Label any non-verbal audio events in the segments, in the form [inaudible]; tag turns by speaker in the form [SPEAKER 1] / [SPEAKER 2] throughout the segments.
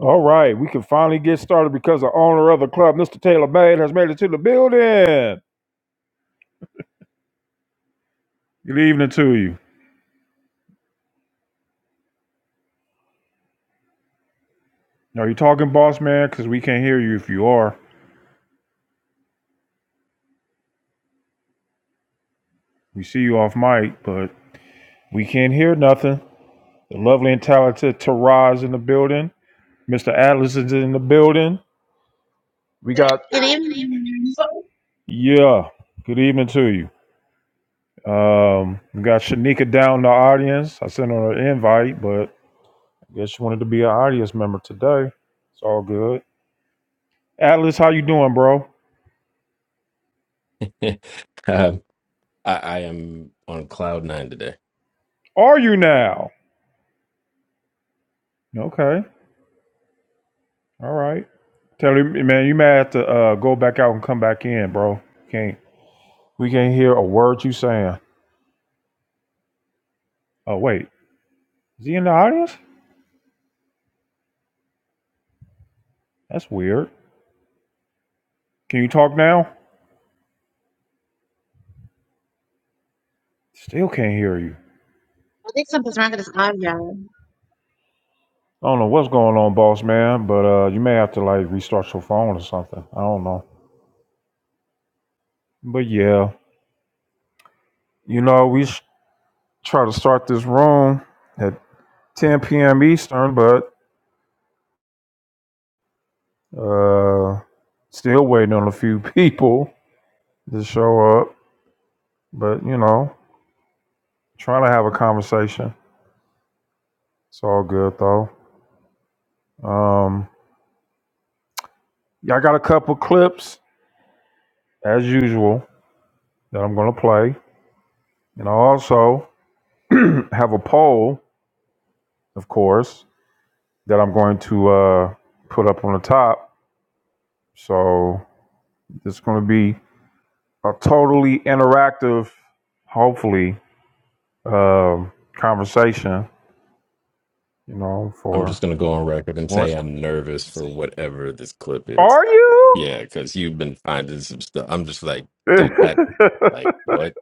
[SPEAKER 1] All right, we can finally get started because the owner of the club, Mr. Taylor Bade, has made it to the building. Good evening to you. Are you talking, boss man? Because we can't hear you if you are. We see you off mic, but we can't hear nothing. The lovely and talented Taraz in the building. Mr. Atlas is in the building. We
[SPEAKER 2] Good
[SPEAKER 1] got,
[SPEAKER 2] evening. I
[SPEAKER 1] yeah, good evening to you. Um, we got Shanika down in the audience. I sent her an invite, but Guess you wanted to be an audience member today. It's all good. Atlas, how you doing, bro?
[SPEAKER 3] [laughs] Um, I, I am on cloud nine today.
[SPEAKER 1] Are you now? Okay. All right. Tell him, man, you may have to uh, go back out and come back in, bro. Can't we can't hear a word you saying. Oh wait, is he in the audience? That's weird. Can you talk now? Still can't hear you.
[SPEAKER 2] think something's wrong with this audio.
[SPEAKER 1] I don't know what's going on, boss man, but uh, you may have to like restart your phone or something. I don't know. But yeah, you know we sh- try to start this room. at. 10 p.m. Eastern, but uh, still waiting on a few [laughs] people to show up. But you know, trying to have a conversation. It's all good though. Um, yeah, I got a couple clips as usual that I'm going to play, and I also [clears throat] have a poll, of course, that I'm going to uh, put up on the top. So it's going to be a totally interactive, hopefully, um, conversation you know,
[SPEAKER 3] I'm
[SPEAKER 1] for
[SPEAKER 3] just going to go on record and
[SPEAKER 1] well,
[SPEAKER 3] say I'm nervous for whatever this clip
[SPEAKER 1] that.
[SPEAKER 3] is.
[SPEAKER 1] are you?
[SPEAKER 3] Yeah, because you've been finding some stuff. I'm just like, did that,
[SPEAKER 1] [laughs]
[SPEAKER 3] like, what?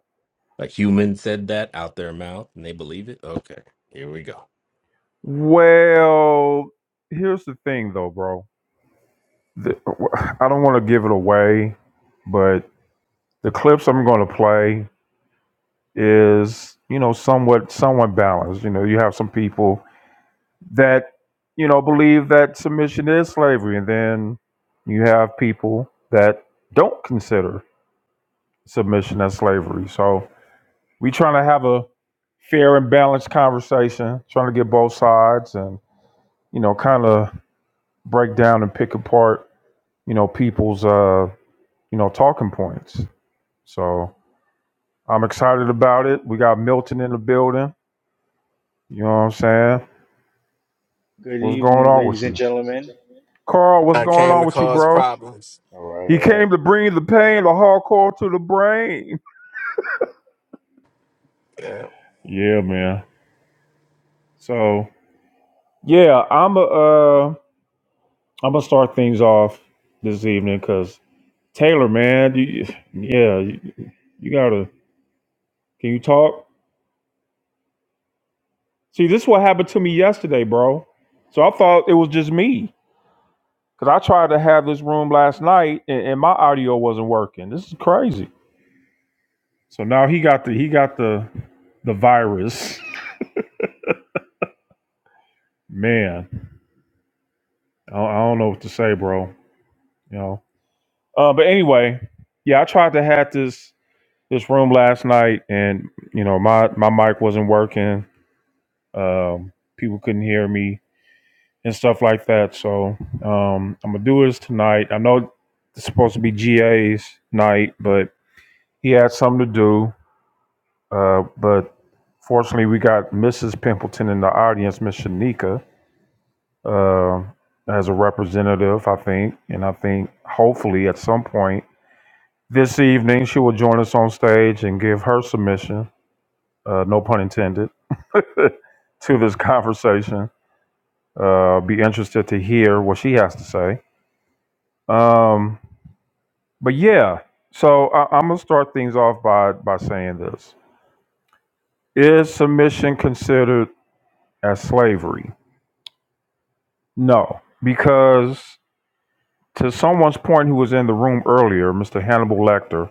[SPEAKER 3] A human said that out their mouth and they believe it? Okay, here we go.
[SPEAKER 1] well, here's the thing, though, bro. The, I don't want to give it away, but the clips I'm going to play is, you know, somewhat somewhat balanced. You know, you have some people that, you know, believe that submission is slavery, and then you have people that don't consider submission as slavery. So, we trying to have a fair and balanced conversation, trying to get both sides and, you know, kind of break down and pick apart, you know, people's, uh, you know, talking points. So I'm excited about it. We got Milton in the building. You know what I'm saying?
[SPEAKER 4] Good
[SPEAKER 1] What's going
[SPEAKER 4] evening,
[SPEAKER 1] on
[SPEAKER 4] ladies
[SPEAKER 1] with
[SPEAKER 4] and
[SPEAKER 1] you?
[SPEAKER 4] gentlemen.
[SPEAKER 1] Carl, what's
[SPEAKER 5] I
[SPEAKER 1] going
[SPEAKER 5] came
[SPEAKER 1] on
[SPEAKER 5] to
[SPEAKER 1] with you,
[SPEAKER 5] cause
[SPEAKER 1] bro?
[SPEAKER 5] problems.
[SPEAKER 4] All right,
[SPEAKER 1] He
[SPEAKER 4] all right.
[SPEAKER 1] came to bring the pain, the hardcore to the brain.
[SPEAKER 5] Yeah.
[SPEAKER 1] Yeah, man. So, yeah, I'm a, uh, I'm gonna start things off this evening because Taylor, man, you, yeah, you, you gotta. Can you talk? See, this is what happened to me yesterday, bro. So I thought it was just me because I tried to have this room last night and, and my audio wasn't working. This is crazy. So now he got the he got the the virus. Man, I, don't- I don't know what to say, bro. You know. Uh, but anyway, yeah, I tried to have this this room last night, and you know my my mic wasn't working. Um, people couldn't hear me and stuff like that. So um, I'm gonna do this tonight. I know it's supposed to be GA's night, but he had something to do. Uh, but fortunately, we got Mrs. Pimpleton in the audience, Miss Shanika, uh, as a representative, I think, and I think hopefully at some point this evening she will join us on stage and give her submission. Uh, no pun intended. [laughs] to this conversation. Uh, be interested to hear what she has to say. Um, But yeah, so I, I'm gonna start things off by by saying this: Is submission considered as slavery? No, because to someone's point who was in the room earlier, Mr. Hannibal Lecter,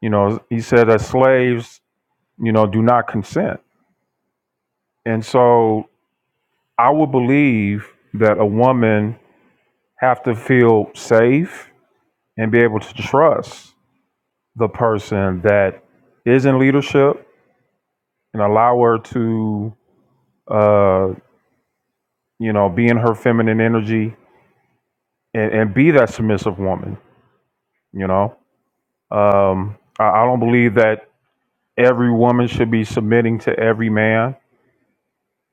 [SPEAKER 1] you know, he said that slaves, you know, do not consent, and so I would believe that a woman have to feel safe and be able to trust the person that is in leadership and allow her to uh, you know, be in her feminine energy and, and be that submissive woman, you know. Um, I, I don't believe that every woman should be submitting to every man.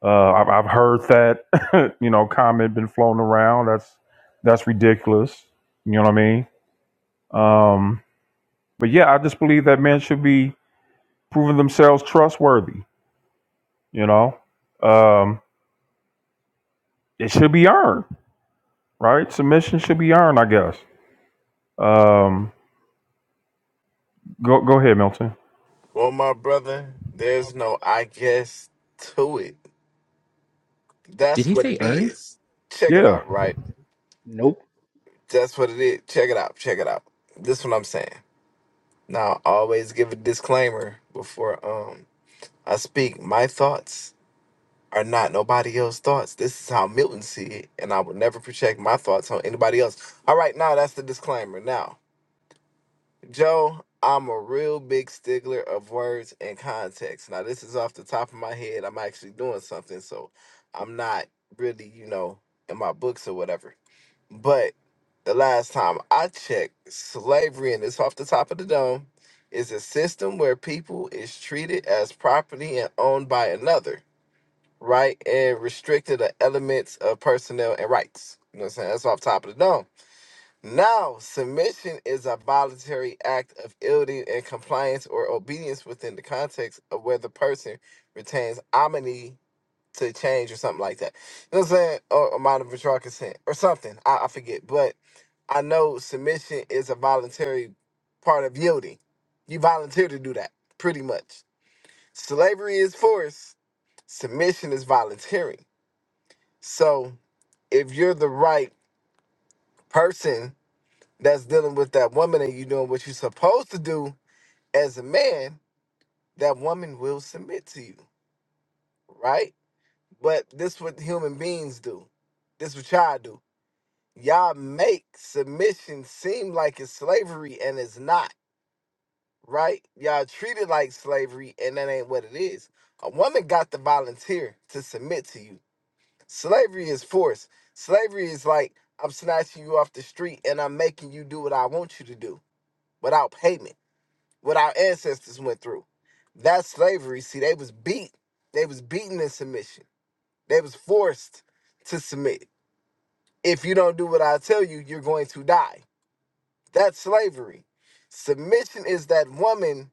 [SPEAKER 1] Uh, I've, I've heard that, [laughs] you know, comment been flown around. That's that's ridiculous. You know what I mean? Um, but yeah, I just believe that men should be proving themselves trustworthy. You know, um, it should be earned, right? Submission should be earned, I guess. Um, go go ahead, Milton.
[SPEAKER 5] Well, my brother, there's no I guess to it.
[SPEAKER 3] Did
[SPEAKER 5] That's
[SPEAKER 3] he
[SPEAKER 5] what
[SPEAKER 3] say
[SPEAKER 5] it
[SPEAKER 3] earned?
[SPEAKER 5] is. Check it
[SPEAKER 1] Yeah.
[SPEAKER 5] out, right?
[SPEAKER 4] Nope.
[SPEAKER 5] That's what it is. Check it out. Check it out. This is what I'm saying. Now, I always give a disclaimer before um I speak. My thoughts are not nobody else's thoughts. This is how Milton see it, and I would never project my thoughts on anybody else. All right, now that's the disclaimer. Now, Joe, I'm a real big stickler of words and context. Now, this is off the top of my head. I'm actually doing something, so I'm not really, you know, in my books or whatever. But the last time I checked, slavery, and it's off the top of the dome, is a system where people is treated as property and owned by another, right? And restricted to elements of personnel and rights. You know what I'm saying? That's off top of the dome. Now, submission is a voluntary act of yielding and compliance or obedience within the context of where the person retains omni to change or something like that. You know what I'm saying? Or, or mind of withdrawal consent or something. I, I forget. But I know submission is a voluntary part of yielding. You volunteer to do that, pretty much. Slavery is force, submission is volunteering. So if you're the right person that's dealing with that woman and you doing what you're supposed to do as a man, that woman will submit to you, right? But this what human beings do. This what y'all do. Y'all make submission seem like it's slavery and it's not, right? Y'all treat it like slavery and that ain't what it is. A woman got to volunteer to submit to you. Slavery is force. Slavery is like I'm snatching you off the street and I'm making you do what I want you to do without payment what our ancestors went through. That's slavery. See, they was beat. They was beaten in submission. They was forced to submit. If you don't do what I tell you, you're going to die. That's slavery. Submission is that woman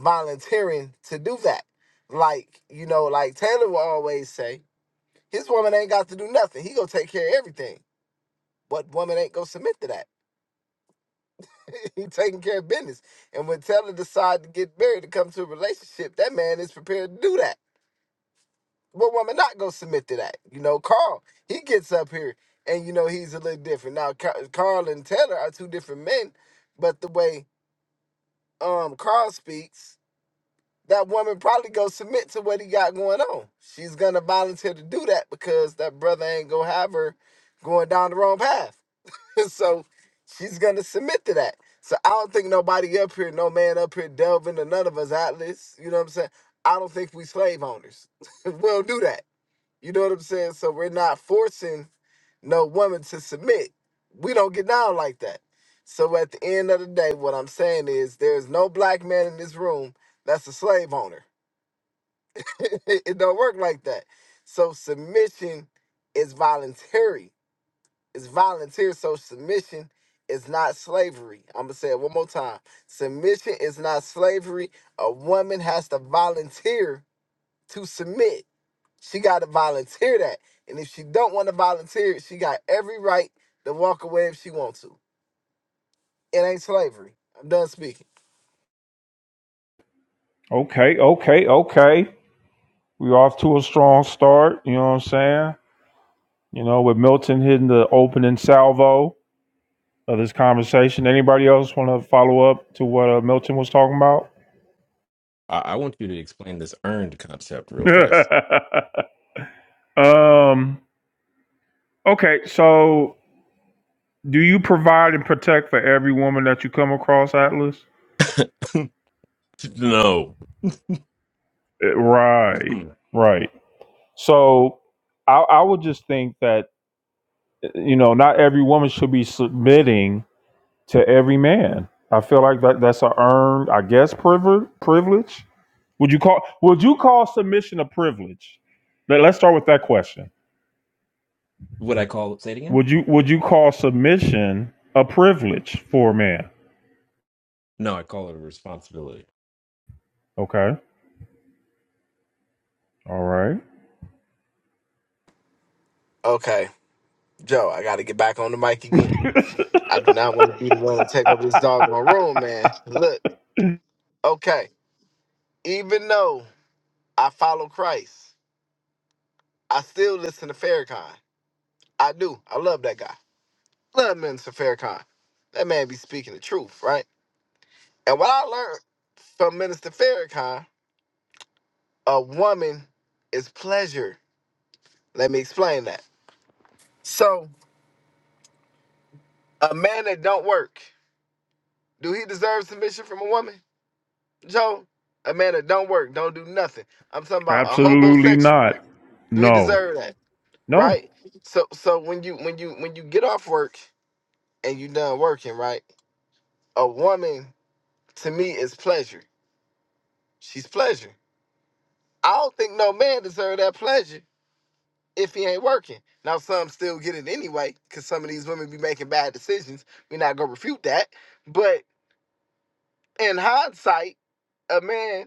[SPEAKER 5] volunteering to do that. Like, you know, like Taylor will always say, his woman ain't got to do nothing. He gonna take care of everything. What woman ain't gonna submit to that? [laughs] he taking care of business. And when Taylor decide to get married to come to a relationship, that man is prepared to do that what woman not gonna submit to that? You know, Carl, he gets up here and you know he's a little different. Now Ca- Carl and Taylor are two different men, but the way um Carl speaks, that woman probably gonna submit to what he got going on. She's gonna volunteer to do that because that brother ain't gonna have her going down the wrong path. [laughs] so she's gonna submit to that. So I don't think nobody up here, no man up here delving to none of us atlas. You know what I'm saying? I don't think we slave owners. [laughs] we'll do that you know what I'm saying? So we're not forcing no woman to submit. We don't get down like that. So at the end of the day, what I'm saying is there's no black man in this room that's a slave owner. [laughs] it don't work like that. So submission is voluntary. It's volunteer. So submission is not slavery. I'm gonna say it one more time. Submission is not slavery. A woman has to volunteer to submit. She got to volunteer that. And if she don't want to volunteer it, she got every right to walk away if she wants to. It ain't slavery. I'm done speaking.
[SPEAKER 1] Okay, okay, okay. We're off to a strong start. You know what I'm saying? You know, with Milton hitting the opening salvo of this conversation. Anybody else want to follow up to what uh, Milton was talking about?
[SPEAKER 3] I, I want you to explain this earned concept real fast.
[SPEAKER 1] [laughs] um. Okay, so do you provide and protect for every woman that you come across, Atlas?
[SPEAKER 3] [laughs] no.
[SPEAKER 1] Eh, Right, right. So I, I would just think that eh, you know not every woman should be submitting to every man. I feel like that, that's a earned, I guess, privilege. Privilege. Would you call Would you call submission a privilege? Let, let's start with that question.
[SPEAKER 3] What I call say it again?
[SPEAKER 1] Would you Would you call submission a privilege for a man?
[SPEAKER 3] No, I call it a responsibility.
[SPEAKER 1] Okay. All right.
[SPEAKER 5] Okay, Joe, I got to get back on the mic again.
[SPEAKER 1] [laughs]
[SPEAKER 5] I do not want to be the one to take over this doggone room, man. Look, okay, even though I follow Christ, I still listen to Farrakhan. I do. I love that guy. Love Minister Farrakhan. That man be speaking the truth, right? And what I learned from Minister Farrakhan, a woman is pleasure Let me explain that. So, a man that don't work, do he deserve submission from a woman? Joe, a man that don't work, don't do nothing. I'm talking about a
[SPEAKER 1] Absolutely
[SPEAKER 5] homosexual.
[SPEAKER 1] not.
[SPEAKER 5] Do he
[SPEAKER 1] No.
[SPEAKER 5] deserve that?
[SPEAKER 1] No.
[SPEAKER 5] Right? So so when you when you when you get off work and you done working, right? A woman to me is pleasure. She's pleasure. I don't think no man deserve that pleasure if he ain't working. Now some still get it anyway, cause some of these women be making bad decisions. We're not gonna refute that. But in hindsight, a man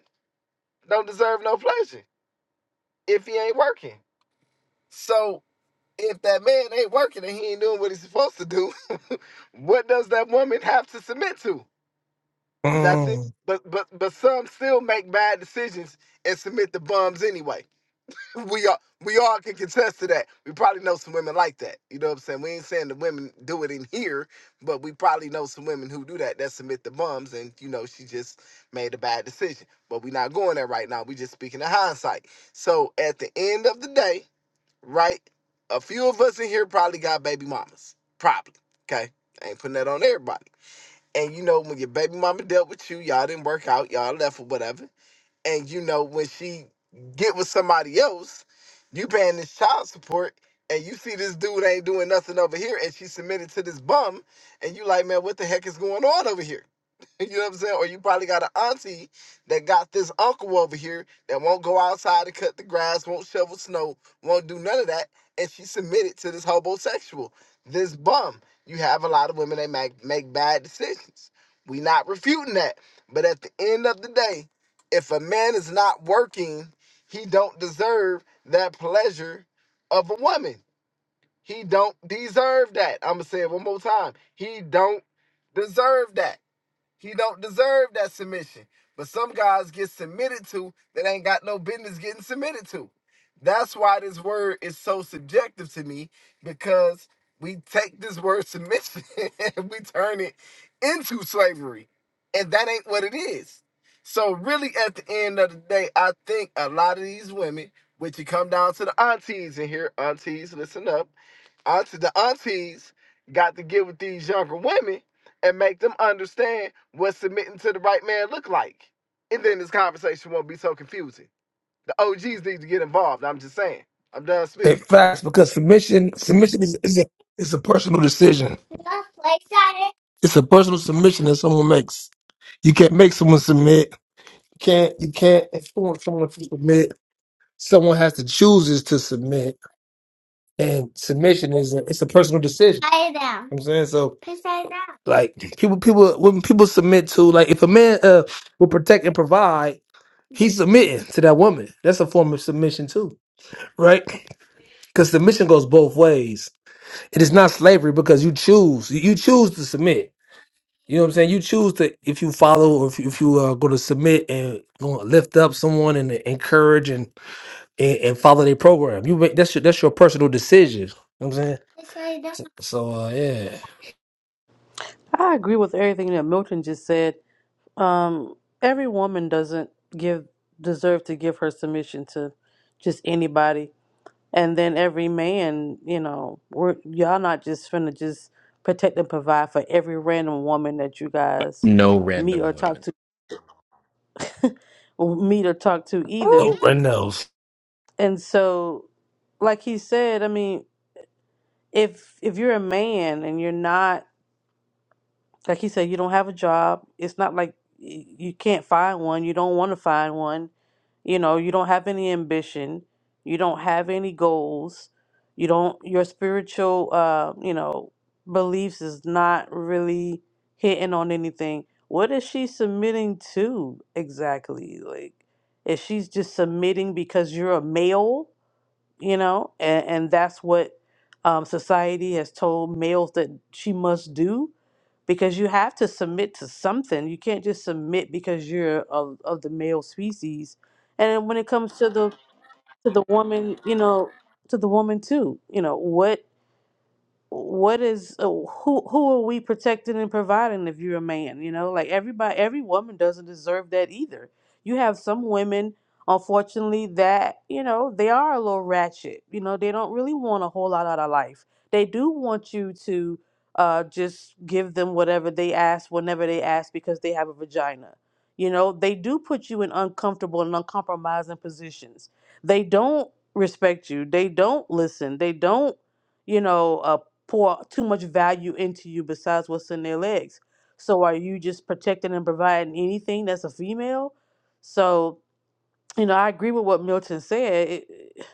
[SPEAKER 5] don't deserve no pleasure if he ain't working. So if that man ain't working and he ain't doing what he's supposed to do, [laughs] what does that woman have to submit to? Nothing.
[SPEAKER 6] Mm.
[SPEAKER 5] But but but some still make bad decisions and submit the bums anyway. we all we all can contest to that. We probably know some women like that. You know what I'm saying? We ain't saying the women do it in here, but we probably know some women who do that. That submit the bums, and you know she just made a bad decision. But we not going there right now. We just speaking of hindsight. So at the end of the day, right? A few of us in here probably got baby mamas. Probably. Okay. I ain't putting that on everybody. And you know when your baby mama dealt with you, y'all didn't work out, y'all left or whatever and you know when she get with somebody else you paying this child support and you see this dude ain't doing nothing over here and she submitted to this bum and you like man what the heck is going on over here you know what I'm saying? Or you probably got an auntie that got this uncle over here that won't go outside to cut the grass, won't shovel snow, won't do none of that, and she submitted to this homosexual, this bum. You have a lot of women that make make bad decisions. We not refuting that, but at the end of the day, if a man is not working, he don't deserve that pleasure of a woman. He don't deserve that. I'm gonna say it one more time. He don't deserve that. He don't deserve that submission. But some guys get submitted to that ain't got no business getting submitted to. That's why this word is so subjective to me because we take this word submission [laughs] and we turn it into slavery. And that ain't what it is. So really at the end of the day, I think a lot of these women, which you come down to the aunties in here, aunties, listen up. Auntie the aunties got to get with these younger women and make them understand what submitting to the right man look like. And then this conversation won't be so confusing. The OGs need to get involved. I'm just saying. I'm done
[SPEAKER 6] Hey,
[SPEAKER 5] speaking.
[SPEAKER 6] facts because submission submission is, is a it's a personal decision. It's a personal submission that someone makes. You can't make someone submit. You can't you can't influence someone to submit. Someone has to chooses to submit, and submission is a, it's a personal decision. I'm saying so. Like people people when people submit to like if a man uh will protect and provide, he's submitting to that woman. That's a form of submission too, right? because submission goes both ways. It is not slavery because you choose. You you choose to submit. You know what I'm saying? You choose to if you follow or if you, if you are going to submit and going lift up someone and encourage and and, and follow their program. You make, that's your that's your personal decision. You know what I'm saying? So uh, yeah,
[SPEAKER 7] I agree with everything that Milton just said. Um, every woman doesn't give deserve to give her submission to just anybody, and then every man, you know, we're y'all not just finna just protect and provide for every random woman that you
[SPEAKER 3] Uh,
[SPEAKER 7] guys
[SPEAKER 3] No
[SPEAKER 7] meet
[SPEAKER 3] random
[SPEAKER 7] or talk
[SPEAKER 3] women.
[SPEAKER 7] to, meet or talk to
[SPEAKER 6] Ooh.
[SPEAKER 7] either.
[SPEAKER 6] don't
[SPEAKER 7] And so, like he said, I mean, if if you're a man and you're not Like he said, you don't have a job. It's not like y- you can't find one. You don't want to find one. You know, you don't have any ambition. You don't have any goals. You don't, your spiritual, uh, you know, beliefs is not really hitting on anything. What is she submitting to exactly? Like, if she's just submitting because you're a male, you know, and, and that's what um, society has told males that she must do because you have to submit to something. You can't just submit because you're of, of the male species. And then when it comes to the to the woman, you know, to the woman too, you know, what what is uh, who who are we protecting and providing if you're a man you know like everybody every woman doesn't deserve that either you have some women unfortunately that you know they are a little ratchet you know they don't really want a whole lot out of life they do want you to uh just give them whatever they ask whenever they ask because they have a vagina you know they do put you in uncomfortable and uncompromising positions they don't respect you they don't listen they don't you know, uh, pour too much value into you besides what's in their legs. So are you just protecting and providing anything that's a female? So, you know, I agree with what Milton said. It, it-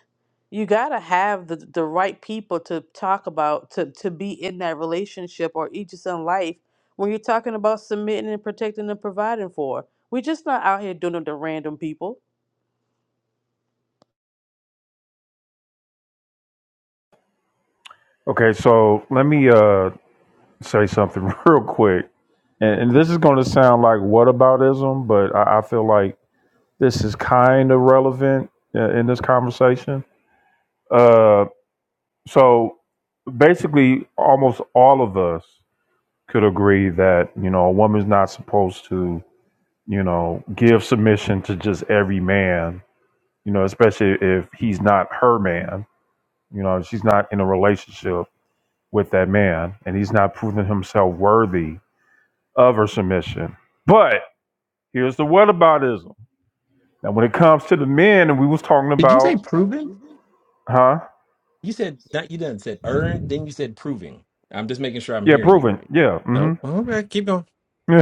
[SPEAKER 7] you got to have the, the right people to talk about, to, to be in that relationship or each is in life when you're talking about submitting and protecting and providing for. We're just not out here doing it to random people.
[SPEAKER 1] Okay. So let me uh say something [laughs] real quick, and, and this is going to sound like what aboutism, but I, I feel like This is kind of relevant uh, in this conversation. Uh, so basically, almost all of us could agree that you know a woman's not supposed to you know give submission to just every man. You know, especially if he's not her man. You know, she's not in a relationship with that man, and he's not proving himself worthy of her submission. But here's the whataboutism. Now, when it comes to the men, and we was talking
[SPEAKER 3] Did you say
[SPEAKER 1] about,
[SPEAKER 3] proven?
[SPEAKER 1] huh?
[SPEAKER 3] You said not. You done said earned. Then you said proving. I'm just making sure I'm
[SPEAKER 1] Yeah,
[SPEAKER 3] hearing you
[SPEAKER 1] proven.
[SPEAKER 3] right.
[SPEAKER 1] Yeah.
[SPEAKER 3] Oh,
[SPEAKER 1] Mm-hmm.
[SPEAKER 3] okay. Keep going.
[SPEAKER 1] [laughs]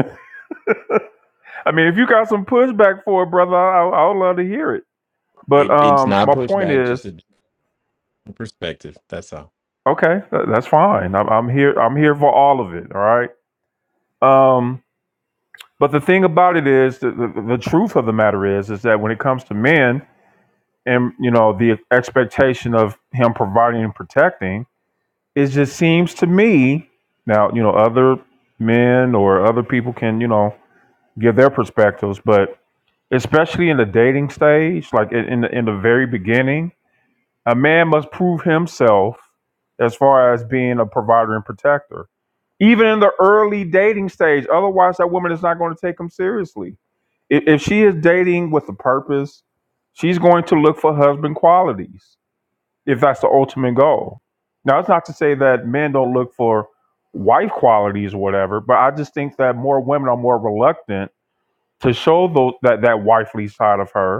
[SPEAKER 1] I mean, if you got some pushback for it, brother, I, I would love to hear it. But
[SPEAKER 3] It, it's
[SPEAKER 1] um,
[SPEAKER 3] not
[SPEAKER 1] my point
[SPEAKER 3] pushback, just
[SPEAKER 1] is,
[SPEAKER 3] a different perspective. That's all.
[SPEAKER 1] okay, tha- that's fine. I'm, I'm here. I'm here for all of it. All right. Um, but the thing about it is, the, the, the truth of the matter is, is that when it comes to men, and you know, the expectation of him providing and protecting, it just seems to me now, you know, other men or other people can, you know, give their perspectives, but especially in the dating stage, like in in the, in the very beginning, a man must prove himself as far as being a provider and protector. Even in the early dating stage, otherwise that woman is not going to take him seriously. If, if she is dating with a purpose, she's going to look for husband qualities if that's the ultimate goal. Now, it's not to say that men don't look for wife qualities or whatever, but I just think that more women are more reluctant to show those, that that wifely side of her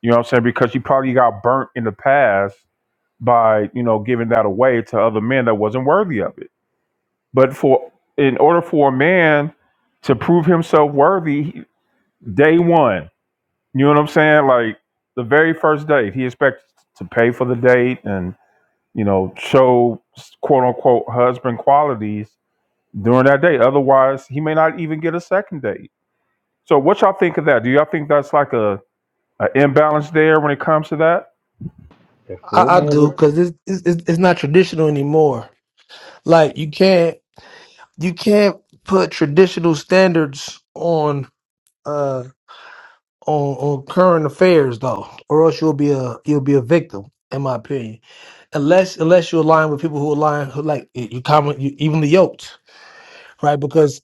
[SPEAKER 1] you know what I'm saying? Because she probably got burnt in the past by, you know, giving that away to other men that wasn't worthy of it. But for in order for a man to prove himself worthy, he- day one, you know what I'm saying? Like the very first date, he expects to pay for the date and, you know, show quote unquote husband qualities during that date. Otherwise, he may not even get a second date. So what y'all think of that? Do y'all think that's like a an imbalance there when it comes to that?
[SPEAKER 4] That full
[SPEAKER 6] I, I
[SPEAKER 4] man,
[SPEAKER 6] do because it's, it's it's it's not traditional anymore. Like you can't you can't put traditional standards on. uh, on on current affairs though, or else you'll be a you'll be a victim, in my opinion. Unless unless you align with people who align who like you you common you evenly yoked, right? Because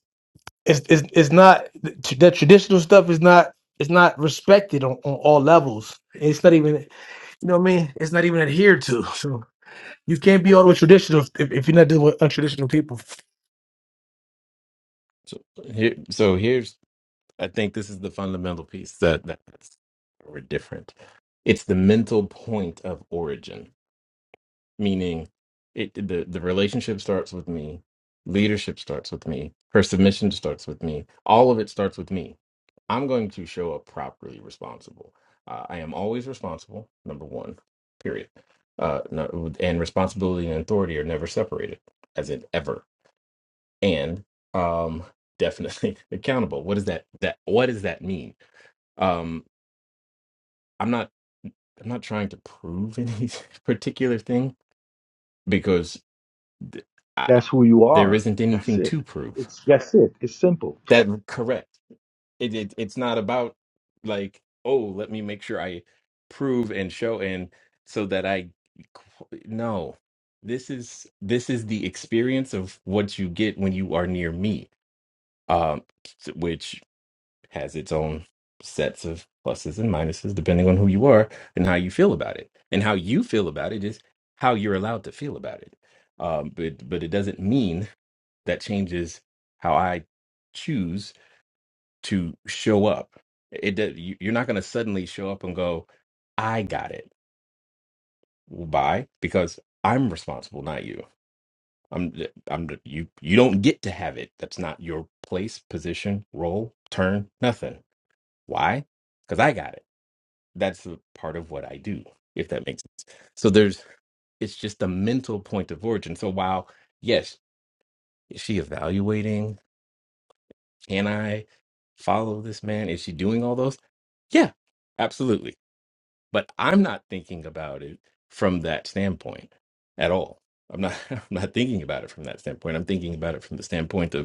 [SPEAKER 6] it's it's it's not that traditional stuff is not it's not respected on, on all levels. It's not even you know what I mean. It's not even adhered to. [laughs] So you can't be all the way traditional if, if you're not dealing with untraditional people.
[SPEAKER 3] So here, so here's. I think this is the fundamental piece that that's we're different. It's the mental point of origin. meaning it the, the relationship starts with me leadership starts with me her submission starts with me all of it starts with me i'm going to show up properly responsible uh, i am always responsible number one period uh, no, and responsibility and authority are never separated as in ever and um definitely [laughs] accountable what does that that what does that mean um i'm not I'm not trying to prove any [laughs] particular thing because th- I,
[SPEAKER 4] that's who you
[SPEAKER 3] there
[SPEAKER 4] are.
[SPEAKER 3] isn't
[SPEAKER 4] That's
[SPEAKER 3] anything
[SPEAKER 4] it.
[SPEAKER 3] to prove
[SPEAKER 4] It's that's it. It's simple.
[SPEAKER 3] that correct it, it it's not about like oh let me make sure i prove and show and so that i qu- no this is this is the experience of what you get when you are near me um which has its own sets of pluses and minuses depending on who you are and how you feel about it and how you feel about it is how you're allowed to feel about it um but but it doesn't mean that changes how I choose to show up. It does- you- you're not going to suddenly show up and go, "I got it." Why? Because I'm responsible, not you. I'm I'm you. You don't get to have it. That's not your place, position, role, turn, nothing. Why? Because I got it. That's a part of what I do. If that makes sense. So there's. It's just a mental point of origin. So while yes, is she evaluating? Can I follow this man? Is she doing all those? Yeah, absolutely. But I'm not thinking about it from that standpoint at all. I'm not [laughs] I'm not thinking about it from that standpoint. I'm thinking about it from the standpoint of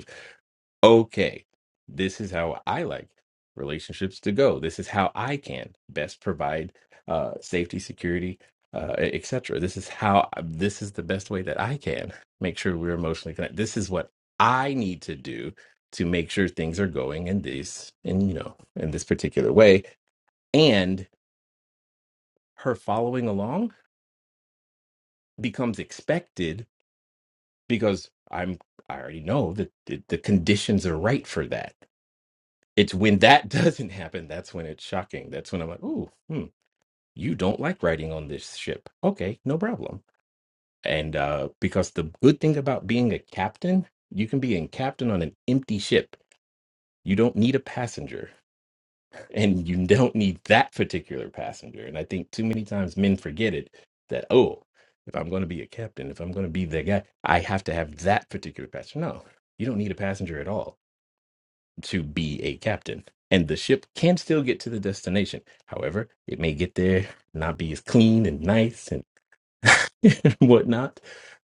[SPEAKER 3] okay, this is how I like relationships to go. This is how I can best provide uh, safety, security, uh, etc. This is how uh, this is the best way that I can make sure we're emotionally connected. This is what I need to do to make sure things are going in this in you know in this particular way. And her following along becomes expected because I'm I already know that the, the conditions are right for that it's when that [laughs] doesn't happen that's when it's shocking that's when i'm like "Ooh, hmm, you don't like riding on this ship okay no problem and uh because the good thing about being a captain you can be a captain on an empty ship you don't need a passenger [laughs] and you don't need that particular passenger and i think too many times men forget it that oh if i'm going to be a captain if i'm going to be the guy i have to have that particular passenger no you don't need a passenger at all to be a captain. And the ship can still get to the destination. However, it may get there, not be as clean and nice and [laughs] whatnot.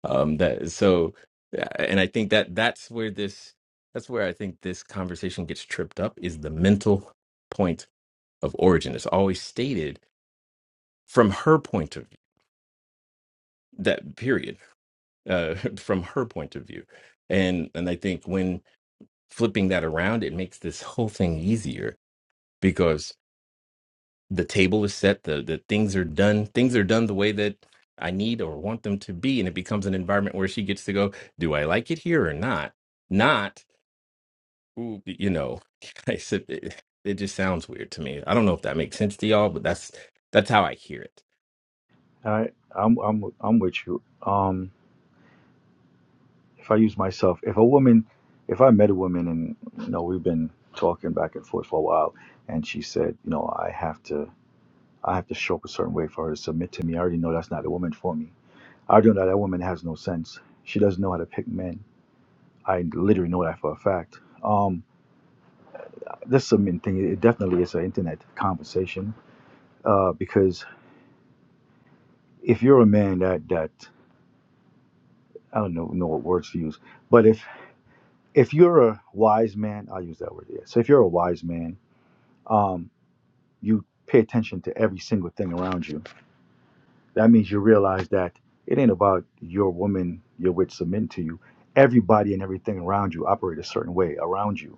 [SPEAKER 3] Um, that so, uh, and I think that that's where this that's where I think this conversation gets tripped up is the mental point of origin. It's always stated from her point of view. That period, uh, [laughs] from her point of view, and and I think when flipping that around, it makes this whole thing easier because. the table is set the the things are done things are done the way that i need or want them to be and it becomes an environment where she gets to go do i like it here or not not ooh, you know [laughs] I said, it, it just sounds weird to me i don't know if that makes sense to y'all but that's that's how i hear it
[SPEAKER 4] All right. I'm I'm I'm with you. Um, if I use myself, if a woman, if I met a woman and you know we've been talking back and forth for a while, and she said, you know, I have to I have to show up a certain way for her to submit to me. I already know that's not a woman for me. I already know that that woman has no sense. She doesn't know how to pick men. I literally know that for a fact. Um. That's the main thing. It definitely is an internet conversation uh, because if you're a man that that I don't know know what words to use, but if if you're a wise man, I'll use that word. Yeah. So if you're a wise man, um, you pay attention to every single thing around you. That means you realize that it ain't about your woman you're with submitting to you. Everybody and everything around you operate a certain way around you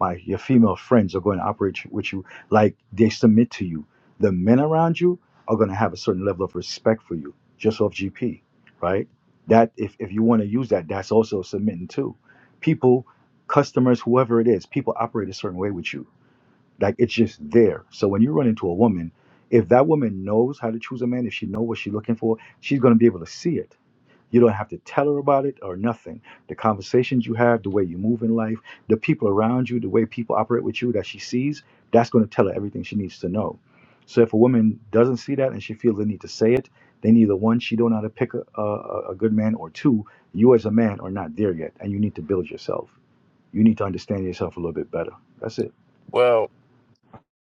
[SPEAKER 4] my your female friends are going to operate with you like they submit to you. The men around you are going to have a certain level of respect for you, just off GP, right? That if if you want to use that, that's also submitting too. People, customers, whoever it is, people operate a certain way with you. Like it's just there. So when you run into a woman, if that woman knows how to choose a man, if she knows what she's looking for, she's going to be able to see it you don't have to tell her about it or nothing. The conversations you have, the way you move in life, the people around you, the way people operate with you that she sees, that's going to tell her everything she needs to know. So if a woman doesn't see that and she feels the need to say it, then either one, she don't know how to pick a, a, a good man, or two, you as a man are not there yet, and you need to build yourself. You need to understand yourself a little bit better. That's it.
[SPEAKER 5] Well,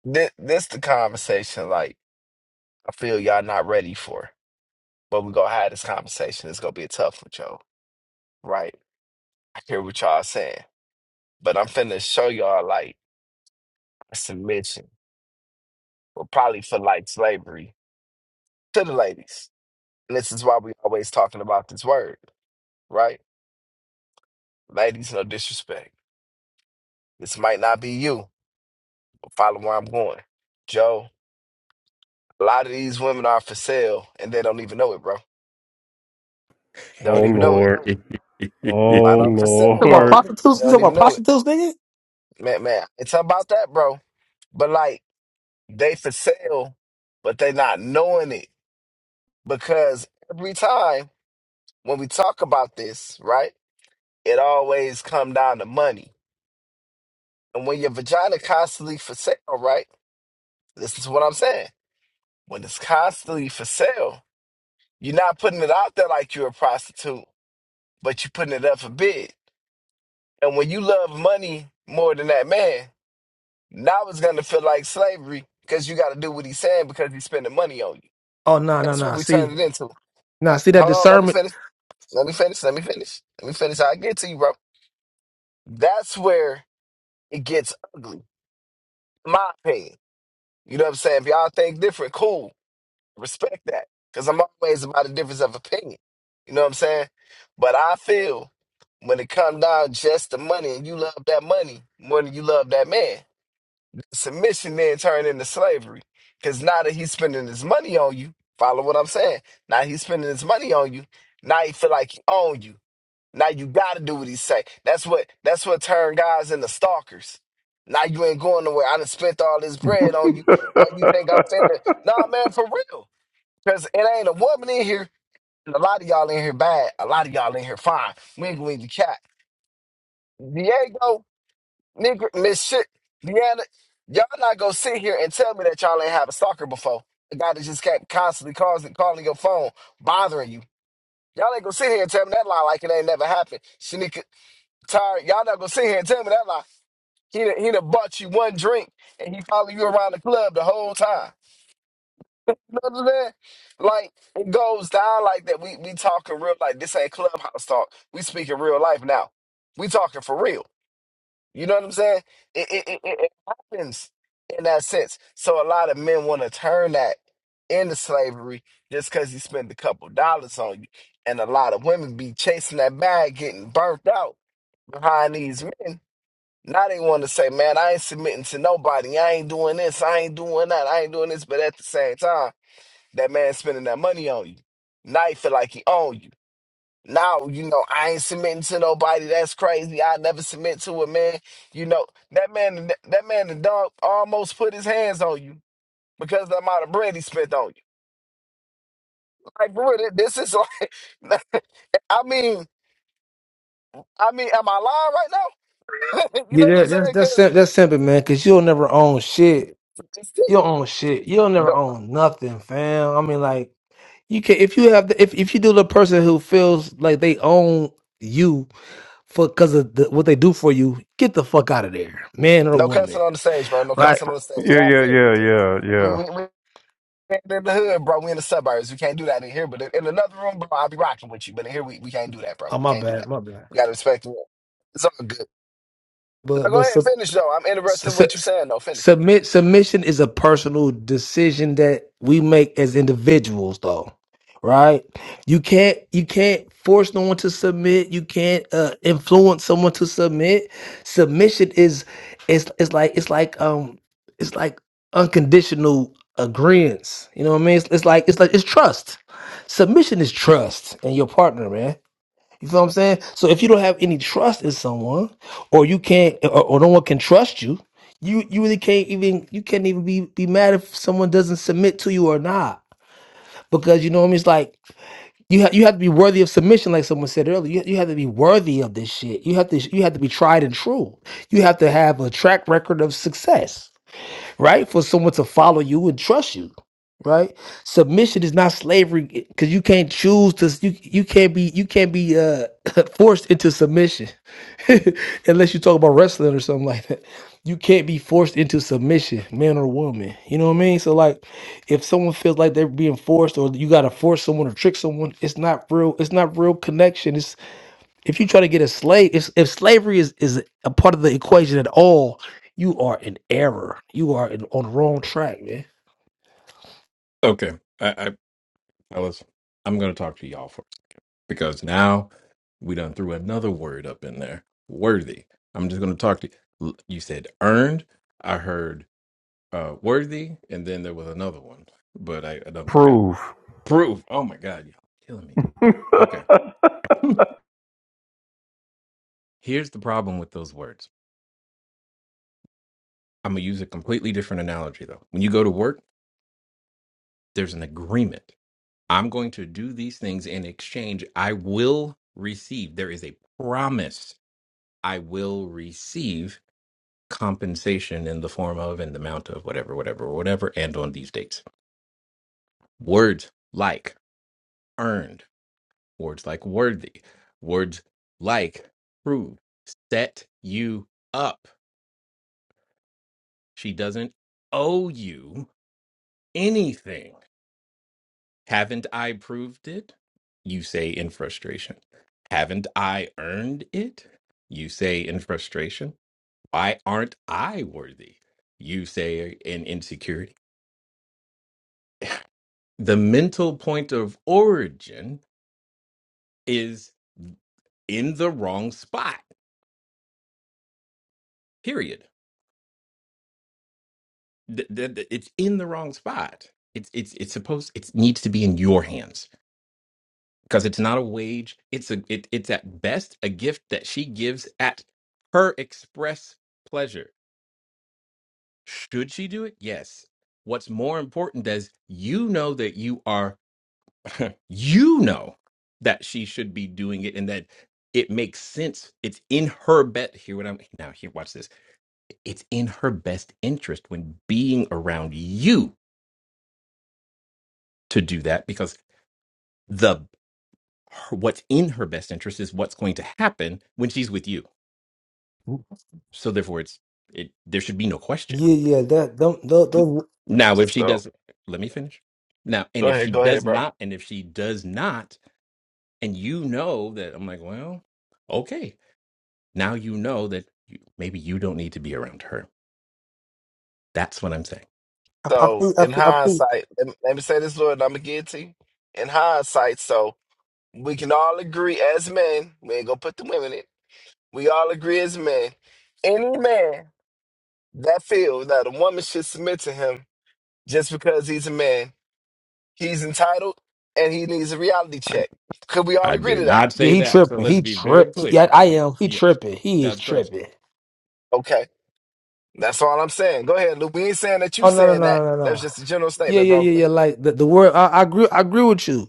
[SPEAKER 5] this this the conversation like I feel y'all not ready for. But we're gonna have this conversation. It's gonna be a tough one, Joe. Right? I hear what y'all saying. But I'm finna show y'all like a submission. or probably for like slavery to the ladies. And this is why we always talking about this word, right? Ladies, no disrespect. This might not be you, but follow where I'm going. Joe, a lot of these women are for sale and they don't even know it, bro. They don't
[SPEAKER 1] Oh
[SPEAKER 5] even know it.
[SPEAKER 1] Lord.
[SPEAKER 3] [laughs]
[SPEAKER 5] A lot
[SPEAKER 1] Oh
[SPEAKER 5] of them for sale,
[SPEAKER 6] Talk about
[SPEAKER 5] bro.
[SPEAKER 1] Lord.
[SPEAKER 6] prostitutes.
[SPEAKER 5] They
[SPEAKER 6] You talk
[SPEAKER 5] don't
[SPEAKER 6] about
[SPEAKER 5] even know it.
[SPEAKER 6] prostitutes, nigga.
[SPEAKER 5] Man, man, it's about that, bro. But like, they for sale, but they not knowing it because every time when we talk about this, right, it always come down to money. And when your vagina constantly for sale, right, this is what I'm saying. When it's constantly for sale, You're not putting it out there like you're a prostitute, but you're putting it up for bid. And when you love money more than that man, now it's gonna feel like slavery because you gotta do what he's saying because he's spending money on you.
[SPEAKER 6] Oh no no
[SPEAKER 5] That's what
[SPEAKER 6] no!
[SPEAKER 5] we
[SPEAKER 6] See
[SPEAKER 5] turned it into.
[SPEAKER 6] now see that
[SPEAKER 5] Hold on, let me
[SPEAKER 6] discernment.
[SPEAKER 5] finish. Let me finish. Let me finish. Let me finish. I get to you, bro. That's where it gets ugly, in my opinion. You know what I'm saying? If y'all think different, cool. respect that because I'm always about a difference of opinion. You know what I'm saying? But I feel when it comes down just to money and you love that money more than you love that man, submission then turn into slavery because now that he's spending his money on you, follow what I'm saying? Now he's spending his money on you. Now he feel like he own you. Now you gotta do what he say. That's what that's what turned guys into stalkers. Now you ain't going nowhere. I done spent all this
[SPEAKER 1] [laughs] yeah,
[SPEAKER 5] bread on you. Or you think I'm finna? Nah, man, for real. Because it ain't a woman in here. and A lot of y'all in here bad. A lot of y'all in here fine. We ain't gonna cat. Diego, nigga, Miss Shit, Deanna, y'all not gonna sit here and tell me that y'all ain't have a stalker before. The guy that just kept constantly calling, calling your phone, bothering you. Y'all ain't gonna sit here and tell me that lie like it ain't never happened. Shanika, tired. Y'all not gonna sit here and tell me that lie. He done, he done bought you one drink and he followed you around the club the whole time. You Know what I'm saying? Like it goes down like that. We we talking real like this ain't clubhouse talk. We speaking real life now. We talking for real. You know what I'm saying? It it, it, it it happens in that sense. So a lot of men want to turn that into slavery just because you spend a couple dollars on you. And a lot of women be chasing that bag, getting burnt out behind these men. Now they want to say, man, I ain't submitting to nobody. I ain't doing this. I ain't doing that. I ain't doing this. But at the same time. That man spending that money on you. Now you feel like he own you. Now you know I ain't submitting to nobody. That's crazy. I never submit to a man. You know that man. That man, the dog, almost put his hands on you because of the amount of bread he spent on you. Like, bro, thi- this is like. [laughs] I mean, I mean, am I lying right now? [laughs] you
[SPEAKER 6] Yeah,
[SPEAKER 5] know what
[SPEAKER 6] that,
[SPEAKER 5] I'm
[SPEAKER 6] that's
[SPEAKER 5] saying?
[SPEAKER 6] that's
[SPEAKER 5] Because
[SPEAKER 6] sim- that's simple, man. Cause you'll never own shit. You'll own shit. You'll never
[SPEAKER 5] no,
[SPEAKER 6] own nothing, fam. I mean, like you can if you have the, if if you do the person who feels like they own you for because of the, what they do for you, get the fuck out of there, man or
[SPEAKER 5] no
[SPEAKER 6] woman,
[SPEAKER 5] cussing on the stage, bro. No
[SPEAKER 6] right?
[SPEAKER 5] cussing on the stage. I
[SPEAKER 1] yeah,
[SPEAKER 5] feel you,
[SPEAKER 1] yeah, yeah,
[SPEAKER 5] but. we,
[SPEAKER 1] yeah.
[SPEAKER 5] we, in the hood, bro. We in the suburbs. We can't do that in here. But in another room, bro, I'll be rocking with you. But in here, we, we can't do that, bro.
[SPEAKER 6] Oh
[SPEAKER 5] We
[SPEAKER 6] my
[SPEAKER 5] can't do
[SPEAKER 6] bad,
[SPEAKER 5] that.
[SPEAKER 6] my bad.
[SPEAKER 5] We gotta respect the wall. It's all good.
[SPEAKER 6] But
[SPEAKER 5] Now go
[SPEAKER 6] but
[SPEAKER 5] ahead and
[SPEAKER 6] so.
[SPEAKER 5] finish though. I'm interested in
[SPEAKER 6] su-
[SPEAKER 5] what you're
[SPEAKER 6] su-
[SPEAKER 5] saying though. Finish.
[SPEAKER 6] submit submission is a personal decision that we make as individuals though right you can't you can't force no one to submit you can't uh, influence someone to submit submission is it's it's like it's like um it's like unconditional agreements you know what i mean it's, it's like it's like it's trust submission is trust in your partner man you feel what I'm saying? So if you don't have any trust in someone, or you can't, or, or no one can trust you, you you really can't even you can't even be be mad if someone doesn't submit to you or not, because you know what I mean. It's like you have you have to be worthy of submission, like someone said earlier. You, you have to be worthy of this shit. You have to you have to be tried and true. You have to have a track record of success right? For someone to follow you and trust you, right? Submission is not slavery because you can't choose to you you can't be you can't be uh [coughs] [laughs] forced into submission [laughs] unless you talk about wrestling or something like that. You can't be forced into submission, man or woman. You know what I mean? So like, if someone feels like they're being forced, or you gotta force someone or trick someone, it's not real. It's not real connection. If you try to get a slave, if, if slavery is, is a part of the equation at all, you are in error. You are in, on the wrong track, man.
[SPEAKER 3] okay i i fellas i'm gonna talk to y'all first because now we done threw another word up in there worthy i'm just gonna talk to you You said earned i heard uh Worthy, and then there was another one, but I, I done forgot.
[SPEAKER 1] Prove.
[SPEAKER 3] Proof. Oh my God, y'all killing me.
[SPEAKER 1] [laughs] Go
[SPEAKER 3] Okay. [laughs] Here's the problem with those words. I'm gonna use a completely different analogy though. When you go to work, there's an agreement. I'm going to do these things in exchange. I will receive. There is a promise. I will receive compensation in the form of and the amount of whatever, whatever, whatever, and on these dates. Words like earned Words like worthy, words like prove, set you up. She doesn't owe you anything. Haven't I proved it? You say in frustration. Haven't I earned it? You say in frustration. Why aren't I worthy? You say in insecurity. The mental point of origin is in the wrong spot, period th- th- th- it's in the wrong spot. It's it's it's supposed it needs to be in your hands because it's not a wage. It's a it, it's at best a gift that she gives at her express pleasure. Should she do it? Yes. What's more important is you know that you are [laughs] you know that she should be doing it and that it makes sense. It's in her bet. Hear what I'm now here. Watch this. It's in her best interest when being around you to do that because the her, what's in her best interest is what's going to happen when she's with you. So therefore, it's it, there should be no question.
[SPEAKER 6] Yeah, yeah, that don't those, those
[SPEAKER 3] Now, if she
[SPEAKER 5] So
[SPEAKER 3] doesn't, let me finish. Now,
[SPEAKER 5] go
[SPEAKER 3] and if
[SPEAKER 5] ahead,
[SPEAKER 3] she
[SPEAKER 5] go ahead,
[SPEAKER 3] does
[SPEAKER 5] bro.
[SPEAKER 3] not, and if she does not, and you know that, I'm like, well, okay. Now you know that you, maybe you don't need to be around her. That's what I'm saying.
[SPEAKER 6] I, I
[SPEAKER 5] So
[SPEAKER 6] think I
[SPEAKER 5] in
[SPEAKER 6] think I think
[SPEAKER 5] hindsight, let me, let me say this, Lord, and I'm gonna get it to you. In hindsight, so we can all agree as men, we ain't gonna put the women in. We all agree as men. Any man that feels that a woman should submit to him just because he's a man He's entitled and he needs a reality
[SPEAKER 3] I,
[SPEAKER 5] check. Could we all
[SPEAKER 3] I
[SPEAKER 5] agree
[SPEAKER 3] did
[SPEAKER 5] to that?
[SPEAKER 3] not
[SPEAKER 6] Yeah,
[SPEAKER 3] say
[SPEAKER 6] he
[SPEAKER 3] that. So
[SPEAKER 6] tripping.
[SPEAKER 3] let's
[SPEAKER 6] He
[SPEAKER 3] be very
[SPEAKER 6] tripped. Yeah,
[SPEAKER 3] clear.
[SPEAKER 6] I am. He
[SPEAKER 3] Yes,
[SPEAKER 6] tripping. He is
[SPEAKER 3] that's crazy.
[SPEAKER 6] tripping.
[SPEAKER 5] Okay. That's all I'm saying. Go ahead, Lou. We ain't saying that you
[SPEAKER 6] Oh no no no
[SPEAKER 5] saying that.
[SPEAKER 6] no no.
[SPEAKER 5] That's
[SPEAKER 6] no.
[SPEAKER 5] just a general
[SPEAKER 6] Yeah
[SPEAKER 5] statement,
[SPEAKER 6] yeah
[SPEAKER 5] bro.
[SPEAKER 6] yeah
[SPEAKER 5] Go
[SPEAKER 6] yeah.
[SPEAKER 5] ahead.
[SPEAKER 6] Like the, the word. I, I agree. I agree with you.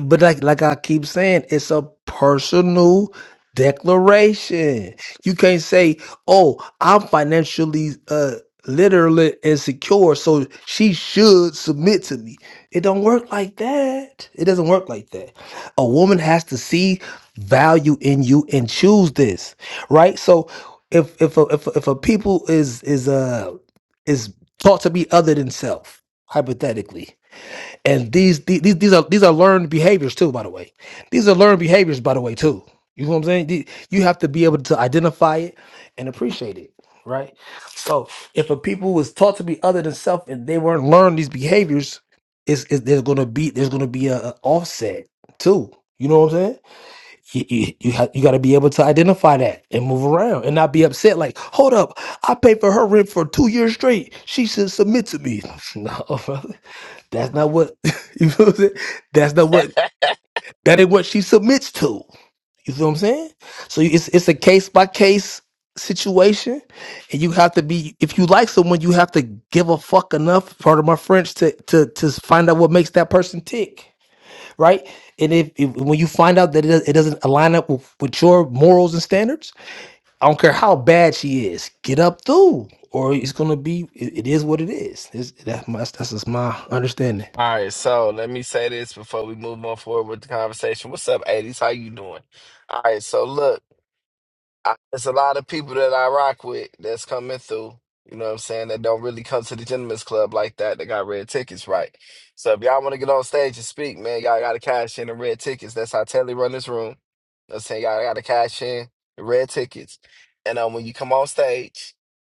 [SPEAKER 6] but like like I keep saying, it's a personal declaration. You can't say, "Oh, I'm financially uh literally insecure, so she should submit to me." It don't work like that. It doesn't work like that. A woman has to see value in you and choose this, right? So if if a, if a, if a people is is uh is taught to be other than self, hypothetically, and these, the- these these are these are learned behaviors too, by the way. These are learned behaviors, by the way, too. You know what I'm saying? The- You have to be able to identify it and appreciate it, right? So if a people was taught to be other than self and they weren't learned these behaviors, is is there's gonna be there's gonna be a, a offset too. You know what I'm saying? You you, you, ha- you got to be able to identify that and move around and not be upset. Like, hold up, I paid for her rent for two years straight. She should submit to me. [laughs] no, brother. That's not what [laughs] you feel. What I'm saying? That's not what that ain't what she submits to. You feel what I'm saying? So it's it's a case by case situation, and you have to be if you like someone, you have to give a fuck enough. Part of my French to to to find out what makes that person tick, right? And if, if when you find out that it, it doesn't align up with, with your morals and standards, I don't care how bad she is, get up through, or it's gonna be it, it is what it is. It's, that, that's my, that's just my understanding.
[SPEAKER 5] All right, so let me say this before we move on forward with the conversation. What's up, 80s? How you doing? All right, so look. I, there's a lot of people that I rock with that's coming through. You know what I'm saying? That don't really come to the Gentlemen's club like that. That got red tickets, right? So if y'all want to get on stage and speak, man, y'all got to cash in the red tickets. That's how Telly run this room. You know what I'm saying y'all got to cash in the red tickets. And um, when you come on stage,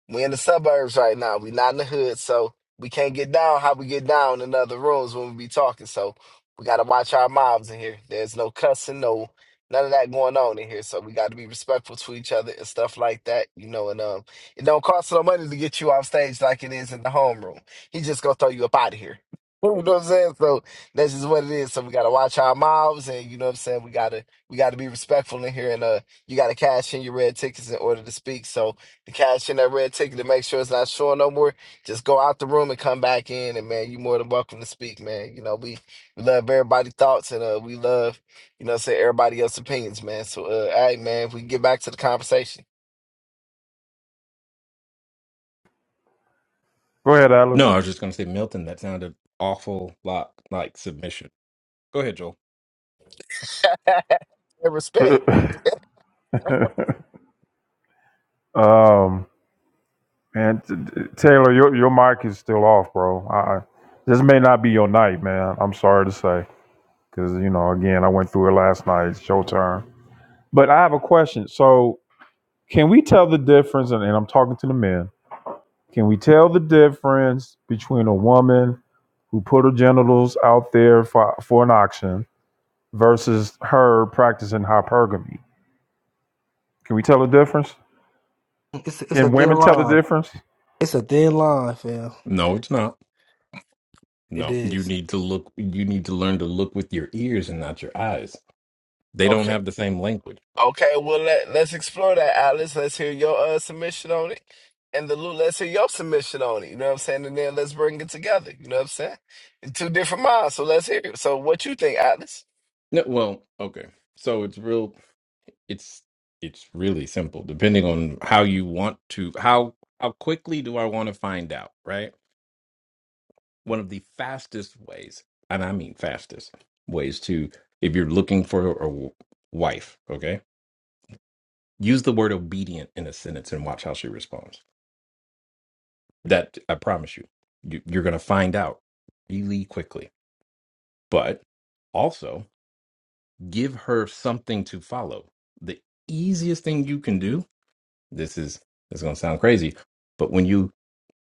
[SPEAKER 5] we in the suburbs right now. We not in the hood, so we can't get down how we get down in other rooms when we be talking. So we got to watch our mouths in here. There's no cussing, no none of that going on in here. So we got to be respectful to each other and stuff like that, you know. And um, it don't cost no money to get you off stage like it is in the homeroom. He just gonna throw you up out of here. [laughs] You know what I'm saying? So that's just what it is. So we gotta watch our mouths, and you know what I'm saying. We gotta we gotta be respectful in here, and uh, you gotta cash in your red tickets in order to speak. So to cash in that red ticket to make sure it's not showing no more, just go out the room and come back in, and man, you more than welcome to speak, man. You know we we love everybody' thoughts, and uh, we love you know what I'm saying? Everybody else's opinions, man. So uh all right, man, if we get back to the conversation.
[SPEAKER 1] ahead,
[SPEAKER 3] No,
[SPEAKER 1] Alice.
[SPEAKER 3] I was just going to say, Milton, that sounded awful lot like submission. Go ahead, Joel.
[SPEAKER 5] [laughs] and
[SPEAKER 1] [laughs]
[SPEAKER 5] respect.
[SPEAKER 1] um, and t- t- Taylor, your your mic is still off, bro. I, I- this may not be your night, man. I'm sorry to say, because you know, again, I went through it last night. It's your turn. But I have a question. So, can we tell the difference? And, and I'm talking to the men. Can we tell the difference between a woman who put her genitals out there for, for an auction versus her practicing hypergamy? Can we tell the difference?
[SPEAKER 6] It's it's a
[SPEAKER 1] Can
[SPEAKER 6] thin
[SPEAKER 1] women tell the
[SPEAKER 6] line.
[SPEAKER 1] difference?
[SPEAKER 6] It's a thin line, fam.
[SPEAKER 3] No, it's not.
[SPEAKER 6] It
[SPEAKER 3] No, you
[SPEAKER 6] is.
[SPEAKER 3] need to look. You need to learn to look with your ears and not your eyes. They don't
[SPEAKER 5] Okay.
[SPEAKER 3] have the same language.
[SPEAKER 5] Okay, well let let's explore that, Alice. Let's hear your uh submission on it. And the Lou, let's hear your submission on it. You know what I'm saying? And then let's bring it together. You know what I'm saying? It's Two different minds. So let's hear it. So what you think, Atlas?
[SPEAKER 3] No, well, okay. So it's real. It's it's really simple. Depending on how you want to, how how quickly do I want to find out? Right. One of the fastest ways, and I mean fastest ways to, if you're looking for a w- wife, okay, use the word obedient in a sentence and watch how she responds That I promise you, you you're going to find out really quickly. But also, give her something to follow. The easiest thing you can do, this is this is going to sound crazy, but when you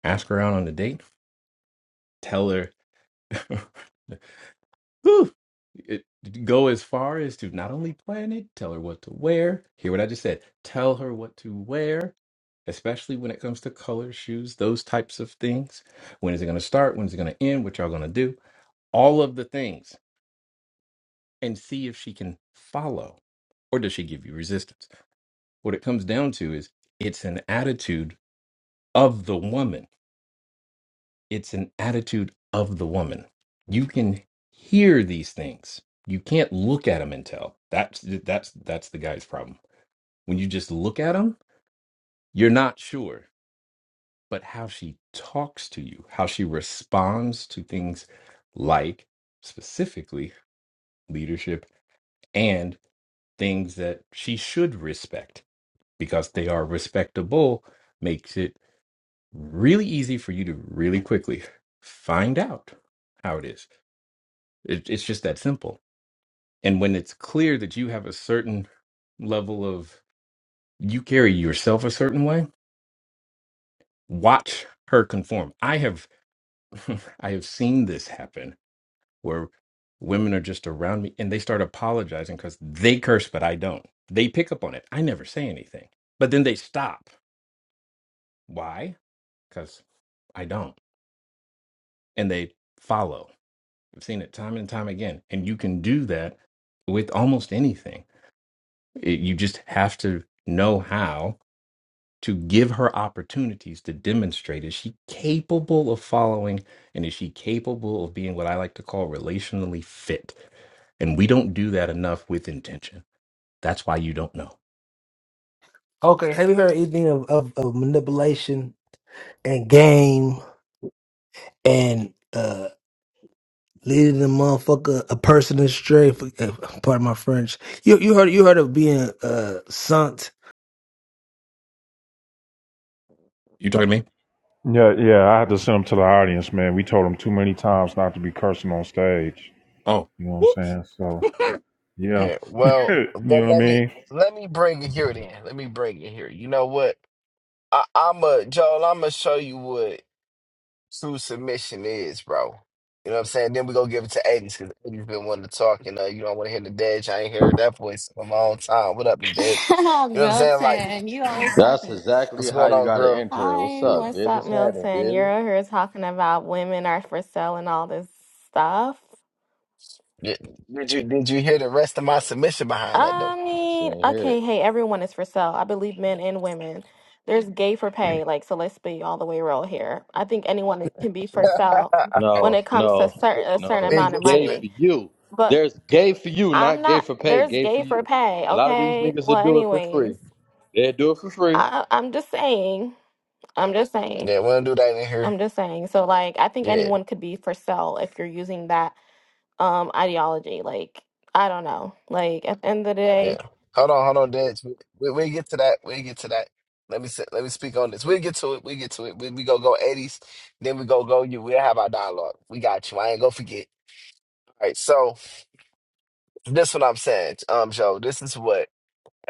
[SPEAKER 3] ask her out on a date, tell her [laughs] Whew. It- go as far as to not only plan it, tell her what to wear. Hear what I just said. Tell her what to wear, especially when it comes to color, shoes, those types of things. When is it going to start? When is it going to end? What y'all going to do? all of the things and see if she can follow or does she give you resistance what it comes down to is it's an attitude of the woman it's an attitude of the woman you can hear these things you can't look at them and tell that's that's that's the guy's problem when you just look at them you're not sure but how she talks to you how she responds to things like specifically leadership things that she should respect because they are respectable makes it really easy for you to really quickly find out how it is. It, it's just that simple. And when it's clear that you have a certain level of, you carry yourself a certain way, watch her conform. I have, [laughs] I have seen this happen where women are just around me and they start apologizing because they curse, but I don't. They pick up on it. I never say anything, but then they stop. Why? because I don't. And they follow. I've seen it time and time again. And you can do that with almost anything. It- you just have to know how to give her opportunities to demonstrate is she capable of following and is she capable of being what I like to call relationally fit? And we don't do that enough with intention. That's why you don't know.
[SPEAKER 6] Okay, have you heard anything of, of, of manipulation and game and uh leading the motherfucker a person astray? For, uh, pardon my French. You you heard you heard of being uh sunk
[SPEAKER 3] You talking to me?
[SPEAKER 1] Yeah, yeah. I had to send them to the audience, man. We told them too many times not to be cursing on stage.
[SPEAKER 3] Oh,
[SPEAKER 1] You know what I'm
[SPEAKER 3] whoops.
[SPEAKER 1] saying? So. Yeah.
[SPEAKER 5] Yeah,
[SPEAKER 1] [laughs] you
[SPEAKER 5] well,
[SPEAKER 1] know
[SPEAKER 5] but
[SPEAKER 1] what I
[SPEAKER 5] let me
[SPEAKER 1] mean?
[SPEAKER 5] let me bring it here then. Let me bring it here. You know what? I, I'm a Joel. I'm gonna show you what. true submission is, bro. You know what I'm saying? Then we go give it to Aiden because Aiden's been wanting to talk, and uh, you don't want to hear the Nadej. I ain't heard that voice in a long time. What up, Nadej?
[SPEAKER 8] [laughs]
[SPEAKER 5] You know what I'm saying? Like,
[SPEAKER 8] Milton, you always
[SPEAKER 9] That's
[SPEAKER 8] talking.
[SPEAKER 9] exactly
[SPEAKER 5] what's
[SPEAKER 9] how
[SPEAKER 5] going
[SPEAKER 9] you
[SPEAKER 5] on,
[SPEAKER 9] gotta
[SPEAKER 5] girl?
[SPEAKER 9] enter it. What's
[SPEAKER 8] Hi,
[SPEAKER 5] Yeah.
[SPEAKER 9] up,
[SPEAKER 8] what's
[SPEAKER 9] bitch?
[SPEAKER 8] up,
[SPEAKER 9] What's happening,
[SPEAKER 8] Milton?
[SPEAKER 9] baby?
[SPEAKER 8] You're here talking about women are for sale and all this stuff.
[SPEAKER 5] yeah. Did you did you hear the rest of my submission behind that
[SPEAKER 8] I
[SPEAKER 5] though?
[SPEAKER 9] She
[SPEAKER 8] mean,
[SPEAKER 9] ain't hear it.
[SPEAKER 8] okay, hey, everyone is for sale. I believe men and women. There's gay for pay, like, so let's be all the way real here. I think anyone can be for sale
[SPEAKER 5] [laughs]
[SPEAKER 8] when
[SPEAKER 9] No,
[SPEAKER 8] it comes to
[SPEAKER 9] no,
[SPEAKER 8] certain, a certain
[SPEAKER 9] no.
[SPEAKER 5] we
[SPEAKER 9] It's
[SPEAKER 8] amount of
[SPEAKER 5] get to
[SPEAKER 9] gay
[SPEAKER 5] it.
[SPEAKER 8] money.
[SPEAKER 9] for you.
[SPEAKER 8] But
[SPEAKER 9] There's gay for you,
[SPEAKER 8] I'm
[SPEAKER 9] not gay
[SPEAKER 8] not,
[SPEAKER 9] for pay.
[SPEAKER 8] there's
[SPEAKER 9] Gay for
[SPEAKER 8] gay for
[SPEAKER 9] you.
[SPEAKER 8] pay,
[SPEAKER 9] A lot of these
[SPEAKER 8] okay?
[SPEAKER 9] niggas that
[SPEAKER 8] Well,
[SPEAKER 9] do it for
[SPEAKER 8] anyways,
[SPEAKER 9] free. They do it for free.
[SPEAKER 8] I, I'm just saying, I'm just saying.
[SPEAKER 5] Yeah, we don't do that in here.
[SPEAKER 8] I'm just saying. So like I think
[SPEAKER 5] Yeah,
[SPEAKER 8] anyone could be for sale if you're using that um ideology. Like I don't know. Like at the end of the
[SPEAKER 5] yeah.
[SPEAKER 8] day,
[SPEAKER 5] Hold on, hold on, Dej. We, we we get to that. We get to that. Let me sit, let me speak on this. We get to it. We get to it. We we go go eighties. Then we go go you. We'll have our dialogue. We got you. I ain't gonna forget. Right, so this what I'm saying, um, Joe. This is what,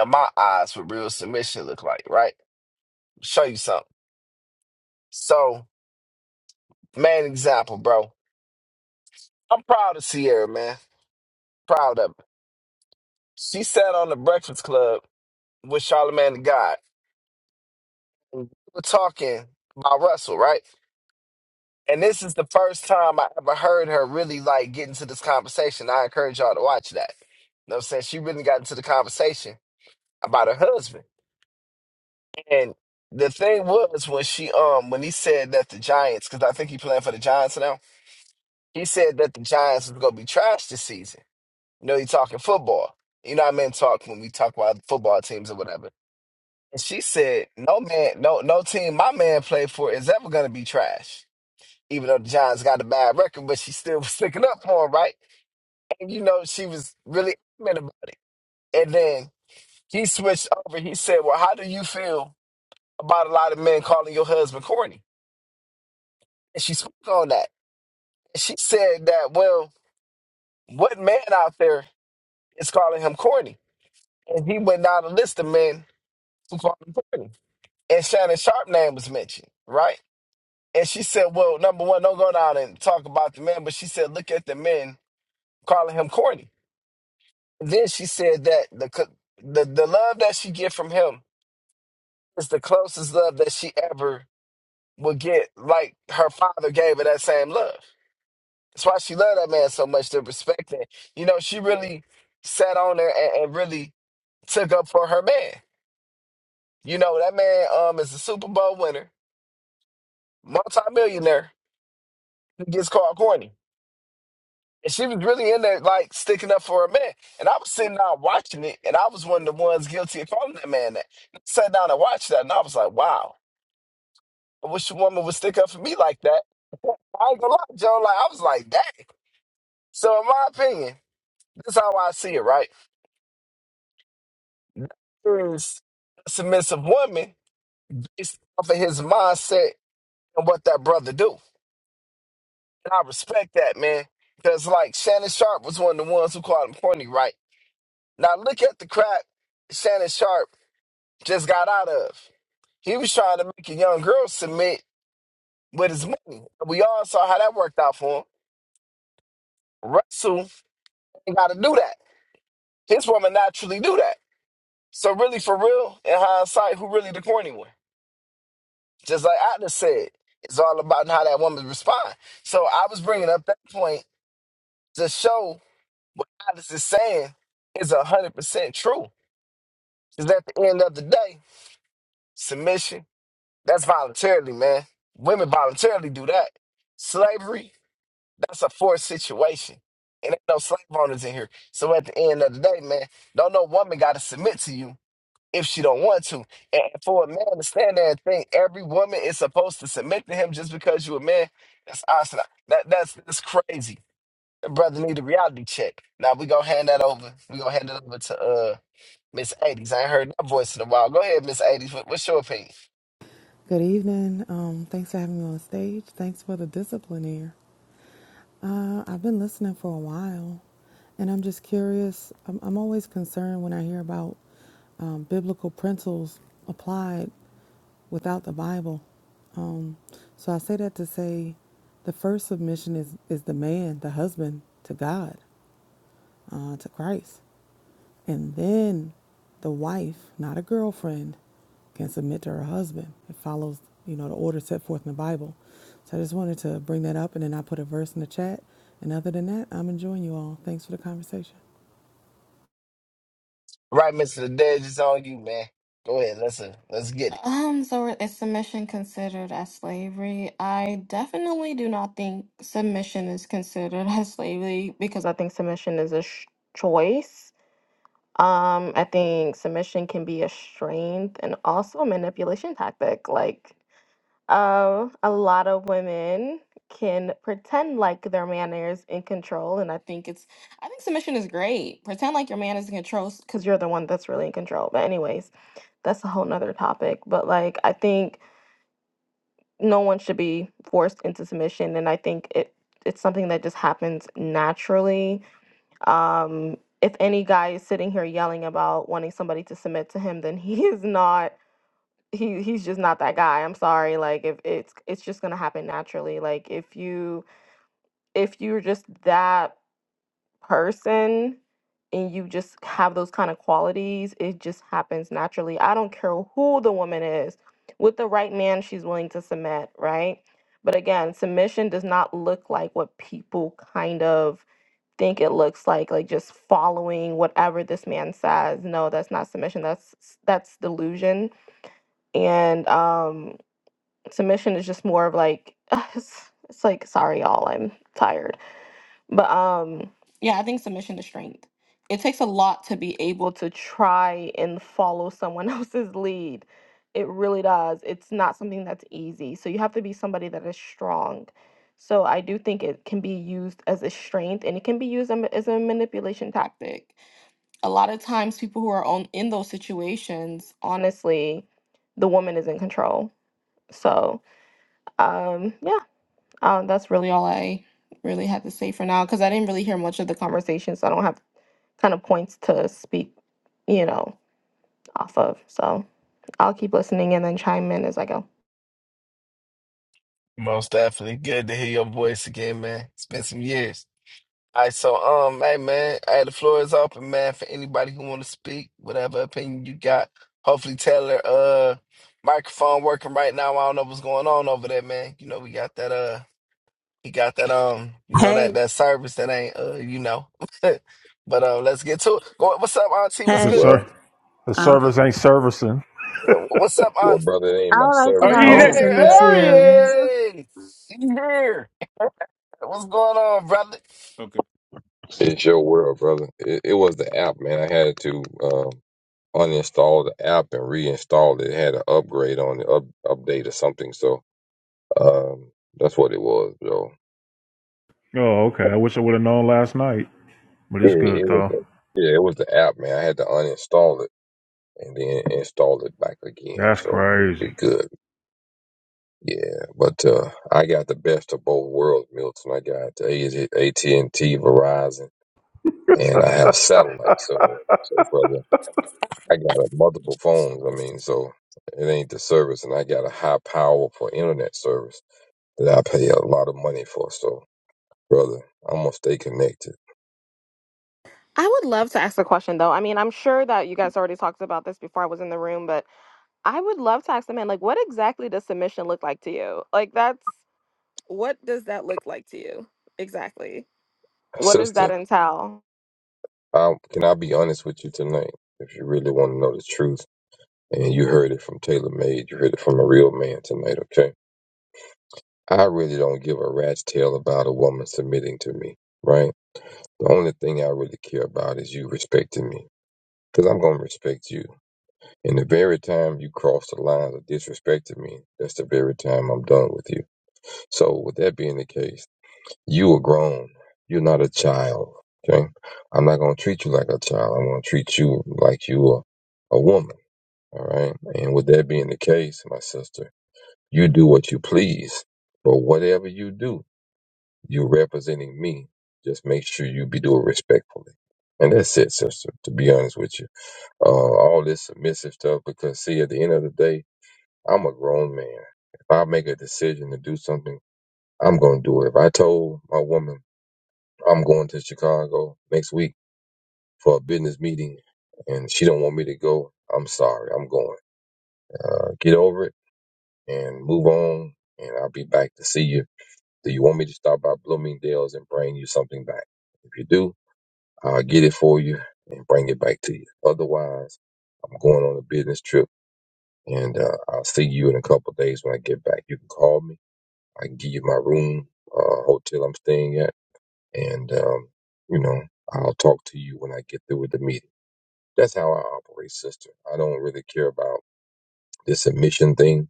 [SPEAKER 5] in my eyes, what real submission look like, right? Show you something. So, main example, bro. I'm proud of Sierra, man. Proud of her. She sat on the Breakfast Club with Charlamagne the God. We were talking about Russell, right? And this is the first time I ever heard her really like get into this conversation. I encourage y'all to watch that. You know what I'm saying? She really got into the conversation about her husband. And the thing was when she um when he said that the Giants, because I think he playing for the Giants now, he said that the Giants was gonna be trash this season. You know, he talking football. You know what I mean? Talk when we talk about football teams or whatever. And she said, No man, no no team my man played for is ever gonna be trash. Even though the Giants got a bad record, but she still [laughs] was sticking up for him, right? And you know, she was really adamant about it. and then he switched over. He said, Well, how do you feel about a lot of men calling your husband corny? And she spoke on that. And she said that, well, what man out there is calling him corny? And he went down a list of men who called him corny. And Shannon Sharp name was mentioned, right? And she said, well, number one, don't go down and talk about the men, but she said, look at the men calling him corny. And then she said that the co- the, the love that she get from him is the closest love that she ever will get, like her father gave her that same love. That's why she loved that man so much to respect that. You know, she really sat on there and, and really took up for her man. You know, that man um is a Super Bowl winner, multimillionaire, who gets called corny. And she was really in there like sticking up for her man. And I was sitting down watching it, and I was one of the ones guilty of calling that man that. I sat down and watched that, and I was like, wow, I wish a woman would stick up for me like that. [laughs] I ain't gonna lie, Joe. Like I was like, dang. So in my opinion, this is how I see it, right? Is submissive woman based off of his mindset and what that brother do. And I respect that, man. Because like Shannon Sharp was one of the ones who called him corny. right? Now look at the crap Shannon Sharp just got out of. He was trying to make a young girl submit with his money. We all saw how that worked out for him. Russell ain't gotta do that. His woman naturally do that. So really for real, in hindsight, who really the corny one? Just like I said, it's all about how that woman responds. So I was bringing up that point to show what Atlas is saying is hundred percent true. Because at the end of the day, submission that's voluntarily, man. Women voluntarily do that. Slavery that's a forced situation. And ain't no slave owners in here. So at the end of the day, man, don't no woman got to submit to you if she don't want to. And for a man to stand there and think every woman is supposed to submit to him just because you're a man, that's awesome. That that's that's crazy. The brother need a reality check. Now we gonna hand that over. We gonna hand it over to uh Miss 80s. I ain't heard that voice in a while. Go ahead, Miss 80s. What, what's your opinion?
[SPEAKER 10] Good evening. Um, thanks for having me on stage. Thanks for the discipline here. Uh, I've been listening for a while, and I'm just curious. I'm, I'm always concerned when I hear about um, biblical principles applied without the Bible. Um, so I say that to say the first submission is, is the man, the husband, to God, uh, to Christ. And then the wife, not a girlfriend, can submit to her husband. It follows, you know, the order set forth in the Bible. So I just wanted to bring that up and then I put a verse in the chat. And other than that, I'm enjoying you all. Thanks for the conversation.
[SPEAKER 5] Right, Mr. The Dedge, is on you, man. Go ahead. Let's uh, let's get it.
[SPEAKER 8] um so is submission considered as slavery? I definitely do not think submission is considered [laughs] as slavery because I think submission is a sh- choice. Um I think submission can be a strength and also a manipulation tactic. Like Um, a lot of women can pretend like their man is in control, and I think it's I think submission is great. Pretend like your man is in control because you're the one that's really in control. But anyways, that's a whole nother topic. But like, I think no one should be forced into submission, and I think it it's something that just happens naturally. Um, if any guy is sitting here yelling about wanting somebody to submit to him, then he is not he he's just not that guy. I'm sorry. Like if it's it's just gonna happen naturally. Like if you if you're just that person and you just have those kind of qualities, it just happens naturally. I don't care who the woman is. With the right man, she's willing to submit, right? But again, submission does not look like what people kind of think it looks like, like just following whatever this man says. No, that's not submission. That's that's delusion and um submission is just more of like [laughs] it's, it's like sorry y'all i'm tired but um yeah i think submission is strength it takes a lot to be able to try and follow someone [laughs] else's lead it really does it's not something that's easy so you have to be somebody that is strong so i do think it can be used as a strength and it can be used am- as a manipulation tactic a lot of times people who are on in those situations honestly the woman is in control so um yeah um that's really all i really had to say for now because i didn't really hear much of the conversation so i don't have kind of points to speak you know off of so i'll keep listening and then chime in as i go
[SPEAKER 5] Most definitely. Good to hear your voice again, man. It's been some years. All right, so um, hey man, hey, the floor is open, man, for anybody who want to speak, whatever opinion you got. Hopefully, Taylor, uh, microphone working right now. I don't know what's going on over there, man. You know, we got that uh, he got that um, you know that
[SPEAKER 11] Hey,
[SPEAKER 5] that service that ain't uh, you know. [laughs] but uh, let's get to it. Go- What's up, Auntie? What's
[SPEAKER 1] The
[SPEAKER 11] hey,
[SPEAKER 5] good?
[SPEAKER 1] ser-
[SPEAKER 12] Well,
[SPEAKER 1] the
[SPEAKER 11] um,
[SPEAKER 1] service ain't servicing.
[SPEAKER 5] Yeah, What's up,
[SPEAKER 12] well,
[SPEAKER 5] Auntie?
[SPEAKER 12] brother, it ain't
[SPEAKER 13] I
[SPEAKER 12] my
[SPEAKER 13] would like to
[SPEAKER 1] Oh,
[SPEAKER 3] [laughs]
[SPEAKER 12] service,
[SPEAKER 13] go
[SPEAKER 1] he
[SPEAKER 12] brother.
[SPEAKER 13] next
[SPEAKER 12] It's
[SPEAKER 3] oh,
[SPEAKER 1] there.
[SPEAKER 13] in
[SPEAKER 12] the
[SPEAKER 13] the
[SPEAKER 12] app.
[SPEAKER 1] There
[SPEAKER 13] queue.
[SPEAKER 1] he is.
[SPEAKER 5] Hey, you here? What's going on, brother?
[SPEAKER 3] okay.
[SPEAKER 12] It's your world, brother. It, it was the app, man. I had to um, uninstall the app and reinstall it. It had an upgrade on the up, update or something. So um, that's what it was, though.
[SPEAKER 1] Oh, okay. I wish I would have known last night, but it's
[SPEAKER 12] Yeah, it
[SPEAKER 1] good
[SPEAKER 12] was.
[SPEAKER 1] though.
[SPEAKER 12] The, yeah, it was the app, man. I had to uninstall it and then install it back again.
[SPEAKER 1] That's
[SPEAKER 12] So
[SPEAKER 1] crazy.
[SPEAKER 12] we good. Yeah, but uh, I got the best of both worlds, Milton. I got AT and T, Verizon, and I have satellite. So,
[SPEAKER 1] [laughs]
[SPEAKER 12] so brother. I got uh, multiple phones. I mean, so it ain't the service, and I got a high power for internet service that I pay a lot of money for. So, brother, I'm gonna stay connected.
[SPEAKER 8] i would love to ask a question though i mean i'm sure that you guys already talked about this before i was in the room but i would love to ask the man like what exactly does submission look like to you like that's what does that look like to you exactly what does that
[SPEAKER 12] Sister,
[SPEAKER 8] entail
[SPEAKER 12] I, can I be honest with you tonight? If you really want to know the truth, and you heard it from Taylor Made, you heard it from a real man tonight. Okay, I really don't give a rat's tail about a woman submitting to me, right? The only thing I really care about is you respecting me, because I'm gonna respect you. And the very time you cross the lines of disrespecting me, that's the very time I'm done with you. So, with that being the case, you are grown. You're not a child. Okay. I'm not going to treat you like a child. I'm going to treat you like you are a woman. All right. And with that being the case, my sister, you do what you please. But whatever you do, you're representing me. Just make sure you be doing respectfully. And that's it, sister, to be honest with you. Uh, all this submissive stuff, because see, at the end of the day, I'm a grown man. If I make a decision to do something, I'm going to do it. If I told my woman I'm going to Chicago next week for a business meeting and she don't want me to go, I'm sorry. I'm going. Uh, get over it and move on, and I'll be back to see you. Do you want me to stop by Bloomingdale's and bring you something back? If you do, I'll get it for you and bring it back to you. Otherwise, I'm going on a business trip, and uh, I'll see you in a couple of days when I get back. You can call me I can give you my room, uh, hotel I'm staying at, and um, you know, I'll talk to you when I get through with the meeting. That's how I operate, sister. I don't really care about this submission thing,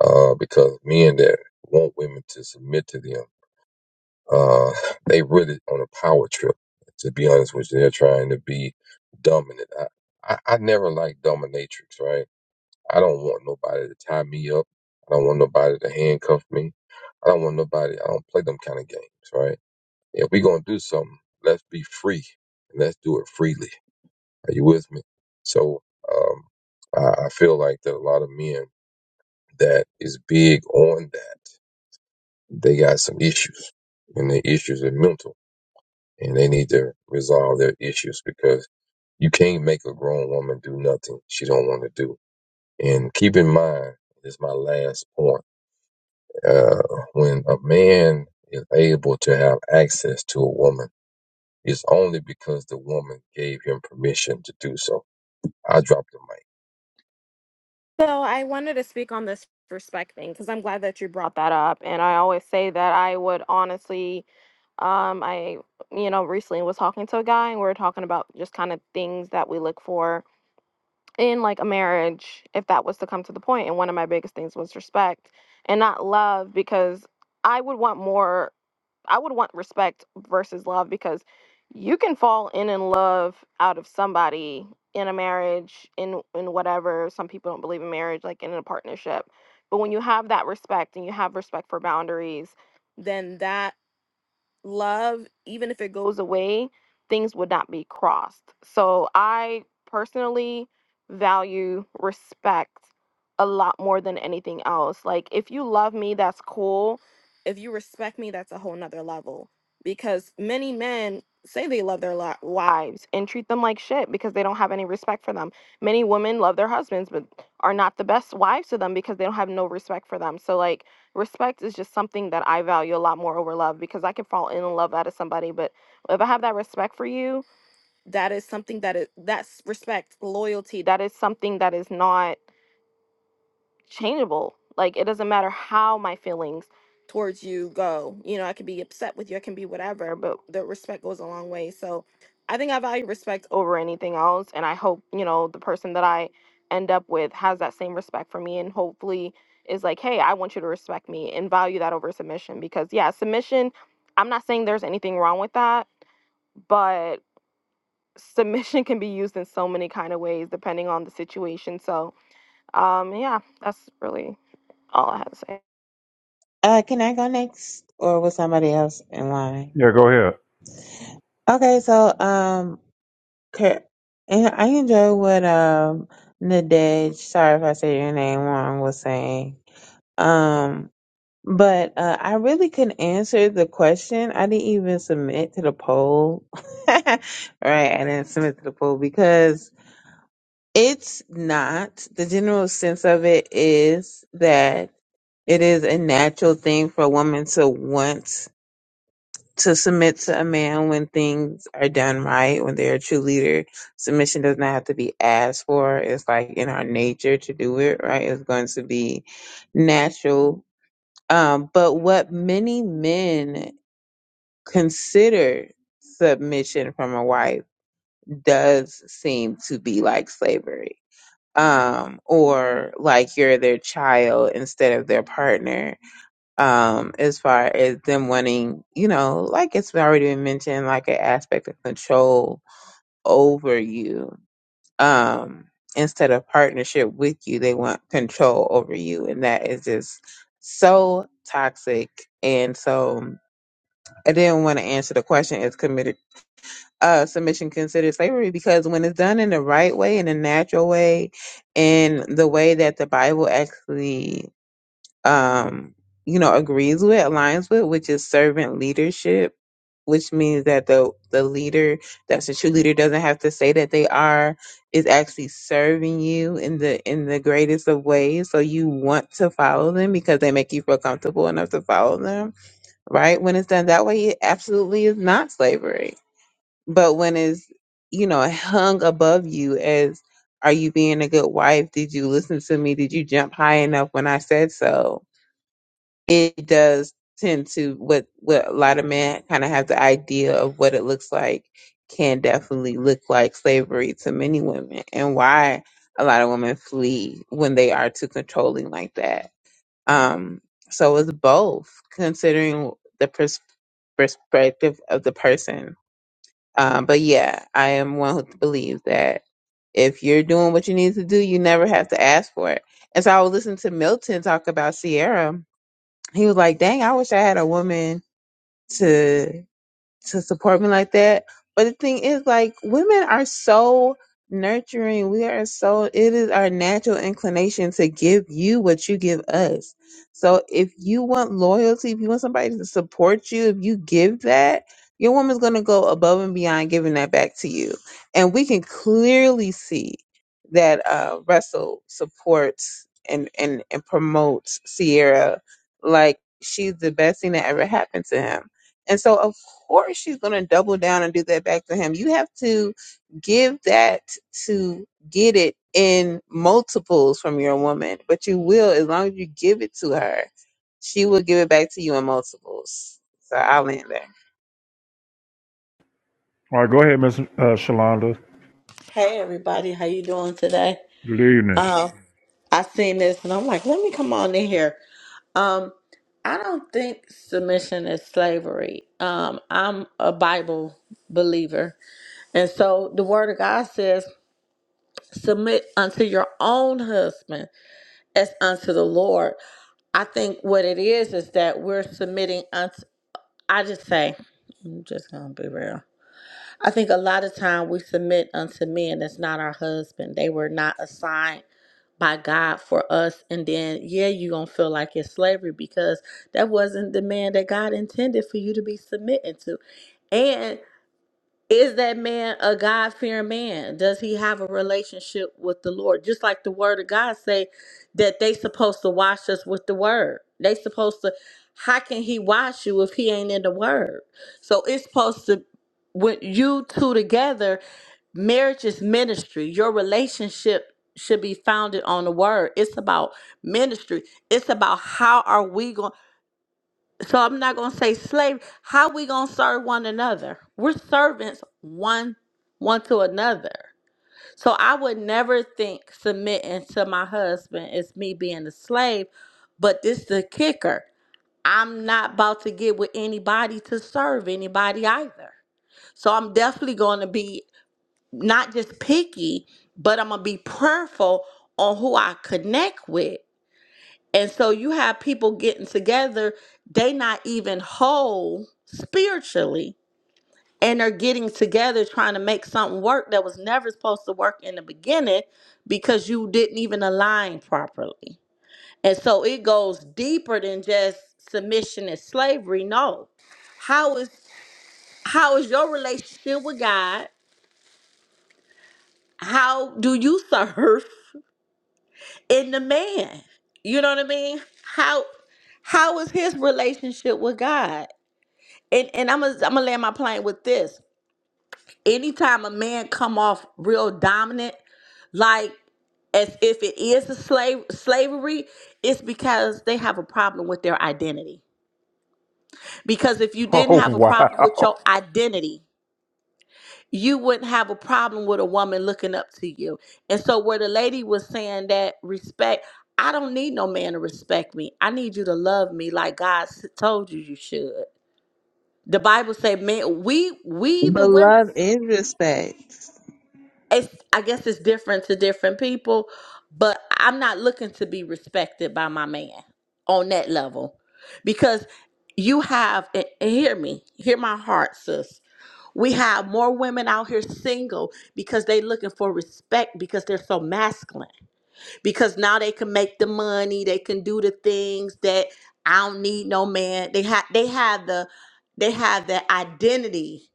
[SPEAKER 12] uh, because men that want women to submit to them, uh, [laughs] they really on a power trip. To be honest with you, they're trying to be dominant. I, I, I never like dominatrix, right? I don't want nobody to tie me up. I don't want nobody to handcuff me. I don't want nobody. I don't play them kind of games, right? If we're going to do something, let's be free and let's do it freely. Are you with me? So um, I, I feel like that a lot of men that is big on that, they got some issues and the issues are mental and they need to resolve their issues because you can't make a grown woman do nothing she don't want to do. And keep in mind, this is my last point. Uh, when a man is able to have access to a woman, It's only because the woman gave him permission to do so. I dropped the mic.
[SPEAKER 8] So I wanted to speak on this respect thing because I'm glad that you brought that up. And I always say that I would honestly, um, I you know recently was talking to a guy and we were talking about just kind of things that we look for in like a marriage if that was to come to the point and one of my biggest things was respect and not love because i would want more i would want respect versus love because you can fall in in love out of somebody in a marriage in in whatever some people don't believe in marriage like in a partnership but when you have that respect and you have respect for boundaries then that love, even if it goes away, things would not be crossed. So I personally value respect a lot more than anything else. Like, if you love me, that's cool. If you respect me, that's a whole nother level. Because many men say they love their li- wives and treat them like shit because they don't have any respect for them. Many women love their husbands, but are not the best wives to them because they don't have no respect for them. So, like, respect is just something that I value a lot more over love because I can fall in love out of somebody, but if I have that respect for you, that is something that is that's respect, loyalty. That is something that is not changeable. Like it doesn't matter how my feelings towards you go. You know, I could be upset with you, I can be whatever, but the respect goes a long way. So I think I value respect over anything else. And I hope, you know, the person that I end up with has that same respect for me and hopefully is like, hey, I want you to respect me and value that over submission. Because yeah, submission, I'm not saying there's anything wrong with that, but submission [laughs] can be used in so many kind of ways depending on the situation. So um yeah, that's really all I have to say.
[SPEAKER 13] Uh, can I go next, or was somebody else in line?
[SPEAKER 1] Yeah, go ahead.
[SPEAKER 13] Okay, so um, Kurt, and I enjoy what um Nadej, sorry if I said your name wrong, was saying. Um, but uh, I really couldn't answer the question. I didn't even submit to the poll. [laughs] right, I didn't submit to the poll because It's not. The general sense of it is that it is a natural thing for a woman to want to submit to a man when things are done right, when they're a true leader. Submission does not have to be asked for. It's like in our nature to do it, right? It's going to be natural. Um, but what many men consider submission from a wife does seem to be like slavery um, or like you're their child instead of their partner. Um, as far as them wanting, you know, like it's already been mentioned, like an aspect of control over you. Um, instead of partnership with you, they want control over you, and that is just so toxic. And so, I didn't want to answer the question: Is committed uh, submission considered slavery because when it's done in the right way, in a natural way, in the way that the Bible actually, um, you know, agrees with, aligns with, which is servant leadership, which means that the the leader, that's the true leader, doesn't have to say that they are, is actually serving you in the in the greatest of ways. So you want to follow them because they make you feel comfortable enough to follow them, right? When it's done that way, it absolutely is not slavery but when it's, you know, hung above you as, are you being a good wife? Did you listen to me? Did you jump high enough when I said so? It does tend to what what a lot of men kind of have the idea of what it looks like can definitely look like slavery to many women and why a lot of women flee when they are too controlling like that. Um, so it's both considering the pers- perspective of the person um, but yeah, I am one who believes that if you're doing what you need to do, you never have to ask for it. And so I was listening to Milton talk about Sierra. He was like, dang, I wish I had a woman to to support me like that. But the thing is, like, women are so nurturing. We are so, it is our natural inclination to give you what you give us. So if you want loyalty, if you want somebody to support you, if you give that, your woman's going to go above and beyond giving that back to you. And we can clearly see that uh, Russell supports and, and, and promotes Sierra like she's the best thing that ever happened to him and so, of course, she's going to double down and do that back to him. You have to give that to get it in multiples from your woman, but you will, as long as you give it to her, she will give it back to you in multiples. So I'll land there.
[SPEAKER 1] All right, go ahead, Miss uh, Shalonda.
[SPEAKER 11] hey, everybody, how you doing today?
[SPEAKER 1] Good evening. [laughs]
[SPEAKER 11] Um, I seen this and I'm like, let me come on in here. Um, I don't think submission is slavery. Um, I'm a Bible believer, and so the Word of God says, "Submit unto your own husband as unto the Lord." I think what it is is that we're submitting unto. I just say, I'm just gonna be real I think a lot of time we submit unto men that's not our husband. They were not assigned by God for us. And then, yeah, you going to feel like it's slavery because that wasn't the man that God intended for you to be submitting to. and. Is that man a God fearing man? Does he have a relationship with the Lord? Just like the word of God say that they supposed to wash us with the word. They supposed to how can he wash you if he ain't in the word? So it's supposed to with you two together, marriage is ministry. Your relationship should be founded on the word. It's about ministry. It's about how are we going so I'm not gonna say slavery. How we gonna serve one another? We're servants one one to another. So I would never think submitting to my husband is me being a slave. But this the kicker. I'm not about to get with anybody to serve anybody either. So I'm definitely gonna be not just picky, but I'm gonna be prayerful on who I connect with and so you have people getting together, they not even whole spiritually, and they're getting together trying to make something work that was never supposed to work in the beginning because you didn't even align properly. And so it goes deeper than just submission and slavery. No. How is how is your relationship with God? How do you serve in the man? You know what I mean? How how is his relationship with God? and and I'm gonna I'm gonna land my plane with this. Anytime a man come off real dominant, like as if it is a slave slavery, it's because they have a problem with their identity. Because if you didn't
[SPEAKER 1] Oh
[SPEAKER 11] have a problem with
[SPEAKER 1] wow.
[SPEAKER 11] your identity, you wouldn't have a problem with a woman looking up to you. And so where the lady was saying that respect, I don't need no man to respect me. I need you to love me like God s- told you you should. The Bible say, man, we we the
[SPEAKER 13] But
[SPEAKER 11] women.
[SPEAKER 13] love is respect.
[SPEAKER 11] it's I guess it's different to different people, but I'm not looking to be respected by my man on that level because you have and and hear me, hear my heart, sis. We have more women out here single because they looking for respect because they're so masculine because now they can make the money, they can do the things that I don't need no man. They have they have the they have the identity.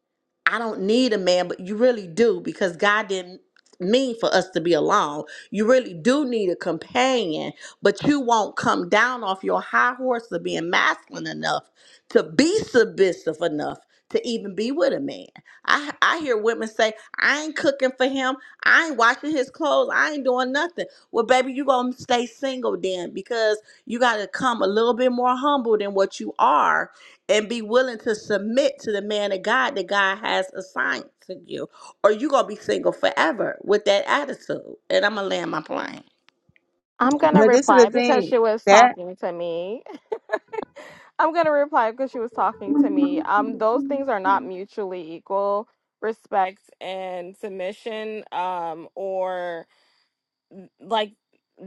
[SPEAKER 11] I don't need a man, but you really do because God didn't mean for us to be alone. You really do need a companion, but you won't come down off your high horse of being masculine enough to be submissive enough to even be with a man. I I hear women say, I ain't cooking for him. I ain't washing his clothes. I ain't doing nothing. Well, baby, you gonna stay single then because you gotta come a little bit more humble than what you are and be willing to submit to the man of God that God has assigned to you. Or you gonna be single forever with that attitude. And I'm gonna land my plane.
[SPEAKER 8] I'm gonna
[SPEAKER 13] But this is
[SPEAKER 8] reply
[SPEAKER 13] the
[SPEAKER 8] because
[SPEAKER 13] thing
[SPEAKER 8] she was
[SPEAKER 13] that
[SPEAKER 8] talking to me. [laughs] I'm gonna reply because she was talking to me. Um, those things are not mutually equal. Respect and submission, um, or like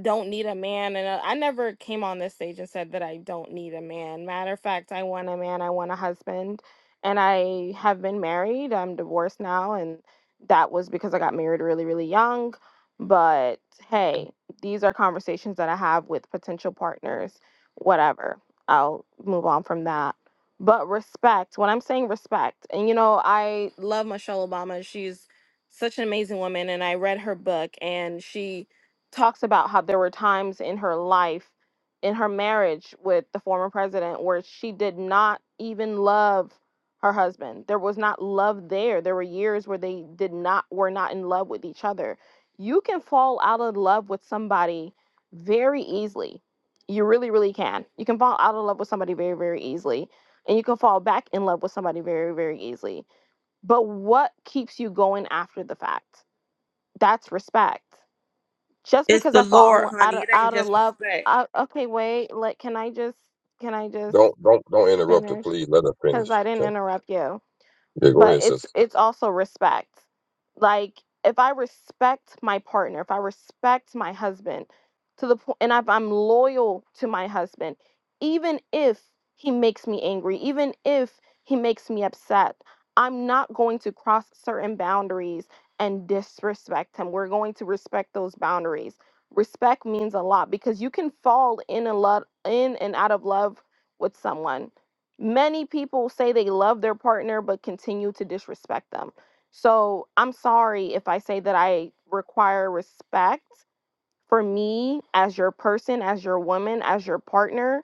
[SPEAKER 8] don't need a man and uh, i never came on this stage and said that i don't need a man matter of fact i want a man i want a husband and i have been married i'm divorced now and that was because i got married really really young but hey these are conversations that i have with potential partners whatever i'll move on from that but respect when i'm saying respect and you know i love michelle obama she's such an amazing woman and i read her book and she talks about how there were times in her life, in her marriage with the former president, where she did not even love her husband. There was not love there. There were years where they did not were not in love with each other. You can fall out of love with somebody very easily. You really, really can. You can fall out of love with somebody very, very easily. And you can fall back in love with somebody very, very easily. But what keeps you going after the fact? That's respect just
[SPEAKER 11] It's
[SPEAKER 8] because
[SPEAKER 11] the
[SPEAKER 8] I fall in,
[SPEAKER 11] Lord,
[SPEAKER 8] out
[SPEAKER 11] honey.
[SPEAKER 8] of
[SPEAKER 11] It ain't
[SPEAKER 8] out of
[SPEAKER 11] just
[SPEAKER 8] love.
[SPEAKER 11] respect.
[SPEAKER 8] I, okay, wait. Like, can I just can I just
[SPEAKER 12] Don't don't don't interrupt her,
[SPEAKER 8] finish?
[SPEAKER 12] please. Let her
[SPEAKER 8] Because
[SPEAKER 12] finish.
[SPEAKER 8] I didn't
[SPEAKER 12] Okay.
[SPEAKER 8] interrupt you
[SPEAKER 12] Yeah, go
[SPEAKER 8] but
[SPEAKER 12] ahead,
[SPEAKER 8] it's
[SPEAKER 12] sister.
[SPEAKER 8] it's also respect like if i respect my partner if i respect my husband to the point and if i'm loyal to my husband even if he makes me angry even if he makes me upset i'm not going to cross certain boundaries and disrespect him we're going to respect those boundaries respect means a lot because you can fall in a lot in and out of love with someone Many people say they love their partner but continue to disrespect them. So I'm sorry if I say that I require respect for me as your person, as your woman, as your partner,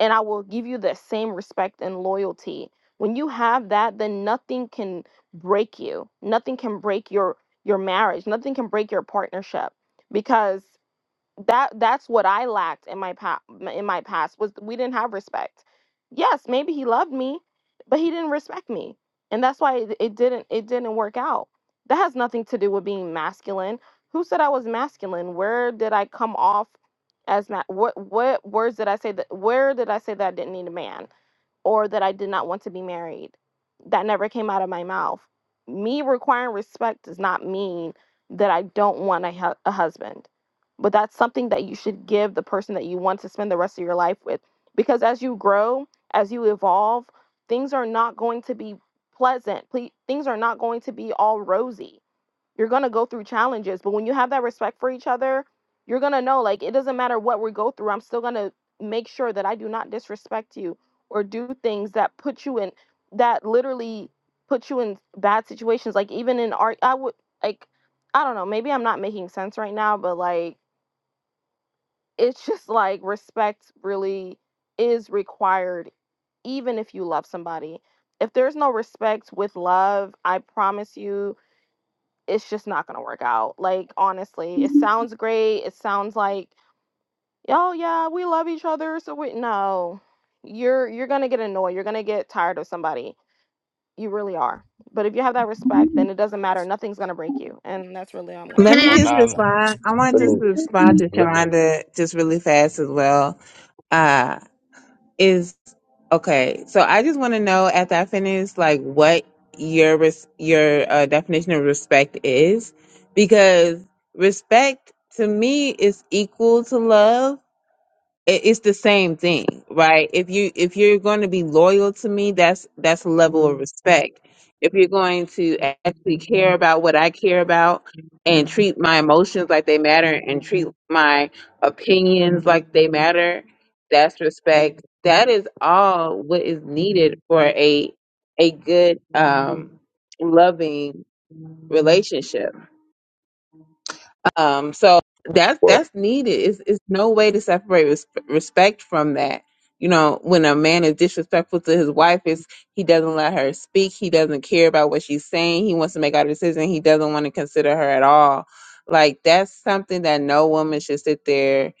[SPEAKER 8] and I will give you the same respect and loyalty. When you have that, then nothing can break you. Nothing can break your your marriage. Nothing can break your partnership because that that's what I lacked in my past in my past was we didn't have respect. Yes, maybe he loved me, but he didn't respect me. And that's why it, it didn't it didn't work out. That has nothing to do with being masculine. Who said I was masculine? Where did I come off as ma- what what words did I say that where did I say that I didn't need a man? or that I did not want to be married. That never came out of my mouth. Me requiring respect does not mean that I don't want a, hu- a husband, but that's something that you should give the person that you want to spend the rest of your life with. Because as you grow, as you evolve, things are not going to be pleasant. Ple- things are not going to be all rosy you're going to go through challenges but when you have that respect for each other you're going to know like it doesn't matter what we go through i'm still going to make sure that i do not disrespect you or do things that put you in that literally put you in bad situations like even in art i would like i don't know maybe i'm not making sense right now but like [laughs] it's just like respect really is required even if you love somebody if there's no respect with love i promise you it's just not going to work out. Like, honestly, it sounds great. It sounds like, oh, yeah, we love each other. So we, no, you're, you're going to get annoyed. You're going to get tired of somebody. You really are. But if you have that respect, then it doesn't matter. Nothing's going to break you. And that's really all I'm going to
[SPEAKER 13] Let
[SPEAKER 2] Can
[SPEAKER 13] me
[SPEAKER 8] say.
[SPEAKER 2] I
[SPEAKER 5] Well,
[SPEAKER 2] ask
[SPEAKER 13] just
[SPEAKER 5] nah, nah.
[SPEAKER 13] respond. I want
[SPEAKER 2] can
[SPEAKER 12] Let
[SPEAKER 13] to just
[SPEAKER 12] me
[SPEAKER 2] a
[SPEAKER 13] respond
[SPEAKER 2] question?
[SPEAKER 13] to
[SPEAKER 12] let me
[SPEAKER 13] Shonda just really fast as well. Uh, is okay. So I just want to know after I finish, like what your res- your uh, definition of respect is, because respect to me is equal to love it, it's the same thing right if you if you're going to be loyal to me that's that's a level of respect if you're going to actually care about what i care about and treat my emotions like they matter and treat my opinions like they matter that's respect that is all what is needed for a a good um loving relationship um, so that's
[SPEAKER 12] well
[SPEAKER 13] that's needed. It's, it's no way to separate res- respect from that. You know, when a man is disrespectful to his wife, is he doesn't let her speak. He doesn't care about what she's saying. He wants to make out a decision. He doesn't want to consider her at all. Like that's something that no woman should sit there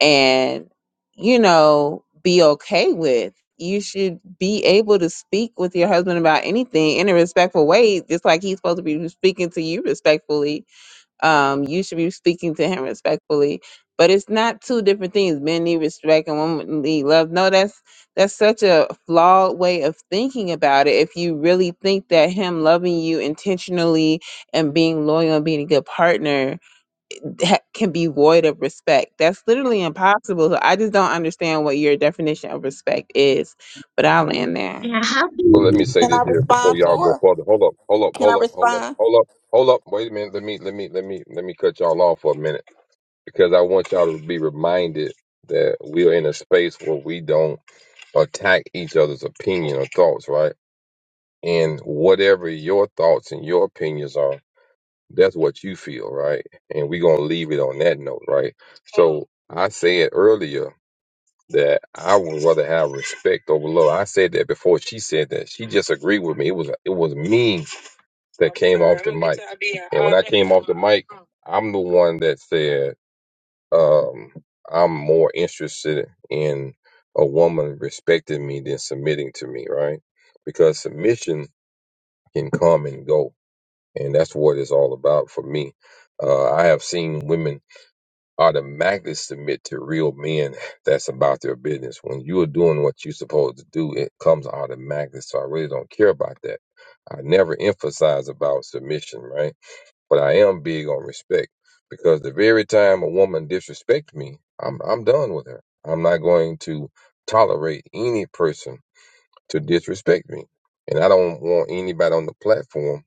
[SPEAKER 13] and you know be okay with. You should be able to speak with your husband about anything in a respectful way, just like he's supposed to be speaking to you respectfully um, you should be speaking to him respectfully. But it's not two different things. Men need respect and women need love. No, that's that's such a flawed way of thinking about it. If you really think that him loving you intentionally and being loyal and being a good partner that can be void of respect, that's literally impossible. So I just don't understand what your definition of respect is. But I'll land there.
[SPEAKER 2] Yeah, how can
[SPEAKER 12] well let me
[SPEAKER 2] you-
[SPEAKER 12] say
[SPEAKER 11] Can
[SPEAKER 12] this
[SPEAKER 11] I
[SPEAKER 12] here before
[SPEAKER 11] respond
[SPEAKER 12] y'all
[SPEAKER 11] to
[SPEAKER 12] go
[SPEAKER 11] her?
[SPEAKER 12] further. Hold up, hold up,
[SPEAKER 11] Can I
[SPEAKER 12] hold up, hold up,
[SPEAKER 11] respond?
[SPEAKER 12] hold up, hold up. Wait a minute. Let me let me let me let me cut y'all off for a minute because I want y'all to be reminded that we're in a space where we don't attack each other's opinion or thoughts, right? And whatever your thoughts and your opinions are That's what you feel, right? And we're gonna leave it on that note, right? So I said earlier that I would rather have respect over love. I said that before she said that. She just agreed with me. It was it was me that came off the mic. And when I came off the mic, I'm the one that said, um, I'm more interested in a woman respecting me than submitting to me, right? Because submission can come and go and that's what it's all about for me. Uh, I have seen women automatically submit to real men [laughs] that's about their business. When you are doing what you're supposed to do, it comes automatically. So I really don't care about that. I never emphasize about submission, right? But I am big on respect because the very time a woman disrespects me, I'm I'm done with her. I'm not going to tolerate any person to disrespect me, and I don't want anybody on the platform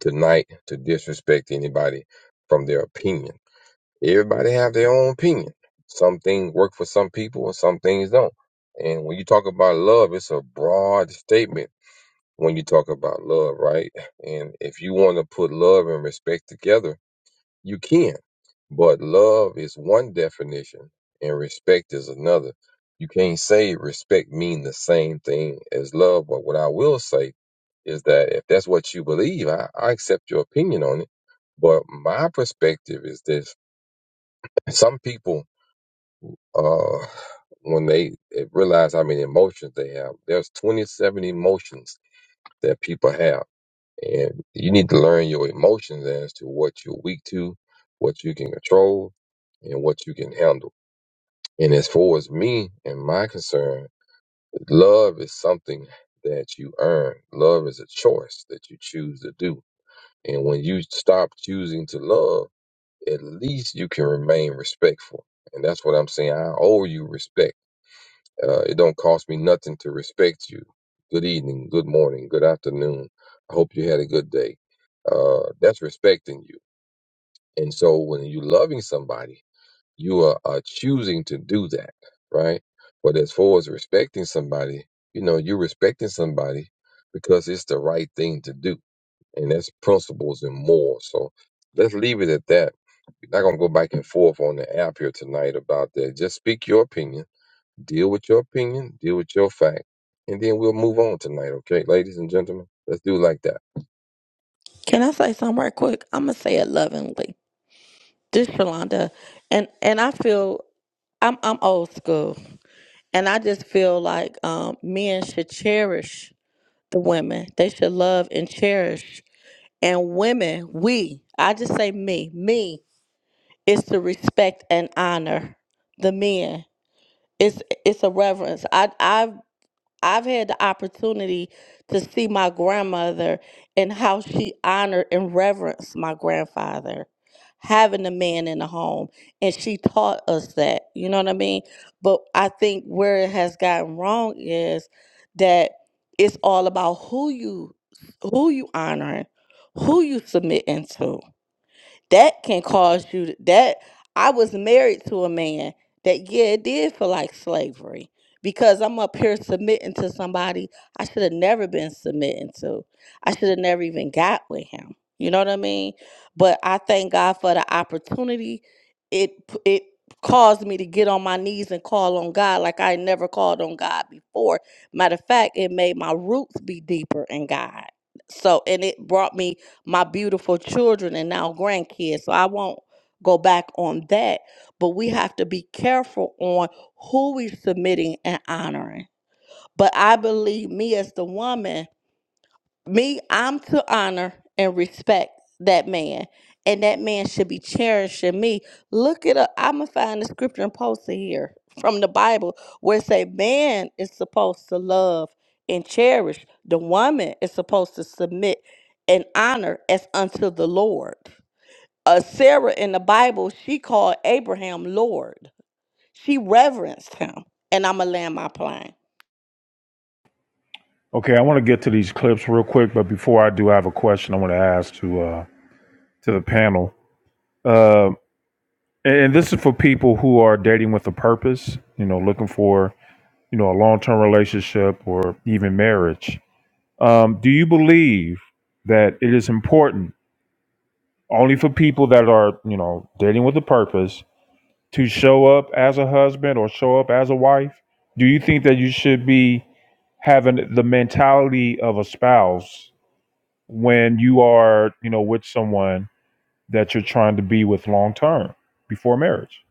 [SPEAKER 12] tonight to disrespect anybody from their opinion. Everybody have their own opinion. Some things work for some people and some things don't. And when you talk about love, it's a broad statement when you talk about love, right? And if you want to put love and respect together, you can, but love is one definition and respect is another. You can't say respect mean the same thing as love, but what I will say is that if that's what you believe, I, I accept your opinion on it. But my perspective is this [laughs] some people, uh, when they, they realize how many emotions they have, there's 27 emotions that people have and you need to learn your emotions as to what you're weak to, what you can control, and what you can handle. And as far as me and my concern, love is something that you earn. Love is a choice that you choose to do. And when you stop choosing to love, at least you can remain respectful. And that's what I'm saying. I owe you respect uh, it don't cost me nothing to respect you. Good evening, good morning, good afternoon. I hope you had a good day. Uh, that's respecting you. And so when you're loving somebody, you are, are choosing to do that, right? But as far as respecting somebody, you know, you're respecting somebody because it's the right thing to do. And that's principles and more. So let's leave it at that. We're not going to go back and forth on the app here tonight about that. Just speak your opinion Deal with your opinion, deal with your fact, and then we'll move on tonight, okay, ladies and gentlemen? Let's do it like that.
[SPEAKER 11] Can I say something real quick? I'm gonna say it lovingly. This Shalonda, and and I feel I'm I'm old school. And I just feel like um, men should cherish the women. They should love and cherish. And women, we, I just say me, me is to respect and honor the men. It's it's a reverence. I i I've had the opportunity to see my grandmother and how she honored and reverenced my grandfather, having the man in the home. And she taught us that, you know what I mean? But I think where it has gotten wrong is that it's all about who you who you honoring, who you submitting to that can cause you to, that I was married to a man that yeah, it did feel like slavery because I'm up here submitting to somebody I should have never been submitting to. I should have never even got with him. You know what I mean? But I thank God for the opportunity. It p- it caused me to get on my knees and call on God like I never called on God before. Matter of fact, it made my roots be deeper in God. So and it brought me my beautiful children and now grandkids. So I won't go back on that. But we have to be careful on who we're submitting and honoring. But I believe me as the woman. Me, I'm to honor and respect that man, and that man should be cherishing me. Look it up. I'm gonna find the scripture and post it here from the Bible where it say man is supposed to love and cherish. The woman is supposed to submit and honor as unto the Lord. Uh, Sarah in the Bible, she called Abraham Lord. She reverenced him. And I'm gonna land my plane.
[SPEAKER 1] Okay, I want to get to these clips real quick, but before I do, I have a question I want to ask to uh, to the panel. Uh, and, this is for people who are dating with a purpose, you know, looking for you know a long term relationship or even marriage. Um, do you believe that it is important only for people that are you know dating with a purpose to show up as a husband or show up as a wife? Do you think that you should be having the mentality of a spouse? when you are, you know, with someone that you're trying to be with long term before marriage.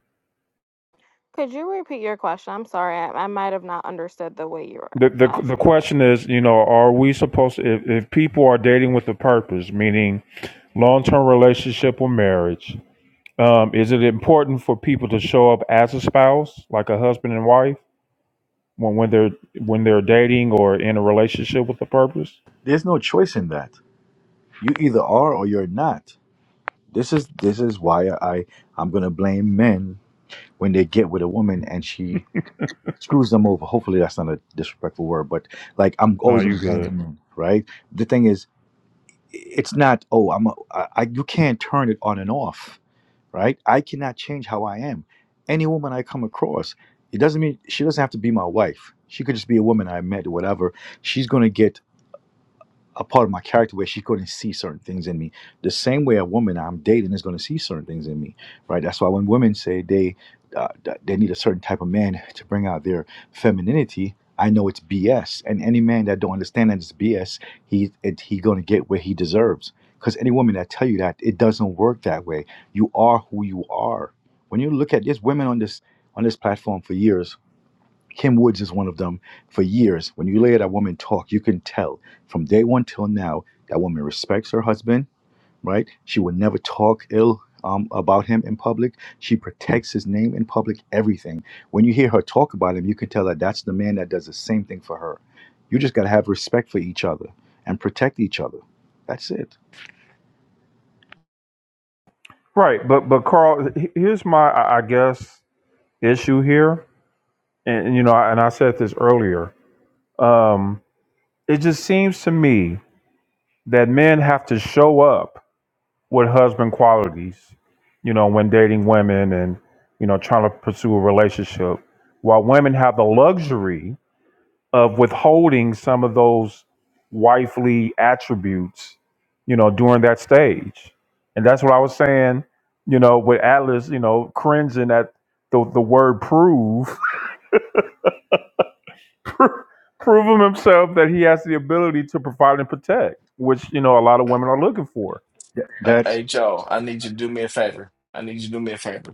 [SPEAKER 8] Could you repeat your question? I'm sorry. I, I might have not understood the way you were
[SPEAKER 1] The, the the
[SPEAKER 8] asking the question.
[SPEAKER 1] question is, you know, are we supposed to, if, if people are dating with a purpose, meaning long term relationship or marriage, um, is it important for people to show up as a spouse, like a husband and wife, when, when they're when they're dating or in a relationship with a purpose?
[SPEAKER 4] There's no choice in that. You either are or you're not. This is this is why I I'm gonna blame men when they get with a woman and she screws them over. Hopefully, that's not a disrespectful word, but like I'm
[SPEAKER 1] No,
[SPEAKER 4] always gonna
[SPEAKER 1] you
[SPEAKER 4] blame
[SPEAKER 1] good.
[SPEAKER 4] the moon, right? The thing is, it's not. Oh, I'm. A, I, I you can't turn it on and off, right? I cannot change how I am. Any woman I come across, it doesn't mean she doesn't have to be my wife. She could just be a woman I met or whatever. She's gonna get a part of my character where she couldn't see certain things in me. The same way a woman I'm dating is going to see certain things in me, right? That's why when women say they uh, th- they need a certain type of man to bring out their femininity, I know it's BS. And any man that don't understand that it's BS, he it, he going to get what he deserves. Because any woman that tell you that it doesn't work that way. You are who you are. When you look at there's women on this on this platform for years Kim Woods is one of them. For years, when you hear that woman talk, you can tell from day one till now that woman respects her husband, right? She will never talk ill um, about him in public. She protects his name in public, everything. When you hear her talk about him, you can tell that that's the man that does the same thing for her. You just got to have respect for each other and protect each other. That's it.
[SPEAKER 1] Right, but but Carl, he- here's my I I guess issue here, and and, you know, and I said this earlier Um, it just seems to me that men have to show up with husband qualities, you know, when dating women and, you know, trying to pursue a relationship, while women have the luxury of withholding some of those wifely attributes, you know, during that stage. And that's what I was saying, you know, with Atlas, you know, cringing at the, the word prove Pro- prove him himself that he has the ability to provide and protect, which you know a lot of women are looking for.
[SPEAKER 4] Th-
[SPEAKER 5] Uh,
[SPEAKER 4] That's
[SPEAKER 5] Hey, Joe, I need you to do me a favor. I need you to do me a favor.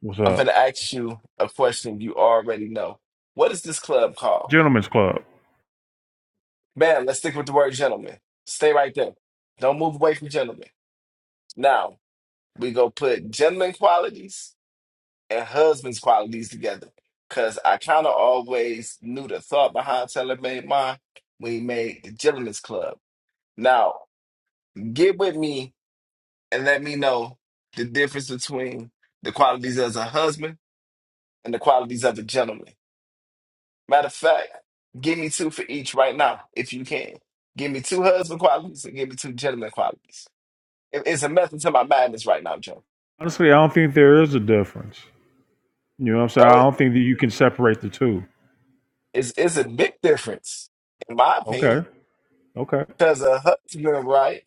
[SPEAKER 1] What's
[SPEAKER 5] I'm
[SPEAKER 1] up,
[SPEAKER 5] going to ask you a question you already know. What is this club called?
[SPEAKER 1] gentlemen's club?
[SPEAKER 5] Man, let's stick with the word gentleman. Stay right there. Don't move away from gentleman. Now, we go put gentleman qualities and husband's qualities together. Because I kind of always knew the thought behind Taylor made mine when he made the gentleman's club. Now, get with me and let me know the difference between the qualities as a husband and the qualities of a gentleman. Matter of fact, give me two for each right now, if you can. Give me two husband qualities and give me two gentleman qualities. It- It's a method to my madness right now, Joe.
[SPEAKER 1] Honestly, I don't think there is a difference. You know what I'm saying? I
[SPEAKER 5] Oh, it-
[SPEAKER 1] don't think that you can separate the two.
[SPEAKER 5] it's, it's a big difference, in my
[SPEAKER 1] Okay,
[SPEAKER 5] opinion,
[SPEAKER 1] okay.
[SPEAKER 5] because a husband, right,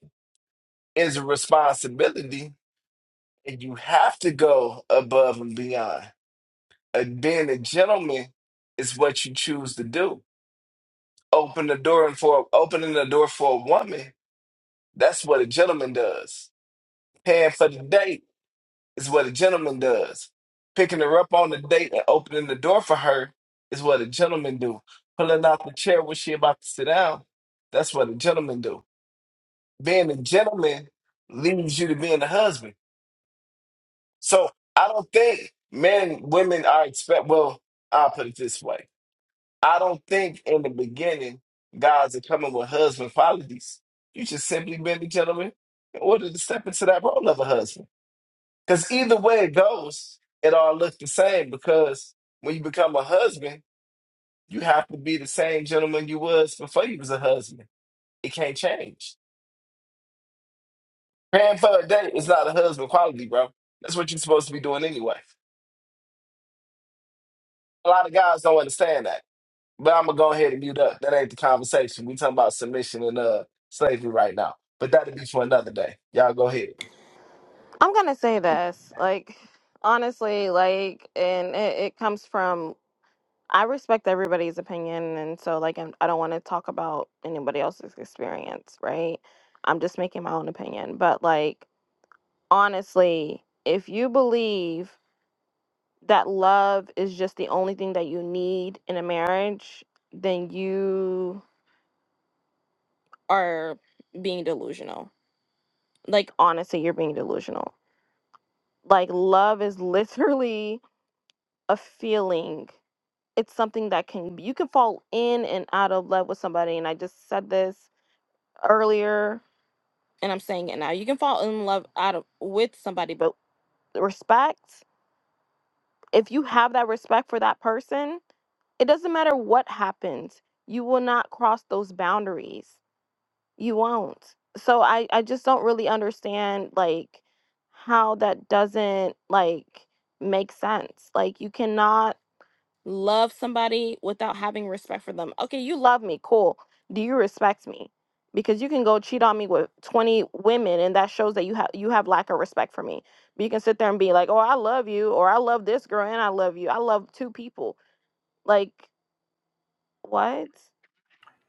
[SPEAKER 5] is a responsibility, and you have to go above and beyond. And being a gentleman is what you choose to do. Open the door and for opening the door for a woman, that's what a gentleman does. Paying for the date is what a gentleman does. Picking her up on the date and opening the door for her is what a gentleman do. Pulling out the chair when she about to sit down, that's what a gentleman do. Being a gentleman leads you to being a husband. So I don't think men, women are expect. Well, I'll put it this way: I don't think in the beginning guys are coming with husband qualities. You just simply been a gentleman in order to step into that role of a husband. Because either way it goes, it all looks the same. Because when you become a husband, you have to be the same gentleman you was before you was a husband. It can't change. Paying for a date is not a husband quality, bro. That's what you're supposed to be doing anyway. A lot of guys don't understand that. But I'm gonna go ahead and mute up. That ain't the conversation. We talking about submission and uh slavery right now. But that'll be for another day. Y'all go ahead.
[SPEAKER 8] I'm going to say this, like, honestly, like, and it, it comes from I respect everybody's opinion, and so like I'm, I don't want to talk about anybody else's experience, right? I'm just making my own opinion. But like honestly, if you believe that love is just the only thing that you need in a marriage, then you are being delusional. Like honestly, you're being delusional. Like love is [laughs] literally a feeling. It's something that can you can fall in and out of love with somebody, and I just said this earlier, and I'm saying it now. You can fall in love out of with somebody, but respect, if you have that respect for that person, it doesn't matter what happens. You will not cross those boundaries. You won't. So I I just don't really understand like how that doesn't like make sense. Like you cannot love somebody without having respect for them. Okay, you love me, cool. Do you respect me? Because you can go cheat on me with 20 women and that shows that you have you have lack of respect for me. But you can sit there and be like, "Oh, I love you," or "I love this girl and I love you." I love two people. Like, what?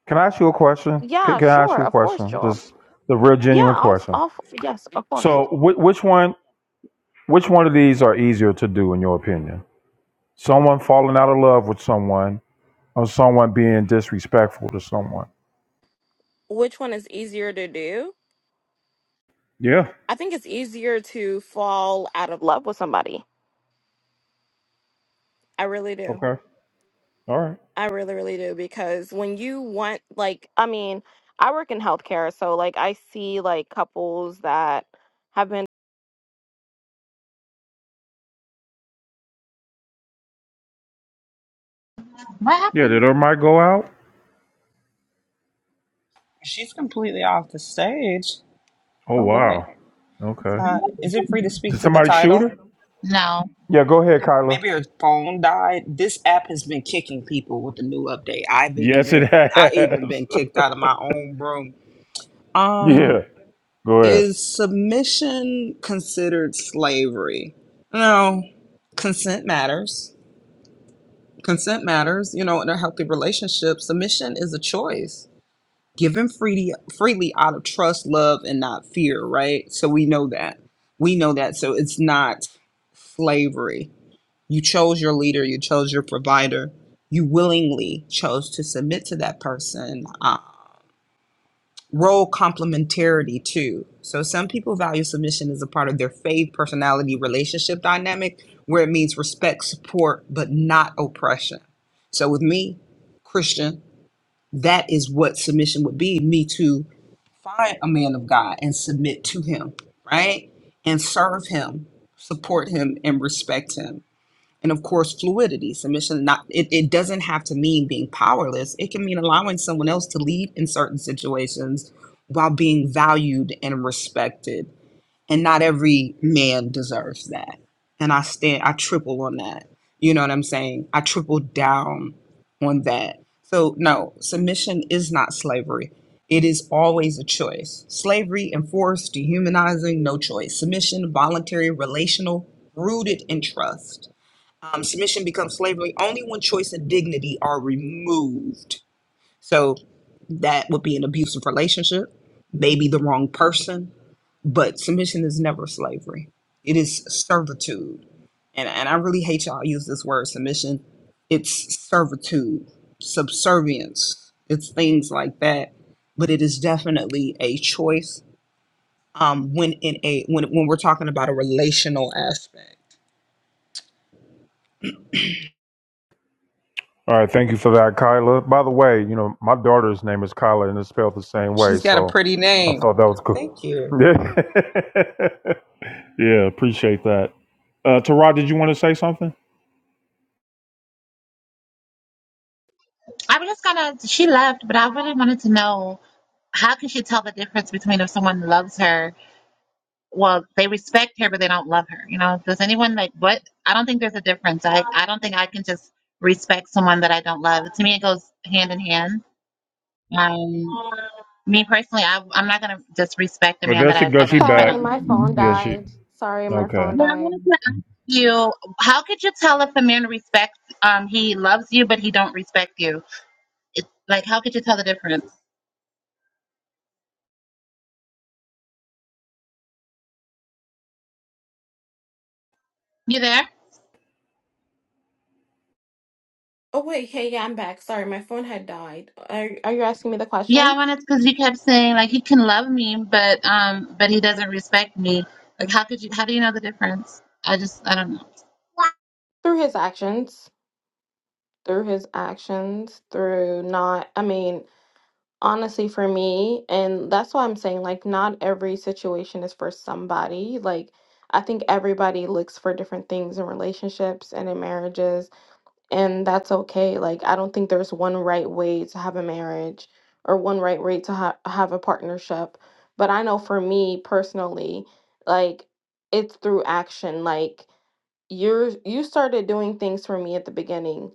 [SPEAKER 1] Can I ask you a question? Can,
[SPEAKER 8] Yeah,
[SPEAKER 1] can I ask
[SPEAKER 8] sure.
[SPEAKER 1] you a
[SPEAKER 8] Of course,
[SPEAKER 1] question?
[SPEAKER 8] Joel.
[SPEAKER 1] Just the real
[SPEAKER 8] Yeah,
[SPEAKER 1] genuine
[SPEAKER 8] I'll, i
[SPEAKER 1] question.
[SPEAKER 8] I'll yes, of course.
[SPEAKER 1] So, whi- which one, which one of these are easier to do in your opinion? Someone falling out of love with someone, or someone being disrespectful to someone?
[SPEAKER 8] Which one is easier to do?
[SPEAKER 1] Yeah.
[SPEAKER 8] I think it's easier to fall out of love with somebody. I really do.
[SPEAKER 1] Okay. All right.
[SPEAKER 8] I really, really do because when you want, like, I mean, I work in healthcare, so like I see like couples that have been.
[SPEAKER 2] What
[SPEAKER 1] Yeah, did
[SPEAKER 2] happened?
[SPEAKER 1] her mic go out?
[SPEAKER 14] She's completely off the stage.
[SPEAKER 1] Oh
[SPEAKER 14] Oh boy.
[SPEAKER 1] wow. Okay.
[SPEAKER 14] Uh, is it free to speak
[SPEAKER 1] Did
[SPEAKER 14] to the
[SPEAKER 1] somebody shoot
[SPEAKER 14] title?
[SPEAKER 1] her?
[SPEAKER 2] No.
[SPEAKER 1] Yeah, go ahead, Kyla.
[SPEAKER 14] Maybe her phone died. This app has been kicking people with the new update. I've even
[SPEAKER 1] Yes, it
[SPEAKER 14] been I even
[SPEAKER 1] has.
[SPEAKER 14] been kicked out of my own room.
[SPEAKER 1] [laughs] yeah.
[SPEAKER 14] Um,
[SPEAKER 1] Go ahead.
[SPEAKER 14] is submission considered slavery? No. Consent matters. Consent matters, you know, in a healthy relationship. Submission is a choice given freely freely out of trust, love, and not fear, right? So we know that. We know that. So it's not slavery. You chose your leader, you chose your provider, you willingly chose to submit to that person. Uh, role complementarity too. So some people value submission as a part of their faith, personality, relationship dynamic, where it means respect, support, but not oppression. So with me, Christian, that is what submission would be me to find a man of God and submit to him, right? And serve him, support him, and respect him. And of course, fluidity, submission, not it, it doesn't have to mean being powerless. It can mean allowing someone else to lead in certain situations while being valued and respected and not every man deserves that and i stand i triple on that you know what i'm saying i triple down on that so no submission is not slavery it is always a choice slavery enforced dehumanizing no choice submission voluntary relational rooted in trust um, submission becomes slavery only when choice and dignity are removed so that would be an abusive relationship, maybe the wrong person, but submission is never slavery. It is servitude. And and I really hate y'all use this word submission. It's servitude, subservience. It's things like that. But it is definitely a choice. Um, when in a when when we're talking about a relational aspect.
[SPEAKER 1] All right, thank you for that, Kyla. By the way, you know, my daughter's name is Kyla and it's spelled the same way,
[SPEAKER 14] She's got a
[SPEAKER 1] so
[SPEAKER 14] pretty
[SPEAKER 1] I thought
[SPEAKER 14] name.
[SPEAKER 1] that was cool.
[SPEAKER 14] Thank you.
[SPEAKER 1] [laughs] yeah, [laughs] Yeah, appreciate that. Uh Tara, did you want to say something?
[SPEAKER 2] I was just gonna, she left, but I really wanted to know how can she tell the difference between if someone loves her, well, they respect her, but they don't love her. You know, does anyone like what? I don't think there's a difference. I, I don't think I can just respect someone that I don't love. To me, it goes hand in hand. Um. Me personally, I, I'm not going to disrespect a
[SPEAKER 1] Well,
[SPEAKER 2] man
[SPEAKER 1] there
[SPEAKER 2] that
[SPEAKER 1] she
[SPEAKER 2] I, I
[SPEAKER 1] goes. She
[SPEAKER 2] don't, if I
[SPEAKER 8] Sorry,
[SPEAKER 1] back.
[SPEAKER 8] my phone
[SPEAKER 2] don't.
[SPEAKER 1] Yeah, she
[SPEAKER 8] died. Sorry, my
[SPEAKER 1] okay.
[SPEAKER 8] phone
[SPEAKER 2] But I
[SPEAKER 8] died.
[SPEAKER 2] wanted to ask you, how could you tell if a man respects, um, he loves you, but he don't respect you? It's like, how could you tell the difference? You there?
[SPEAKER 8] Oh wait, hey, yeah, I'm back. Sorry, my phone had died. Are Are you asking me the
[SPEAKER 2] Yeah, I
[SPEAKER 8] question?
[SPEAKER 2] wanted because you kept saying like he can love me, but um, but he doesn't respect me. Like, how could you? How do you know the difference? I just, I don't
[SPEAKER 8] Through his actions, through his actions, through not. I mean, honestly for me and that's why i'm saying like not every situation is for somebody like i think everybody looks for different things in relationships and in marriages and that's okay like i don't think there's one right way to have a marriage or one right way to ha- have a partnership but i know for me personally like it's through action like you're you started doing things for me at the beginning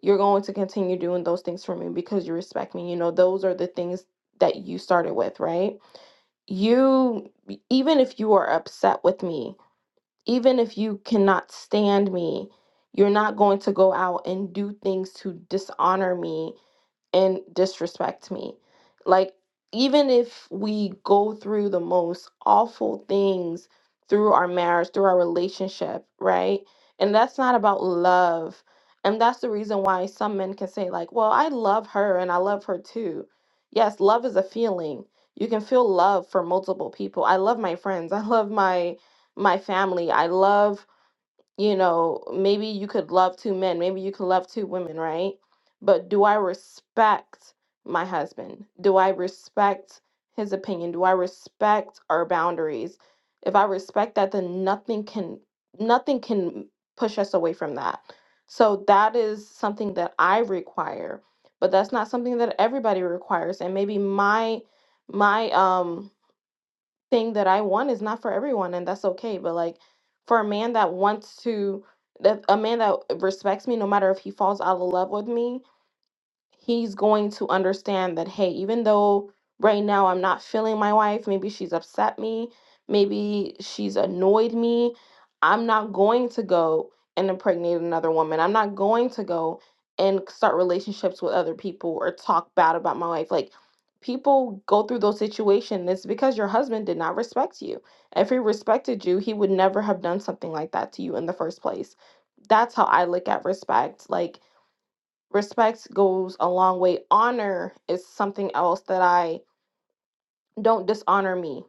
[SPEAKER 8] you're going to continue doing those things for me because you respect me you know those are the things that you started with right you e, even if you are upset with me even if you cannot stand me you're not going to go out and do things to dishonor me and disrespect me. Like, even if we go through the most awful things through our marriage, through our relationship, right? And that's not about love. And that's the reason why some men can say, like, well, I love her and I love her too. Yes, love is a feeling. You can feel love for multiple people. I love my friends. [laughs] I love my my family. I love you know, maybe you could love two men, maybe you can love two women, right? But do I respect my husband? Do I respect his opinion? Do I respect our boundaries? If I respect that, then nothing can nothing can push us away from that. So that is something that I require, but that's not something that everybody requires. And maybe my my um thing that I want is not for everyone, and that's okay. But like for a man that wants to, that a man that respects me, no matter if he falls out of love with me, he's going to understand that hey even though right now i'm not feeling my wife maybe she's upset me maybe she's annoyed me i'm not going to go and impregnate another woman i'm not going to go and start relationships with other people or talk bad about my wife like people go through those situations it's because your husband did not respect you if he respected you he would never have done something like that to you in the first place that's how i look at respect like respect goes a long way. Honor is something else that I don't dishonor me.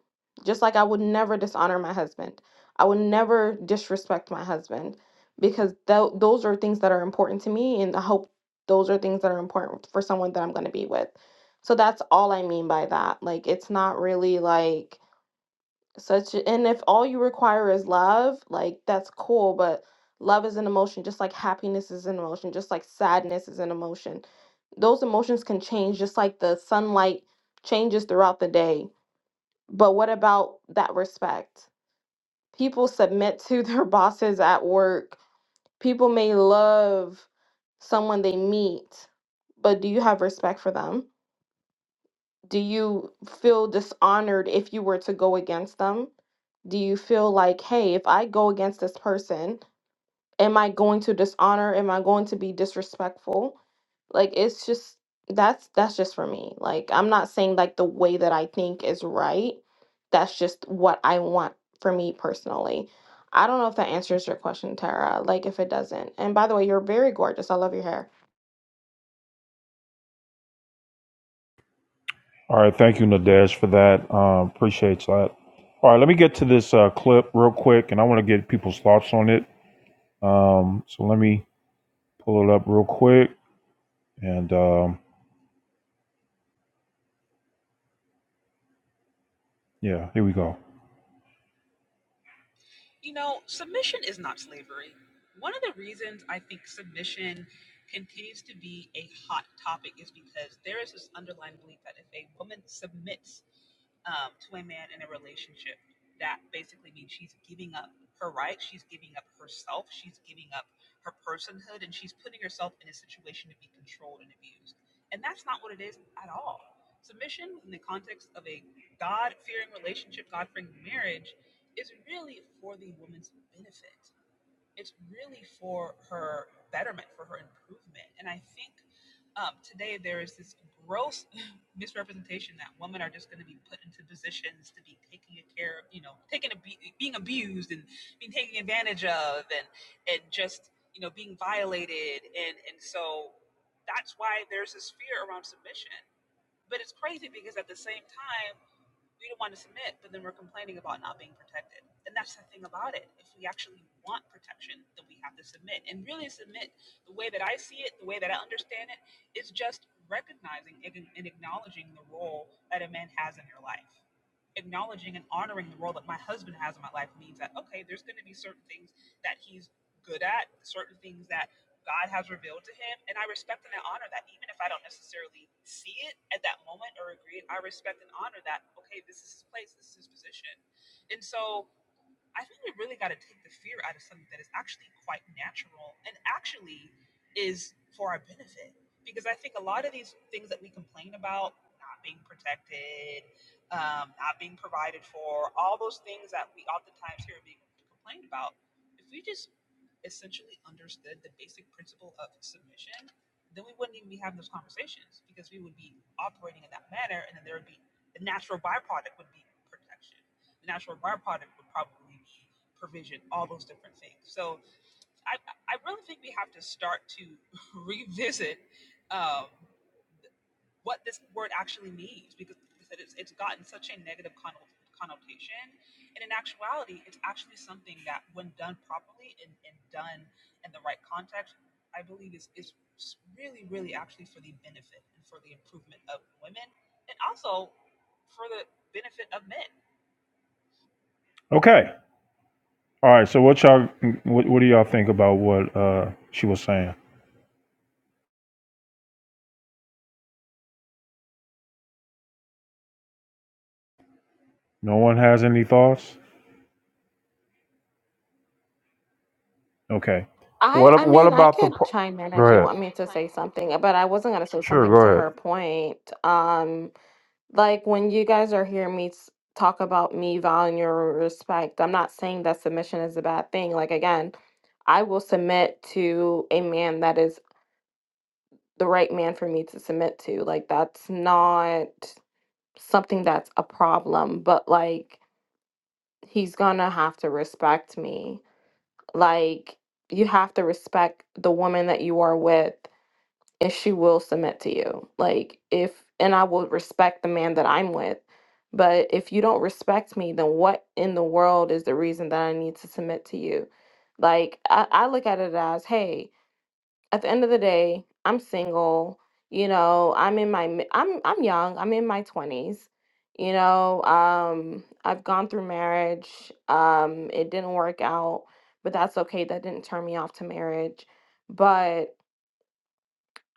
[SPEAKER 8] Just like I would never dishonor my husband. I would never disrespect my husband because tho- those are things that are important to me and I hope those are things that are important for someone that I'm going to be with. So that's all I mean by that. Like it's not really like such and if all you require is love like that's cool but love is an emotion just like happiness is an emotion just like sadness is an emotion those emotions can change just like the sunlight changes throughout the day but what about that respect people submit to their [laughs] bosses at work people may love someone they meet but do you have respect for them do you feel dishonored if you were to go against them? Do you feel like, hey, if I go against this person, am I going to dishonor? Am I going to be disrespectful? Like it's just that's that's just for me. Like I'm not saying like the way that I think is right. That's just what I want for me personally. I don't know if that answers your question, Tara. Like if it doesn't. And by the way, you're very gorgeous. I love your hair.
[SPEAKER 1] All right, thank you, Nadesh, for that. Um, appreciate that. All right, let me get to this uh, clip real quick, and I want to get people's thoughts on it. Um, so let me pull it up real quick, and um, yeah, here we go. Okay. All right. So what y'all, what, what do y'all think about what uh, she was saying? No one has any thoughts. Okay.
[SPEAKER 8] I
[SPEAKER 1] What ab-
[SPEAKER 8] I
[SPEAKER 1] What
[SPEAKER 8] mean, I
[SPEAKER 1] about the?
[SPEAKER 8] could
[SPEAKER 1] par-
[SPEAKER 8] chime in
[SPEAKER 1] Go
[SPEAKER 8] if you want
[SPEAKER 1] ahead.
[SPEAKER 8] me to say something, but I wasn't gonna say
[SPEAKER 1] Sure.
[SPEAKER 8] something
[SPEAKER 1] Go
[SPEAKER 8] to her
[SPEAKER 1] ahead.
[SPEAKER 8] point. Um, like when you guys are hearing me s- talk about me valuing your respect, I'm not saying that submission is a bad thing. Like again, I will submit to a man that is the right man for me to submit to. Like that's not something that's a problem, but like he's gonna have to respect me. Like you have to respect the woman that you are with and she will submit to you. Like if and I will respect the man that I'm with. But if you don't respect me, then what in the world is the reason that I need to submit to you? Like I, I look at it as, hey, at the end of the day, I'm single. You know, I'm in my mi- I'm I'm young. I'm in my twenties. You know, um, I've gone through marriage. Um, it didn't work out, but that's okay. That didn't turn me off to marriage. But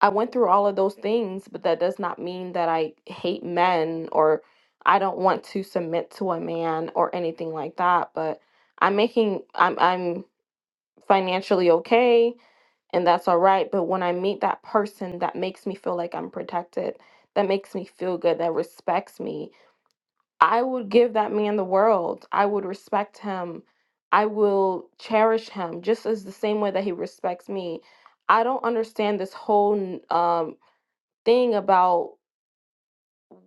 [SPEAKER 8] I went through all of those things, but that does not mean that I hate men or I don't want to submit to a man or anything like that. But I'm making I'm I'm financially okay and that's all right. But when I meet that person that makes me feel like I'm protected, that makes me feel good, that respects me, I would give that man the world. I would respect him. I will cherish him just as the same way that he respects me. I don't understand this whole n- um thing about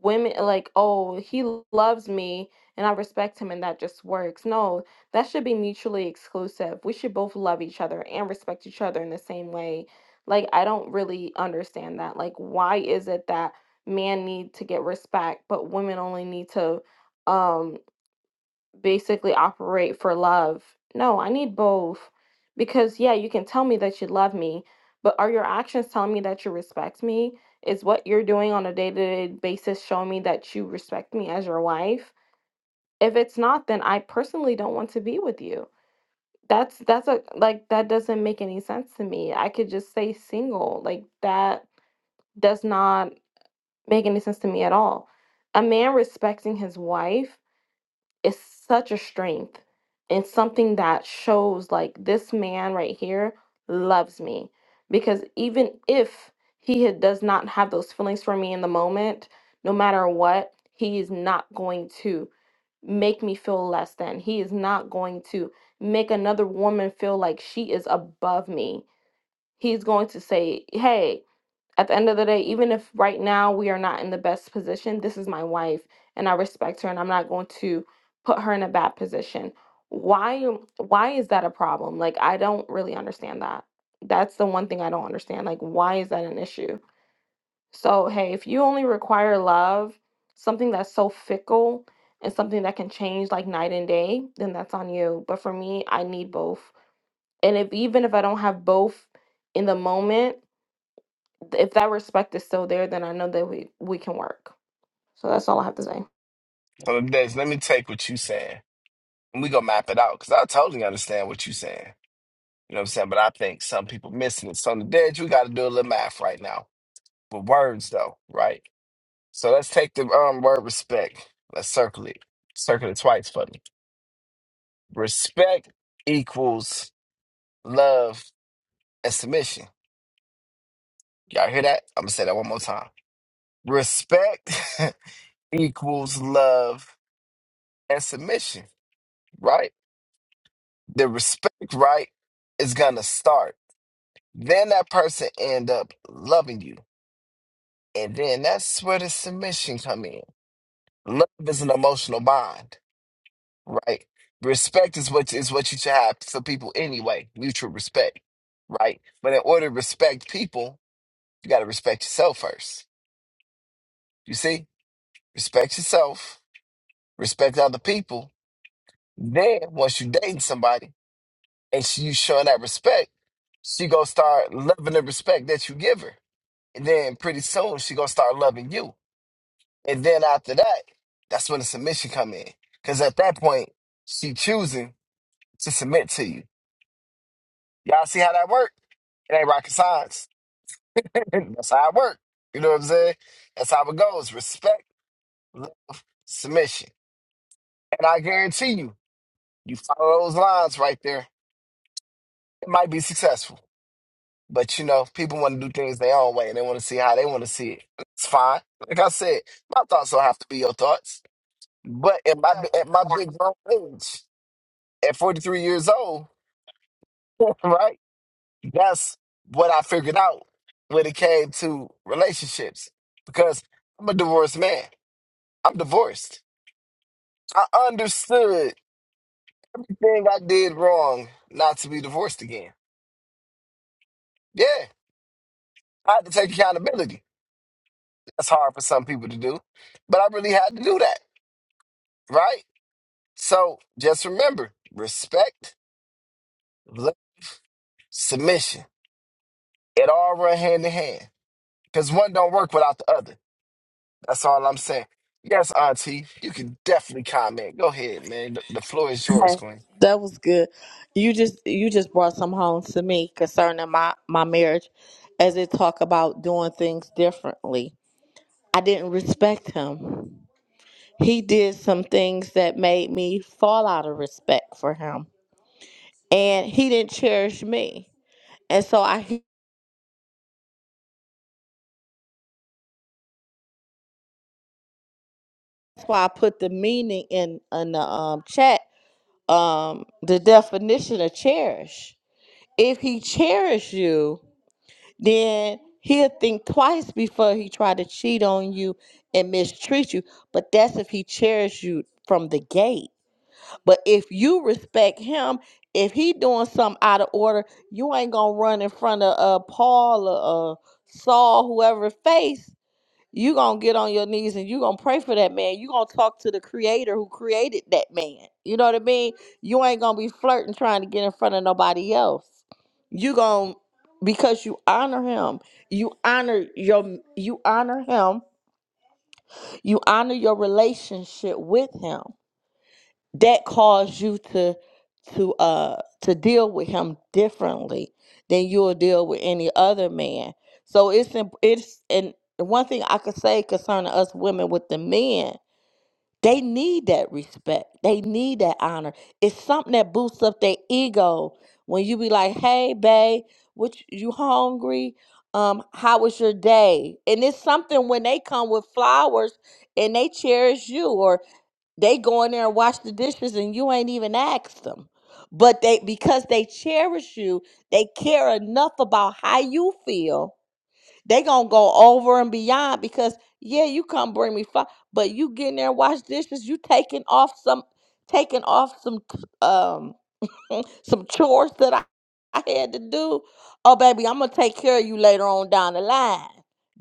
[SPEAKER 8] women like oh he loves me and i respect him and that just works no that should be mutually exclusive we should both love each other and respect each other in the same way like i don't really understand that like why is it that men need to get respect but women only need to um basically operate for love. No, I need both. Because, yeah, you can tell me that you love me, but are your actions telling me that you respect me? Is what you're doing on a day to day basis showing me that you respect me as your wife? If it's not, then I personally don't want to be with you. That's that's a like that doesn't make any sense to me. I could just stay single. Like that does not make any sense to me at all. A man respecting his wife is such a strength and something that shows like this man right here loves me. Because even if he had- does not have those feelings for me in the moment, no matter what, he is not going to make me feel less than. He is not going to make another woman feel like she is above me. He's going to say, "Hey." at the end of the day, even if right now we are not in the best position, this is my wife and I respect her and I'm not going to put her in a bad position. Why why is that a problem? Like I don't really understand that. That's the one thing I don't understand. Like why is that an issue? So, hey, if you only require love, something that's so fickle and something that can change like night and day, then that's on you. But for me, I need both. And if even if I don't have both in the moment, if that respect is still there, then I know that we we can work. So that's all I have to say.
[SPEAKER 5] So Des, let me take what you saying. And we gonna map it out. Cause I totally understand what you saying. You know what I'm saying? But I think some people missing it. So on the dead, we gotta do a little math right now. With words though, right? So let's take the um word respect. Let's circle it. Circle it twice for me. Respect equals love and submission. Y'all hear that? I'm gonna say that one more time. Respect [laughs] equals love and submission, right? The respect right is gonna start. Then that person end up loving you. And then that's where the submission come in. Love is an emotional bond, right? Respect is what is what you should have for people anyway, mutual respect, right? But in order to respect people, you got to respect yourself first. You see, respect yourself, respect other people. Then once you dating somebody and she, you showing that respect, she gonna start loving the respect that you give her, and then pretty soon she gonna start loving you. And then after that, that's when the submission come in, because at that point she choosing to submit to you. Y'all see how that work? It ain't rocket science. [laughs] That's how it work. You know what I'm saying? That's how it goes. Respect, love, submission. And I guarantee you, you follow those lines right there, it might be successful. But you know, people want to do things their own way and they want to see how they want to see it. It's fine. Like I said, my thoughts don't have to be your thoughts. But at my at my big grown age, at 43 years old, [laughs] right? That's what I figured out when it came to relationships because I'm a divorced man. I'm divorced. I understood everything I did wrong not to be divorced again. Yeah, I had to take accountability. That's hard for some people to do, but I really had to do that, right? So just remember respect, love, submission. It all run hand in hand because one don't work without the other. That's all I'm saying. Yes, Auntie, you can definitely comment. Go ahead, man. The the floor is yours,
[SPEAKER 11] Okay.
[SPEAKER 5] Gwen.
[SPEAKER 11] That was good. You just you just brought some home to me concerning my my marriage, as it talk about doing things differently. I didn't respect him. He did some things that made me fall out of respect for him, and he didn't cherish me. And so I that's why I put the meaning in in the um, chat. Um, the definition of cherish. If he cherished you. then he'll think twice before he try to cheat on you and mistreat you. But that's if he cherishes you from the gate. But if you respect him, if he doing something out of order, you ain't gonna run in front of uh Paul or uh, Saul, whoever face you gonna get on your knees and you gonna pray for that man. You gonna talk to the creator who created that man. You know what I mean? You ain't gonna be flirting trying to get in front of nobody else. You gonna because you honor him. You honor your you honor him. You honor your relationship with him that caused you to to uh to deal with him differently than you'll deal with any other man. So it's imp- it's and the one thing I could say concerning us women with the men, they need that respect. They need that honor. It's something that boosts up their ego when you be like, "Hey, babe, what you you hungry? Um, how was your day?" And it's something when they come with flowers and they cherish you, they go in there and wash the dishes and you ain't even asked them. But they because they cherish you, they care enough about how you feel. They gonna go over and beyond because yeah, you come bring me five, but you get in there and wash dishes, you taking off some taking off some um [laughs] some chores that I, I had to do. Oh, baby, I'm gonna take care of you later on down the line.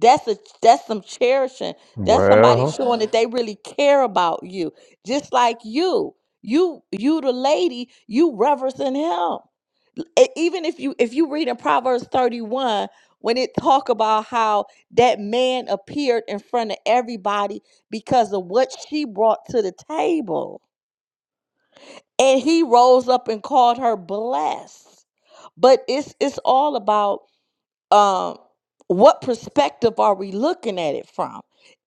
[SPEAKER 11] That's a that's some cherishing. That's somebody
[SPEAKER 1] Well,
[SPEAKER 11] showing that [sighs] they really care about you. Just like you. You you the lady, you reverencing him e- even if you if you read in proverbs 31 when it talk about how that man appeared in front of everybody because of what she brought to the table and he rose up and called her blessed but it's it's all about um what perspective are we looking at it from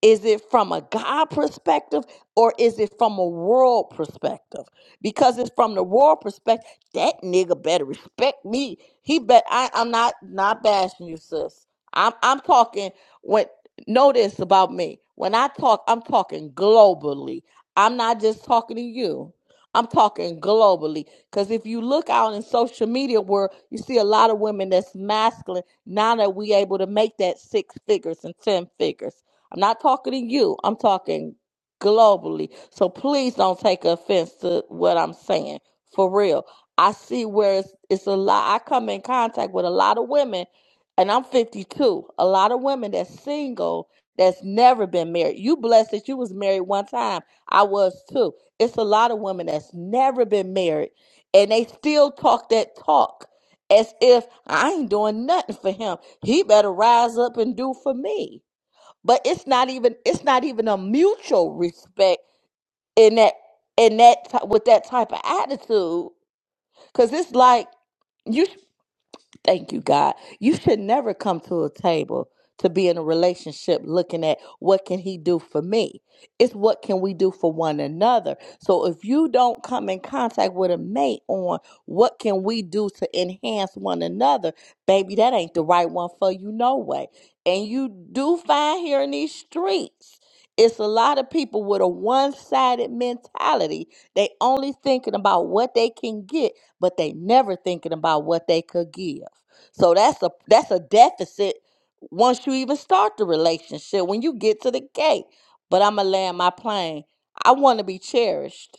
[SPEAKER 11] is it from a god perspective or is it from a world perspective because it's from the world perspective that nigga better respect me he bet I, i'm not not bashing you sis i'm i'm talking when know this about me when i talk i'm talking globally i'm not just talking to you i'm talking globally because if you look out in social media where you see a lot of women that's masculine now that we able to make that six figures and ten figures. I'm not talking to you. I'm talking globally. So please don't take offense to what I'm saying. For real. I see where it's, it's a lot. I come in contact with a lot of women, and I'm 52. A lot of women that's single that's never been married. You blessed that you was married one time. I was too. It's a lot of women that's never been married, and they still talk that talk as if I ain't doing nothing for him. He better rise up and do for me. But it's not even it's not even a mutual respect in that in that ty- with that type of attitude cuz it's like Thank you, God. You should never come to a table to be in a relationship looking at what can he do for me? It's what can we do for one another. So if you don't come in contact with a mate on what can we do to enhance one another, baby, that ain't the right one for you no way. And you do find here in these streets it's a lot of people with a one-sided mentality. They only thinking about what they can get, but they never thinking about what they could give. So that's a that's a deficit once you even start the relationship when you get to the gate. But I'm gonna land my plane. I want to be cherished.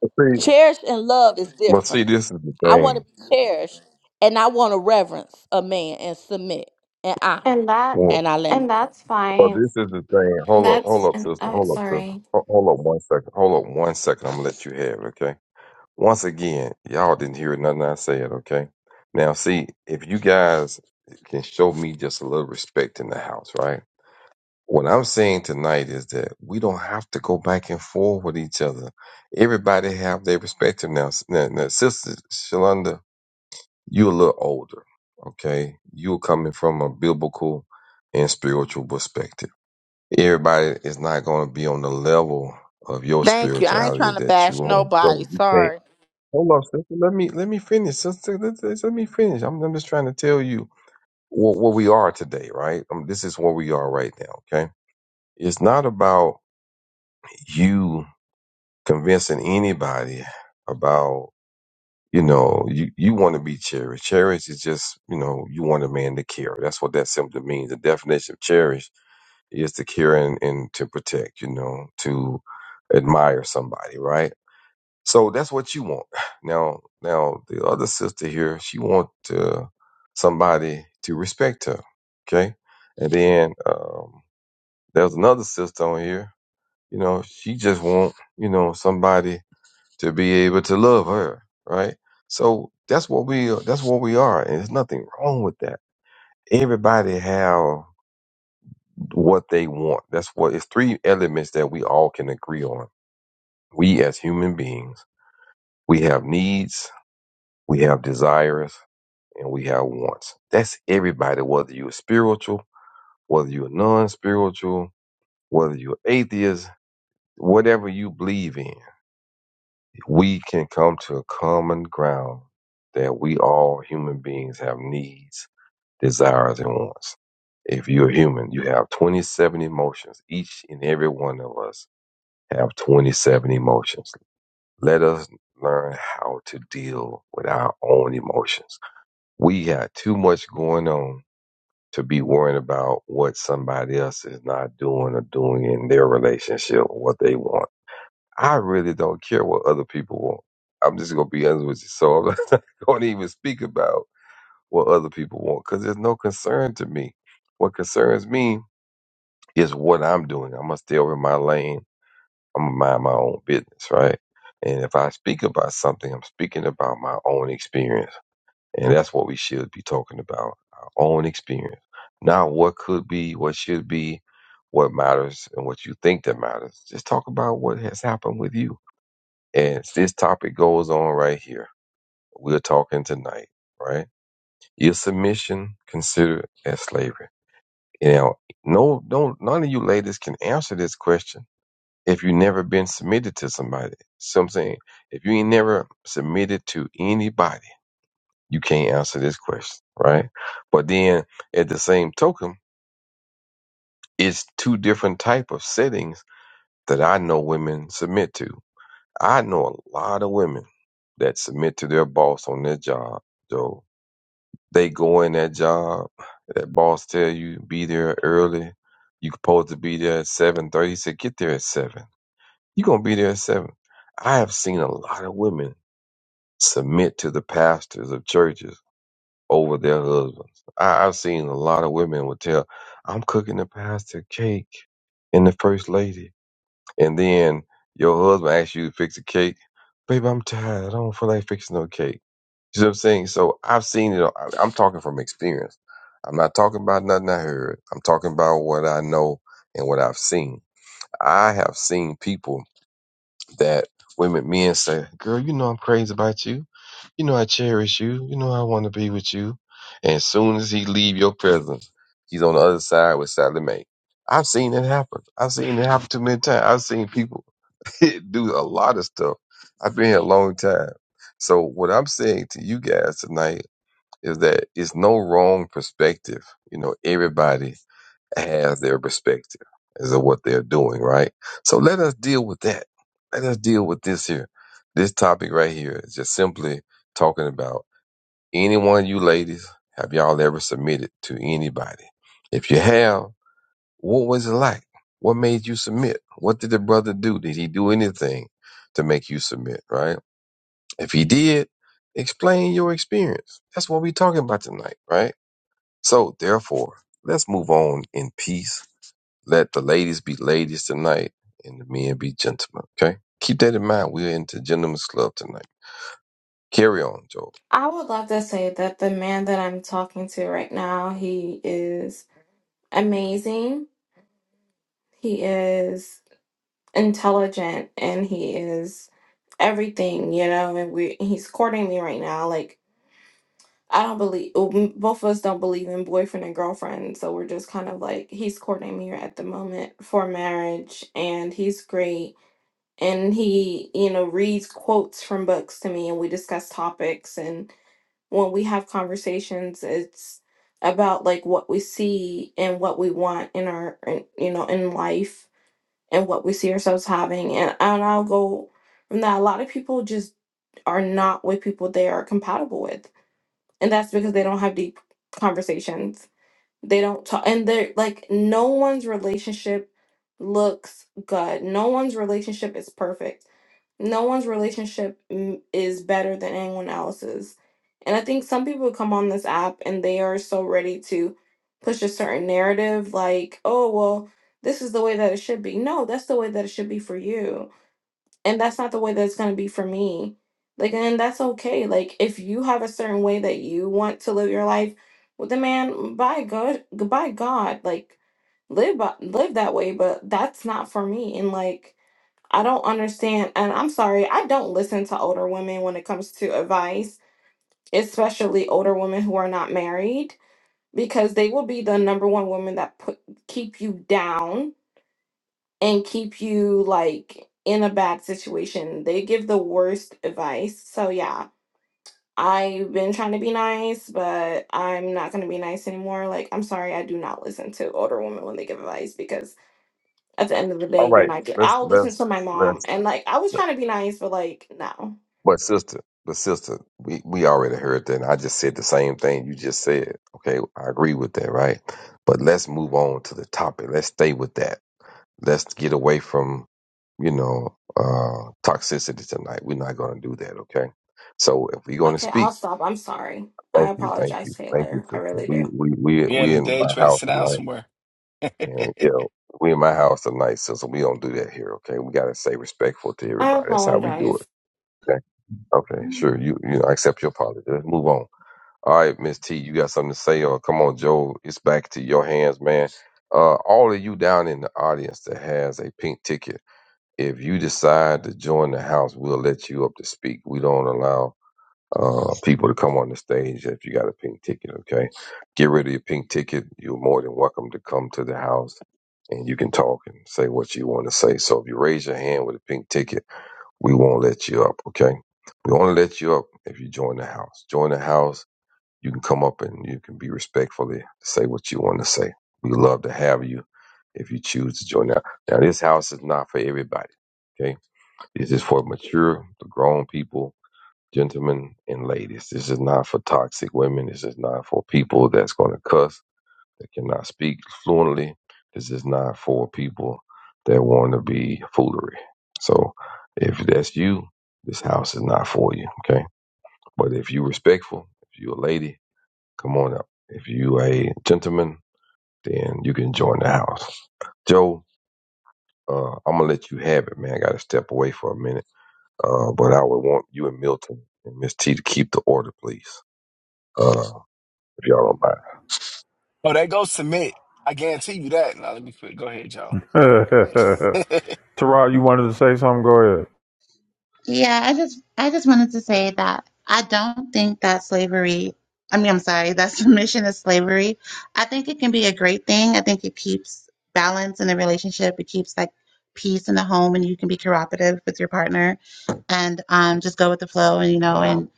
[SPEAKER 12] But See,
[SPEAKER 11] Cherished and love is
[SPEAKER 12] well, see,
[SPEAKER 11] different.
[SPEAKER 12] this is the
[SPEAKER 11] I want to
[SPEAKER 12] thing.
[SPEAKER 11] be cherished, and I want to reverence a man and submit and honor.
[SPEAKER 8] And that
[SPEAKER 12] Well,
[SPEAKER 11] And I land. My-
[SPEAKER 8] and that's
[SPEAKER 12] well,
[SPEAKER 8] fine.
[SPEAKER 12] this is the thing. Hold up, hold
[SPEAKER 8] That's
[SPEAKER 12] up,
[SPEAKER 8] and
[SPEAKER 12] sister.
[SPEAKER 8] uh,
[SPEAKER 12] Hold up, sister.
[SPEAKER 8] sorry.
[SPEAKER 12] Ho- Hold up one second. Hold up one second. I'm gonna let you have it, okay? Once again, y'all didn't hear nothing I said, okay? Now, see, if you guys can show me just a little respect in the house, right? What I'm saying tonight is that we don't have to go back and forth with each other. Everybody have their perspective now. Now, now Sister Shalonda, you a little older, okay? You're coming from a biblical and spiritual perspective. Everybody is not going to be on the level of your
[SPEAKER 11] Thank you. I ain't
[SPEAKER 12] spirituality
[SPEAKER 11] trying to
[SPEAKER 12] that
[SPEAKER 11] bash
[SPEAKER 12] you own. So
[SPEAKER 11] nobody.
[SPEAKER 12] you
[SPEAKER 11] Sorry.
[SPEAKER 12] can't. Hold on, sister. Let me let me finish, sister. Let, let- let me finish. I'm, I'm just trying to tell you what, what we are today, right? Um, this is where we are right now, okay? It's not about you convincing anybody about you know you you want to be cherished cherished is just you know you want a man to care that's what that simply means the definition of cherish is to care and, and to protect you know to admire somebody right so that's what you want [sighs] now now the other sister here she want uh, somebody to respect her okay and then um there's another sister on here you know she just want you know somebody to be able to love her, right? So that's what we that's what we are, and there's nothing wrong with that. Everybody have what they want. That's what it's three elements that we all can agree on. We as human beings, we have needs, we have desires, and we have wants. That's everybody, whether you're spiritual, whether you're non-spiritual, whether you're atheist, whatever you believe in we can come to a common ground that we all human beings have needs, desires, and wants. If you're human, you have 27 emotions. Each and every one of us have 27 emotions. Let us learn how to deal with our own emotions. We got too much going on to be worrying about what somebody else is not doing or doing in their relationship or what they want I really don't care what other people want. I'm just gonna be honest with you. So I'm [laughs] not gonna even speak about what other people want because there's no concern to me. What concerns me is what I'm doing. I'm gonna stay over in my lane. I'm gonna mind my own business, right? And if I speak about something, I'm speaking about my own experience, and that's what we should be talking about: our own experience, not what could be, what should be, what matters, and what you think that matters. Just talk about what has happened with you and this topic goes on right here. We're talking tonight, right? Is submission considered as slavery? Now, no, no, none of you ladies can answer this question if you never been submitted to somebody. So I'm saying, if you ain't never submitted to anybody, you can't answer this question, right? But then, at the same token, it's two different type of settings that I know women submit to. I know a lot of women that submit to their boss on their job, Joe. They go in that job, that boss tell you be there early. You supposed to be there at seven thirty. He said, get there at seven. You gonna be there at seven. I have seen a lot of women submit to the pastors of churches over their husbands. I, I've seen a lot of women would tell, I'm cooking the pastor cake and the first lady and then your husband asks you to fix a cake, baby, I'm tired. I don't feel like fixing no cake. You know what I'm saying? So I've seen it. I- I'm talking from experience. I'm not talking about nothing I heard. I'm talking about what I know and what I've seen. I have seen people that women, men say, girl, you know I'm crazy about you. You know I cherish you. You know I want to be with you. And as soon as he leave your presence, he's on the other side with Sally Mae. I've seen it happen. I've seen it happen too many times. I've seen people [laughs] do a lot of stuff. I've been here a long time. So what I'm saying to you guys tonight is that it's no wrong perspective. You know, everybody has their perspective as of what they're doing, right? So let us deal with that. Let us deal with this here. This topic right here is just simply talking about any one of you ladies, have y'all ever submitted to anybody? If you have, what was it like? What made you submit? What did the brother do? Did he do anything to make you submit, right? If he did, explain your experience. That's what we're talking about tonight, right? So, therefore, let's move on in peace. Let the ladies be ladies tonight and the men be gentlemen, okay? Keep that in mind. We're into Gentlemen's Club tonight. Carry on, Joe.
[SPEAKER 8] I would love to say that the man that I'm talking to right now, he is amazing. He is intelligent and he is everything, you know, and we he's courting me right now like I don't believe uh, m- both of us don't believe in boyfriend and girlfriend, so we're just kind of like he's courting me at the moment for marriage, and he's great, and he you know reads quotes from books to me, and we discuss topics, and when we have conversations, it's about like what we see and what we want in our in, you know in life and what we see ourselves having, and and I'll go from that. A lot of people just are not with people they are compatible with and that's because they don't have deep conversations. They don't talk, and they're like, no one's relationship looks good. No one's relationship is perfect. No one's relationship mm, is better than anyone else's. And I think some people come on this app and they are so ready to push a certain narrative, like, oh, well, this is the way that it should be. No, that's the way that it should be for you and that's not the way that's going to be for me like and that's okay like if you have a certain way that you want to live your life with the man by god by god like live by, live that way but that's not for me and like i don't understand and i'm sorry i don't listen to older women when it comes to advice especially older women who are not married because they will be the number one woman that put keep you down and keep you like in a bad situation. They give the worst advice. So yeah, I've been trying to be nice, but I'm not gonna be nice anymore. Like I'm sorry, I do not listen to older women when they give advice because at the end of the
[SPEAKER 12] All
[SPEAKER 8] day, you're
[SPEAKER 12] right,
[SPEAKER 8] not. Good.
[SPEAKER 12] let's
[SPEAKER 8] I'll listen
[SPEAKER 12] let's
[SPEAKER 8] to my
[SPEAKER 12] let's
[SPEAKER 8] mom, and like I was trying to be nice, but like no.
[SPEAKER 12] But sister, but sister, we, we already heard that. And I just said the same thing you just said. Okay, I agree with that, right? But let's move on to the topic. Let's stay with that. Let's get away from, you know, uh, toxicity tonight. We're not going to do that. Okay. So if we're going to
[SPEAKER 8] Okay, I'll
[SPEAKER 12] speak,
[SPEAKER 8] stop. I'm sorry. I
[SPEAKER 12] thank you, thank
[SPEAKER 8] apologize,
[SPEAKER 12] you, thank you,
[SPEAKER 8] Taylor. I
[SPEAKER 12] sister.
[SPEAKER 8] really
[SPEAKER 12] We
[SPEAKER 8] do.
[SPEAKER 12] we we
[SPEAKER 5] Yeah, in
[SPEAKER 12] we
[SPEAKER 5] the
[SPEAKER 12] in
[SPEAKER 5] day,
[SPEAKER 12] my
[SPEAKER 5] try to
[SPEAKER 12] house
[SPEAKER 5] sit down
[SPEAKER 12] tonight,
[SPEAKER 5] somewhere. [laughs]
[SPEAKER 12] and
[SPEAKER 5] oh,
[SPEAKER 12] you know, we in my house tonight, sister. We don't do that here. Okay, we got to stay respectful to
[SPEAKER 8] I
[SPEAKER 12] everybody. That's how we do
[SPEAKER 8] apologize.
[SPEAKER 12] it. okay? Okay,
[SPEAKER 2] know.
[SPEAKER 12] sure. You you know, I accept your apology. Let's move on. All right, Miss T, you got something to say, or come on, Joe, it's back to your hands, man. Uh, all of you down in the audience that has a pink ticket, if you decide to join the house, we'll let you up to speak. We don't allow uh people to come on the stage if you got a pink ticket. Okay, get rid of your pink ticket. You're more than welcome to come to the house, and you can talk and say what you want to say. So if you raise your hand with a pink ticket we won't let you up, okay? We only let you up if you join the house. Join the house, you can come up and you can be respectfully say what you want to say. We love to have you if you choose to join now. Now this house is not for everybody, okay? This is for mature, the grown people, gentlemen and ladies. This is not for toxic women. This is not for people that's gonna cuss that cannot speak fluently. This is not for people that want to be foolery. So if that's you, this house is not for you. Okay. But if you respectful, if you a lady, come on up. If you a gentleman, then you can join the house. Joe, uh, I'm gonna let you have it, man. I gotta step away for a minute. Uh, but I would want you and Milton and Miss T to keep the order, please. Uh, if y'all don't mind.
[SPEAKER 5] they go submit. I guarantee you that. Now let me quit. Go ahead, y'all.
[SPEAKER 1] [laughs]
[SPEAKER 5] [laughs]
[SPEAKER 1] Tarot, you wanted to say something. Go ahead.
[SPEAKER 2] Yeah, I just I just wanted to say that I don't think that slavery, I mean, I'm sorry, that [laughs] submission is slavery. I think it can be a great thing. I think it keeps balance in a relationship. It keeps like peace in the home and you can be cooperative with your partner and um just go with the flow and you know and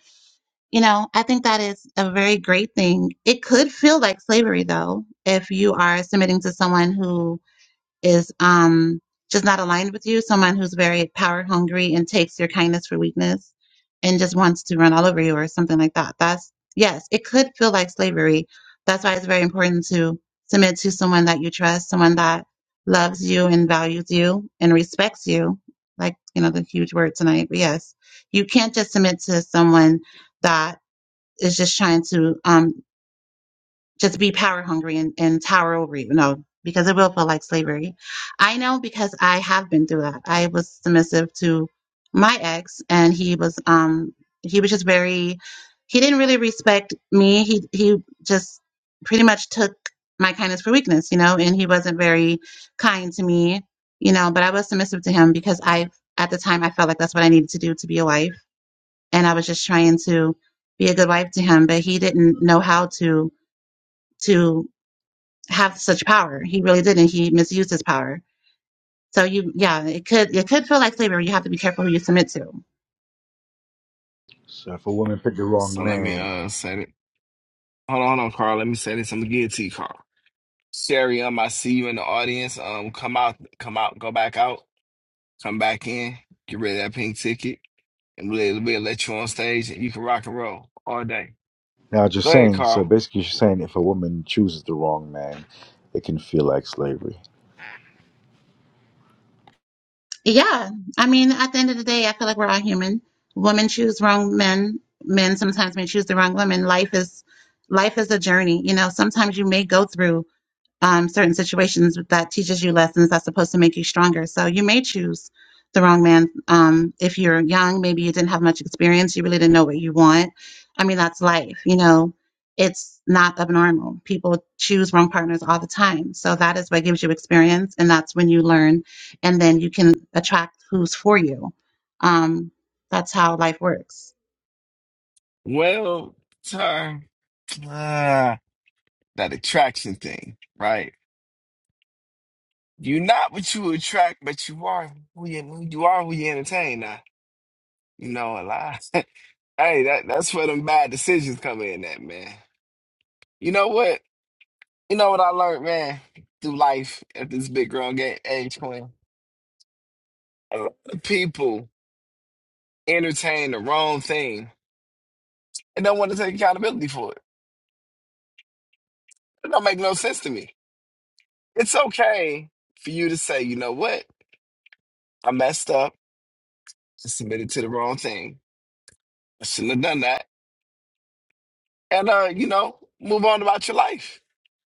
[SPEAKER 2] you know, I think that is a very great thing. It could feel like slavery though if you are submitting to someone who is um just not aligned with you, someone who's very power hungry and takes your kindness for weakness and just wants to run all over you or something like that. That's yes, it could feel like slavery. That's why it's very important to submit to someone that you trust, someone that loves you and values you and respects you. Like, you know, the huge word tonight. But yes, you can't just submit to someone that is just trying to um just be power hungry and, and tower over you. No, because it will feel like slavery. I know because I have been through that. I was submissive to my ex and he was um he was just very he didn't really respect me. He he just pretty much took my kindness for weakness, you know, and he wasn't very kind to me, you know, but I was submissive to him because I at the time I felt like that's what I needed to do to be a wife. And I was just trying to be a good wife to him, but he didn't know how to to have such power. He really didn't. He misused his power. So you, yeah, it could it could feel like slavery. You have to be careful who you submit to.
[SPEAKER 4] so if a woman picked the wrong
[SPEAKER 5] so let me
[SPEAKER 4] man.
[SPEAKER 5] uh set it. Hold on, hold on, Carl. Let me say this. I'm gonna give it to you, Carl. Sherry, um, I see you in the audience. Um, come out, come out, go back out, come back in, get rid of that pink ticket, and we'll, we'll let you on stage and you can rock and roll all day.
[SPEAKER 4] Now, just
[SPEAKER 5] Go ahead,
[SPEAKER 4] saying, so
[SPEAKER 5] Carl.
[SPEAKER 4] basically, she's saying if a woman chooses the wrong man, it can feel like slavery.
[SPEAKER 2] Yeah, I mean, at the end of the day, I feel like we're all human. Women choose wrong men. Men sometimes may choose the wrong women. Life is life is a journey. You know, sometimes you may go through um, certain situations that teaches you lessons that's supposed to make you stronger. So you may choose the wrong man um, if you're young. Maybe you didn't have much experience. You really didn't know what you want. I mean, that's life. You know, it's not abnormal. People choose wrong partners all the time. So that is what gives you experience, and that's when you learn, and then you can attract who's for you. Um, that's how life works.
[SPEAKER 5] Well, time. Ah, that attraction thing, right? You're not what you attract, but you are who you you are who you entertain. Now, you know a lot. [laughs] hey, that that's where them bad decisions come in. At man, you know what? You know what I learned, man, through life at this big grown game age when a lot of people entertain the wrong thing and don't want to take accountability for it. It don't make no sense to me. It's okay for you to say, you know what, I messed up and submitted to the wrong thing I shouldn't have done that. And uh, you know, move on about your life.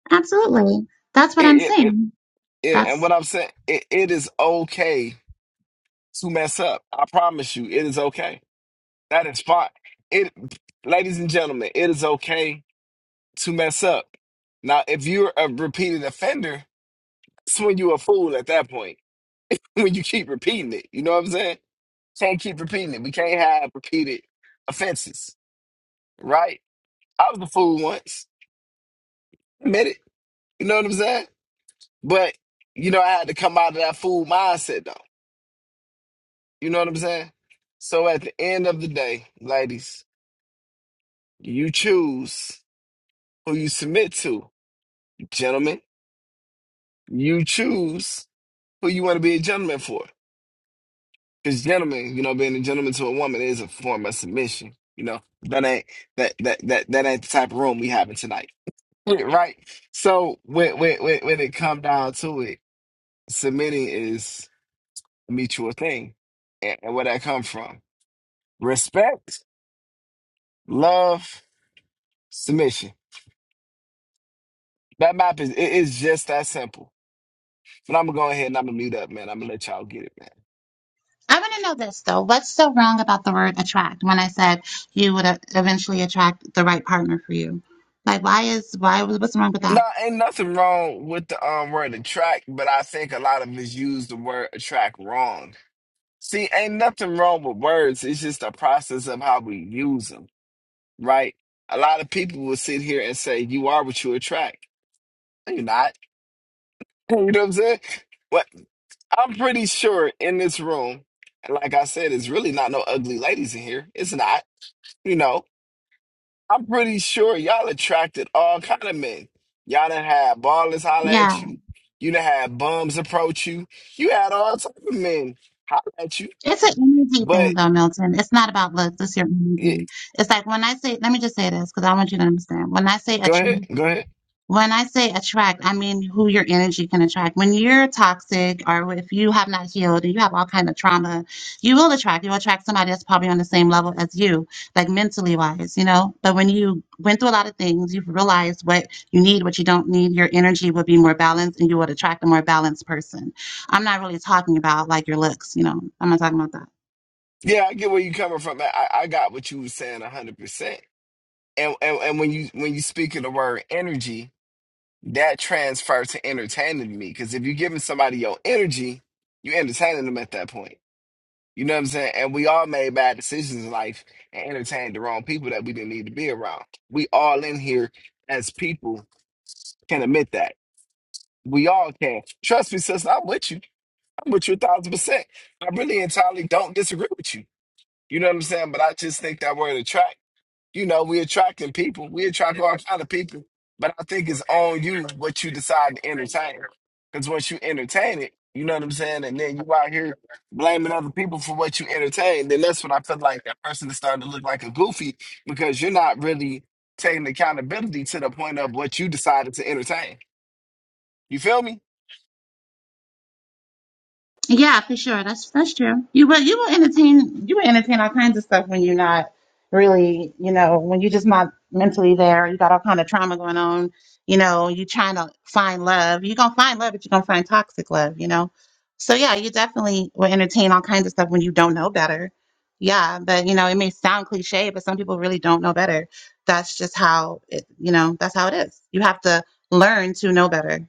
[SPEAKER 2] Absolutely. That's
[SPEAKER 5] It,
[SPEAKER 2] what I'm
[SPEAKER 5] it, it,
[SPEAKER 2] saying.
[SPEAKER 5] it- and
[SPEAKER 2] That's.
[SPEAKER 5] what I'm saying, it, it is okay to mess up. I promise you, it is okay. That is fine. It, ladies and gentlemen, it is okay to mess up. Now, if you're a repeated offender, that's when you a fool at that point. [laughs] When you keep repeating it, you know what I'm saying? Can't keep repeating it. We can't have repeated offenses, right? I was a fool once. Admit it. You know what I'm saying? But you know, I had to come out of that fool mindset though. You know what I'm saying? So at the end of the day, ladies, you choose who you submit to. Gentlemen, you choose who you want to be a gentleman for. Because gentlemen, you know, being a gentleman to a woman is a form of submission. You know, that ain't that that that, that ain't the type of room we having tonight. [laughs] Yeah, Right? So when when when when it come down to it, submitting is a mutual thing. And, and where that come from? Respect Love, submission. That map is it is just that simple. But I'm gonna go ahead and I'm gonna mute up, man. I'm gonna let y'all get it, man.
[SPEAKER 2] I want to know this though. What's so wrong about the word attract when I said you would uh, eventually attract the right partner for you? Like, why is, why, what's wrong with
[SPEAKER 5] No,
[SPEAKER 2] that?
[SPEAKER 5] ain't nothing wrong with the um word attract, but I think a lot of us use the word attract wrong. See, ain't nothing wrong with words. It's just a process of how we use them, right? A lot of people will sit here and say, "You are what you attract." No, you're not. [laughs] You know what I'm saying? What I'm pretty sure in this room, and like I said, it's really not no ugly ladies in here. It's not. You know, I'm pretty sure y'all attracted all kind of men. Y'all done had ballers holler at
[SPEAKER 2] Yeah.
[SPEAKER 5] you. You done had bums approach you. You had all type of men holler at you.
[SPEAKER 2] It's an energy thing
[SPEAKER 5] But
[SPEAKER 2] though, Milton. It's not about looks. It's your
[SPEAKER 5] yeah,
[SPEAKER 2] energy. It's like when I say, let me just say this because I want you to understand. When I say
[SPEAKER 5] go
[SPEAKER 2] attract,
[SPEAKER 5] ahead, go ahead.
[SPEAKER 2] When I say attract, I mean who your energy can attract. When you're toxic or if you have not healed and you have all kind of trauma, you will attract. You'll attract somebody that's probably on the same level as you, like mentally wise, you know? But when you went through a lot of things, you've realized what you need, what you don't need, your energy will be more balanced and you would attract a more balanced person. I'm not really talking about like your looks, you know. I'm not talking about that.
[SPEAKER 5] Yeah, I get where you coming from. I, I I got what you was saying a hundred percent. And, and and when you when you speak of the word energy, that transfers to entertaining me. Because if you're giving somebody your energy, you entertaining them at that point. You know what I'm saying? And we all made bad decisions in life and entertained the wrong people that we didn't need to be around. We all in here as people can admit that. We all can. Trust me, sis, I'm with you. I'm with you a thousand percent. I really entirely don't disagree with you. You know what I'm saying? But I just think that we're in a track you know, we attracting people. We attract all kind of people. But I think it's on you what you decide to entertain. Because once you entertain it, you know what I'm saying? And then you out here blaming other people for what you entertain. Then that's when I feel like that person is starting to look like a goofy because you're not really taking accountability to the point of what you decided to entertain. You feel me?
[SPEAKER 2] Yeah, for sure. That's that's true. You will you will entertain you will entertain all kinds of stuff when you're not really, you know, when you're just not mentally there. You got all kind of trauma going on. You know, you trying to find love. You're gonna find love, but you're gonna find toxic love. You know, so yeah, you definitely will entertain all kinds of stuff when you don't know better. Yeah, but you know, it may sound cliche, but some people really don't know better. That's just how it. You know, that's how it is. You have to learn to know better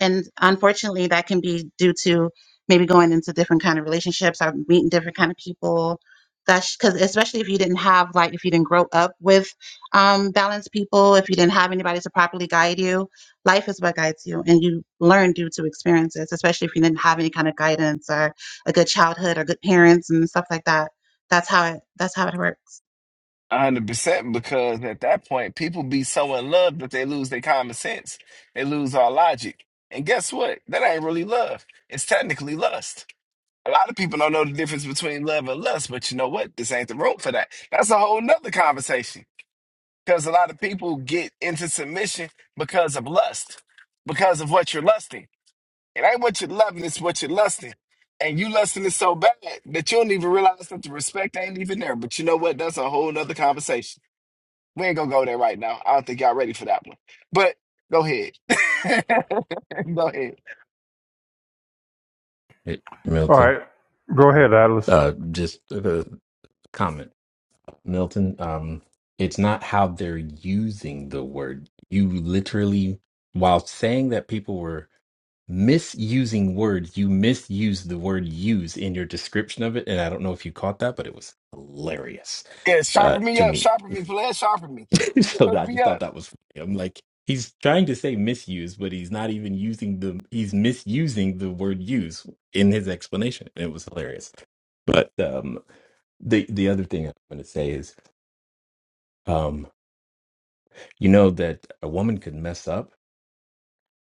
[SPEAKER 2] and unfortunately that can be due to maybe going into different kind of relationships or meeting different kind of people that's because especially if you didn't have like if you didn't grow up with um, balanced people if you didn't have anybody to properly guide you life is what guides you and you learn due to experiences especially if you didn't have any kind of guidance or a good childhood or good parents and stuff like that that's how it that's how it works
[SPEAKER 5] A hundred percent, because at that point, people be so in love that they lose their common sense. They lose all logic. And guess what? That ain't really love. It's technically lust. A lot of people don't know the difference between love and lust, but you know what? This ain't the room for that. That's a whole nother conversation. Because a lot of people get into submission because of lust, because of what you're lusting. It ain't what you're loving, it's what you're lusting. And you lusting it so bad that you don't even realize that the respect ain't even there. But you know what? That's a whole nother conversation. We ain't gonna go there right now. I don't think y'all ready for that one. But go ahead. [laughs] go ahead.
[SPEAKER 3] Hey,
[SPEAKER 1] All
[SPEAKER 3] Milton,
[SPEAKER 1] right. Go ahead, Atlas.
[SPEAKER 3] uh, just a comment Milton, um, it's not how they're using the word. You literally, while saying that people were misusing words, you misused the word use in your description of it. And I don't know if you caught that, but it was hilarious
[SPEAKER 5] Yes,
[SPEAKER 3] uh,
[SPEAKER 5] sharpen me
[SPEAKER 3] to
[SPEAKER 5] up,
[SPEAKER 3] me.
[SPEAKER 5] sharpen me, please sharpen me.
[SPEAKER 3] [laughs] so
[SPEAKER 5] Hook
[SPEAKER 3] I
[SPEAKER 5] me
[SPEAKER 3] just thought
[SPEAKER 5] up.
[SPEAKER 3] that was funny. I'm like, he's trying to say misuse, but he's not even using the, he's misusing the word use in his explanation. It was hilarious. But um, the, the other thing I'm going to say is, um, You know that a woman could mess up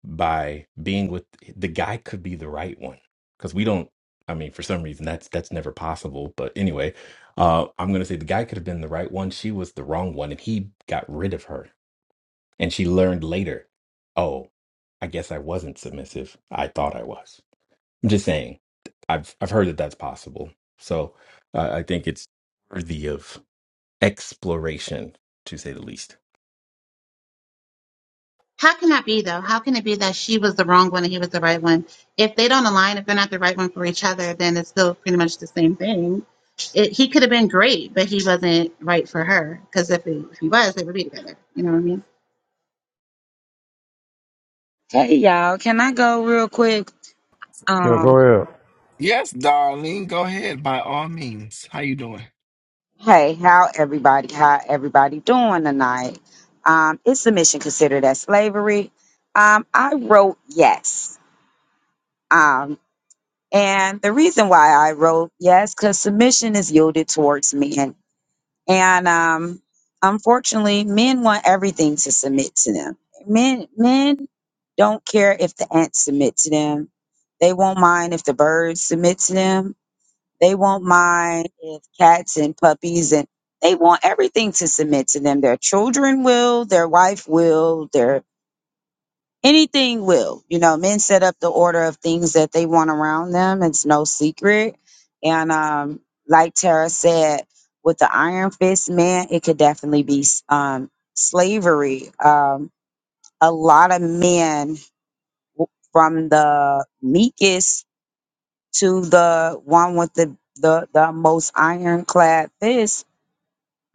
[SPEAKER 3] by being with the guy could be the right one because we don't. I mean, for some reason that's that's never possible. But anyway, uh, I'm gonna say the guy could have been the right one. She was the wrong one, and he got rid of her. And she learned later, oh, I guess I wasn't submissive. I thought I was. I'm just saying. I've I've heard that that's possible. So uh, I think it's worthy of exploration, to say the least.
[SPEAKER 2] How can that be though? How can it be that she was the wrong one and he was the right one? If they don't align, if they're not the right one for each other, then it's still pretty much the same thing. It, he could have been great, but he wasn't right for her. Because if, he- if he was, they would be together. You know what I mean?
[SPEAKER 15] Hey y'all, can I go real quick?
[SPEAKER 1] Yeah,
[SPEAKER 15] Um,
[SPEAKER 1] go ahead.
[SPEAKER 5] Yes, darling. Go ahead by all means. How you doing?
[SPEAKER 15] hey, how everybody? How everybody doing tonight? Um, is submission considered as slavery? Um, I wrote yes. Um, and the reason why I wrote yes, because submission is yielded towards men, and um, unfortunately, men want everything to submit to them. Men, men don't care if the ants submit to them. They won't mind if the birds submit to them They won't mind if cats and puppies and they want everything to submit to them. Their children will, their wife will, their anything will. You know, men set up the order of things that they want around them. It's no secret. And um, like Tara said, with the iron fist man, it could definitely be um, slavery. Um, a lot of men w- from the meekest to the one with the the, the most ironclad fist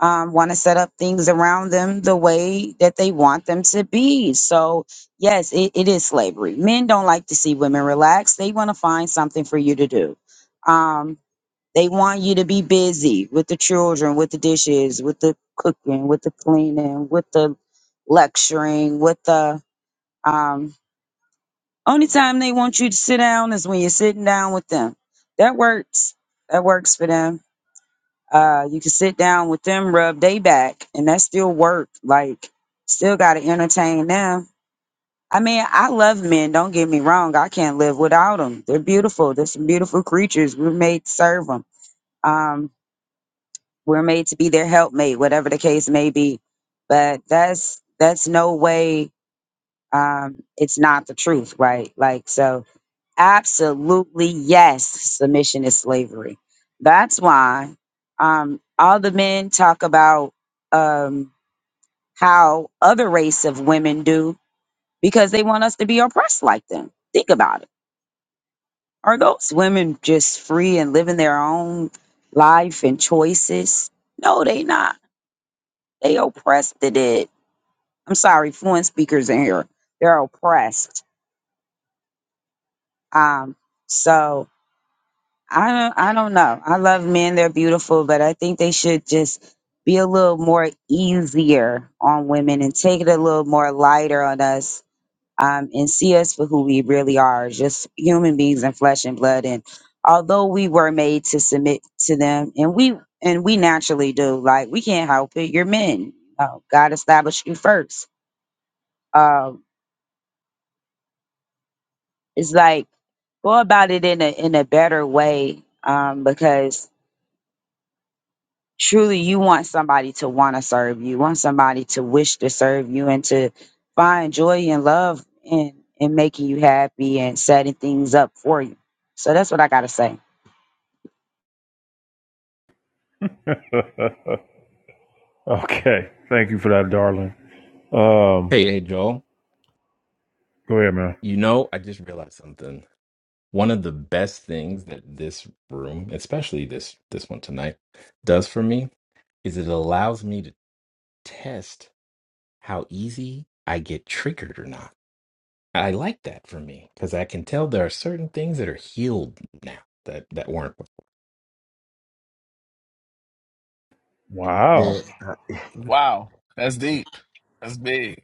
[SPEAKER 15] um, want to set up things around them the way that they want them to be. So yes, it, it is slavery. Men don't like to see women relax. They want to find something for you to do. Um, they want you to be busy with the children, with the dishes, with the cooking, with the cleaning, with the lecturing, with the um, only time they want you to sit down is when you're sitting down with them. That works. That works for them. Uh, you can sit down with them, rub they back, and that still work. Like, still got to entertain them. I mean, I love men. Don't get me wrong. I can't live without them. They're beautiful. They're some beautiful creatures. We're made to serve them. Um, we're made to be their helpmate, whatever the case may be. But that's that's no way. Um, it's not the truth, right? Like, so Absolutely, yes. Submission is slavery. That's why um, all the men talk about um, how other race of women do because they want us to be oppressed like them. Think about it. Are those women just free and living their own life and choices? No, they not. They oppressed to it. I'm sorry, fluent speakers in here. They're oppressed. Um, so I don't, I don't know. I love men; they're beautiful, but I think they should just be a little more easier on women and take it a little more lighter on us, um, and see us for who we really are, just human beings and flesh and blood. And although we were made to submit to them, and we and we naturally do, like we can't help it. You're men. Oh, God established you first. Um, it's like go about it in a in a better way, um, because truly you want somebody to want to serve you, want somebody to wish to serve you and to find joy and love in in making you happy and setting things up for you. So that's what I gotta say.
[SPEAKER 1] Okay. Thank you for that, darling. Um,
[SPEAKER 3] Hey, hey, Joel.
[SPEAKER 1] go ahead, man.
[SPEAKER 3] You know, I just realized something. One of the best things that this room, especially this this one tonight, does for me is it allows me to test how easy I get triggered or not. I like that for me because I can tell there are certain things that are healed now that that weren't
[SPEAKER 1] Wow.
[SPEAKER 4] Yeah, I-
[SPEAKER 5] Wow, that's deep. That's big.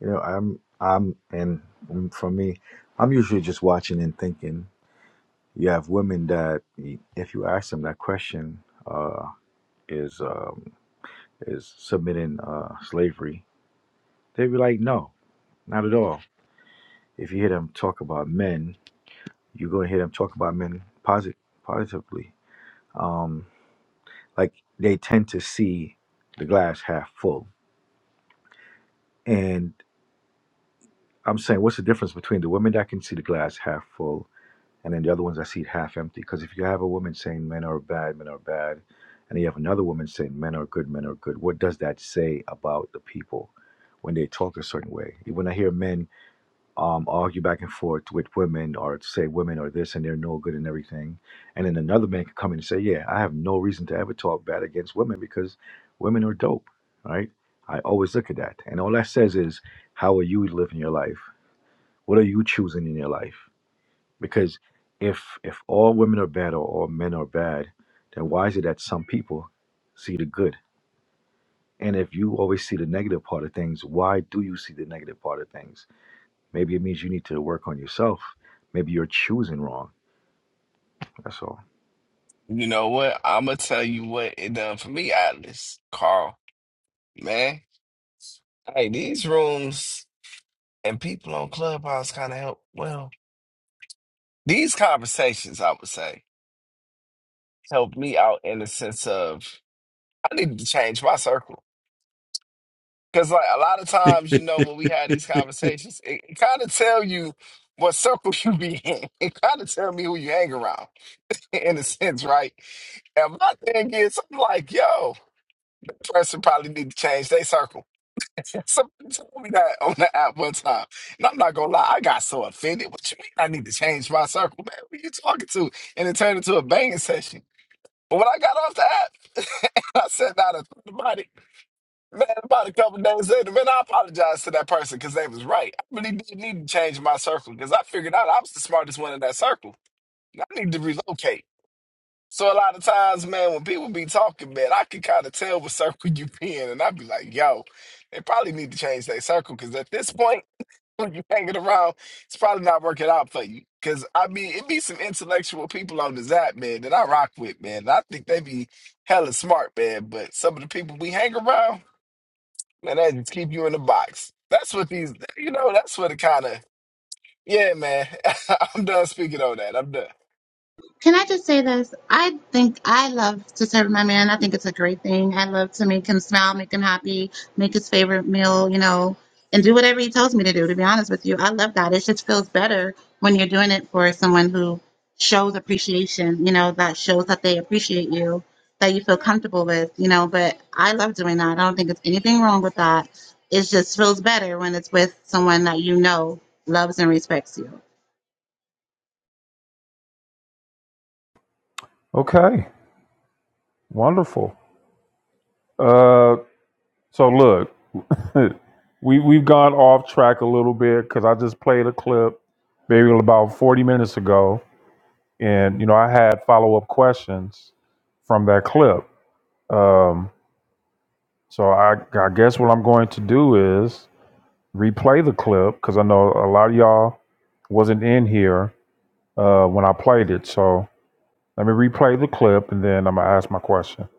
[SPEAKER 4] you know, I'm, I'm, and mm, for me, I'm usually just watching and thinking. You have women that, y- if you ask them that question, uh, is um, is submitting uh, slavery? They'd be like, no, not at all. If you hear them talk about men, you're gonna hear them talk about men posit- positively. Um, like they tend to see the glass half full. And I'm saying, what's the difference between the women that can see the glass half full and then the other one's I see it half empty. Because if you have a woman saying men are bad, men are bad, and you have another woman saying men are good, men are good, what does that say about the people when they talk a certain way? When I hear men um, argue back and forth with women or say women are this and they're no good and everything, and then another man can come in and say, yeah, I have no reason to ever talk bad against women because women are dope, right? I always look at that, and all that says is, how are you living your life? What are you choosing in your life? Because if if all women are bad or all men are bad, then why is it that some people see the good? And if you always see the negative part of things, why do you see the negative part of things? Maybe it means you need to work on yourself. Maybe you're choosing wrong. That's all.
[SPEAKER 5] You know what? I'ma tell you what it done for me, Atlas, Carl, man. Hey, these rooms and people on Clubhouse kind of help. Well, these conversations, I would say, help me out in the sense of I need to change my circle because, like, a lot of times, you know, when we had these conversations, it, it kind of tell you what circle [laughs] you be in. [laughs] It kind of tell me who you hang around, [laughs] in a sense, right? And my thing is, I'm like, yo, person probably need to change their circle. [laughs] Somebody told me that on the app one time, and I'm not gonna lie, I got so offended. What you mean? I need to change my circle, man? Who you talking to? And it turned into a banging session. But when I got off the app, [laughs] and I sat down and thought about it. Man, about a couple days later, man, I apologized to that person because they was right. I really did need to change my circle because I figured out I was the smartest one in that circle. I need to relocate. So a lot of times, man, when people be talking, man, I can kind of tell what circle you be in, and I'd be like, yo, they probably need to change their circle because at this point, when you hanging around, it's probably not working out for you. Because I mean, it be some intellectual people on this app, man, that I rock with, man. and I think they be hella smart, man. But some of the people we hang around. Man, that just keep you in the box. That's what these, you know, that's what it kind of, yeah, man. [laughs] I'm done speaking on that. I'm done.
[SPEAKER 2] Can I just say this? I think I love to serve my man. I think it's a great thing. I love to make him smile, make him happy, make his favorite meal, you know, and do whatever he tells me to do, to be honest with you. I love that. It just feels better when you're doing it for someone who shows appreciation, you know, that shows that they appreciate you, that you feel comfortable with, you know, but I love doing that. I don't think it's anything wrong with that. It just feels better when it's with someone that you know loves and respects you.
[SPEAKER 1] Okay. Wonderful. Uh, so look, [laughs] we we've gone off track a little bit because I just played a clip maybe about forty minutes ago, and you know I had follow up questions from that clip. Um, so I I guess what I'm going to do is replay the clip because I know a lot of y'all wasn't in here uh, when I played it. So Let me replay the clip and then I'm going to ask my question.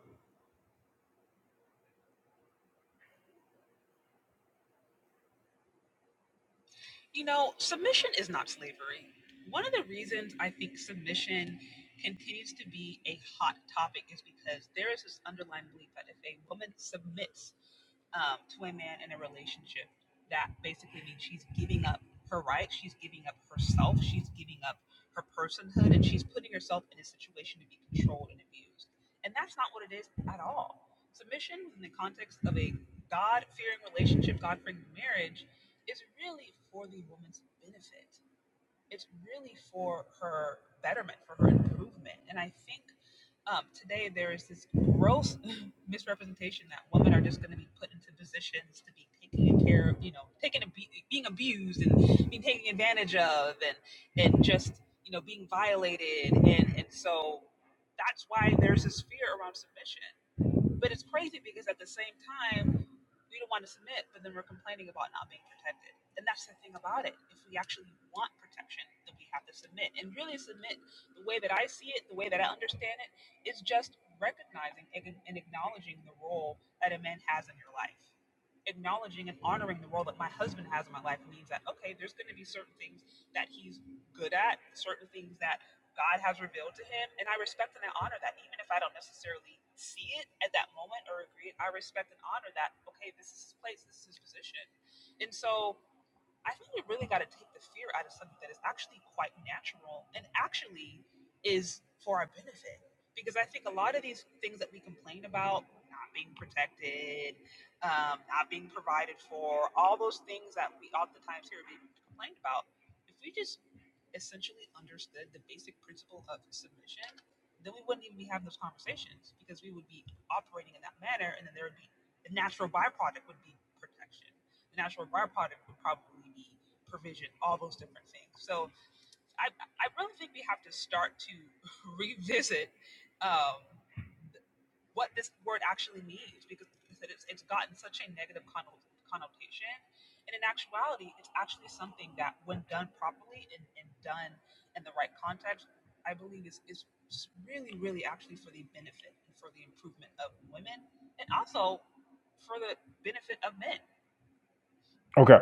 [SPEAKER 1] Okay.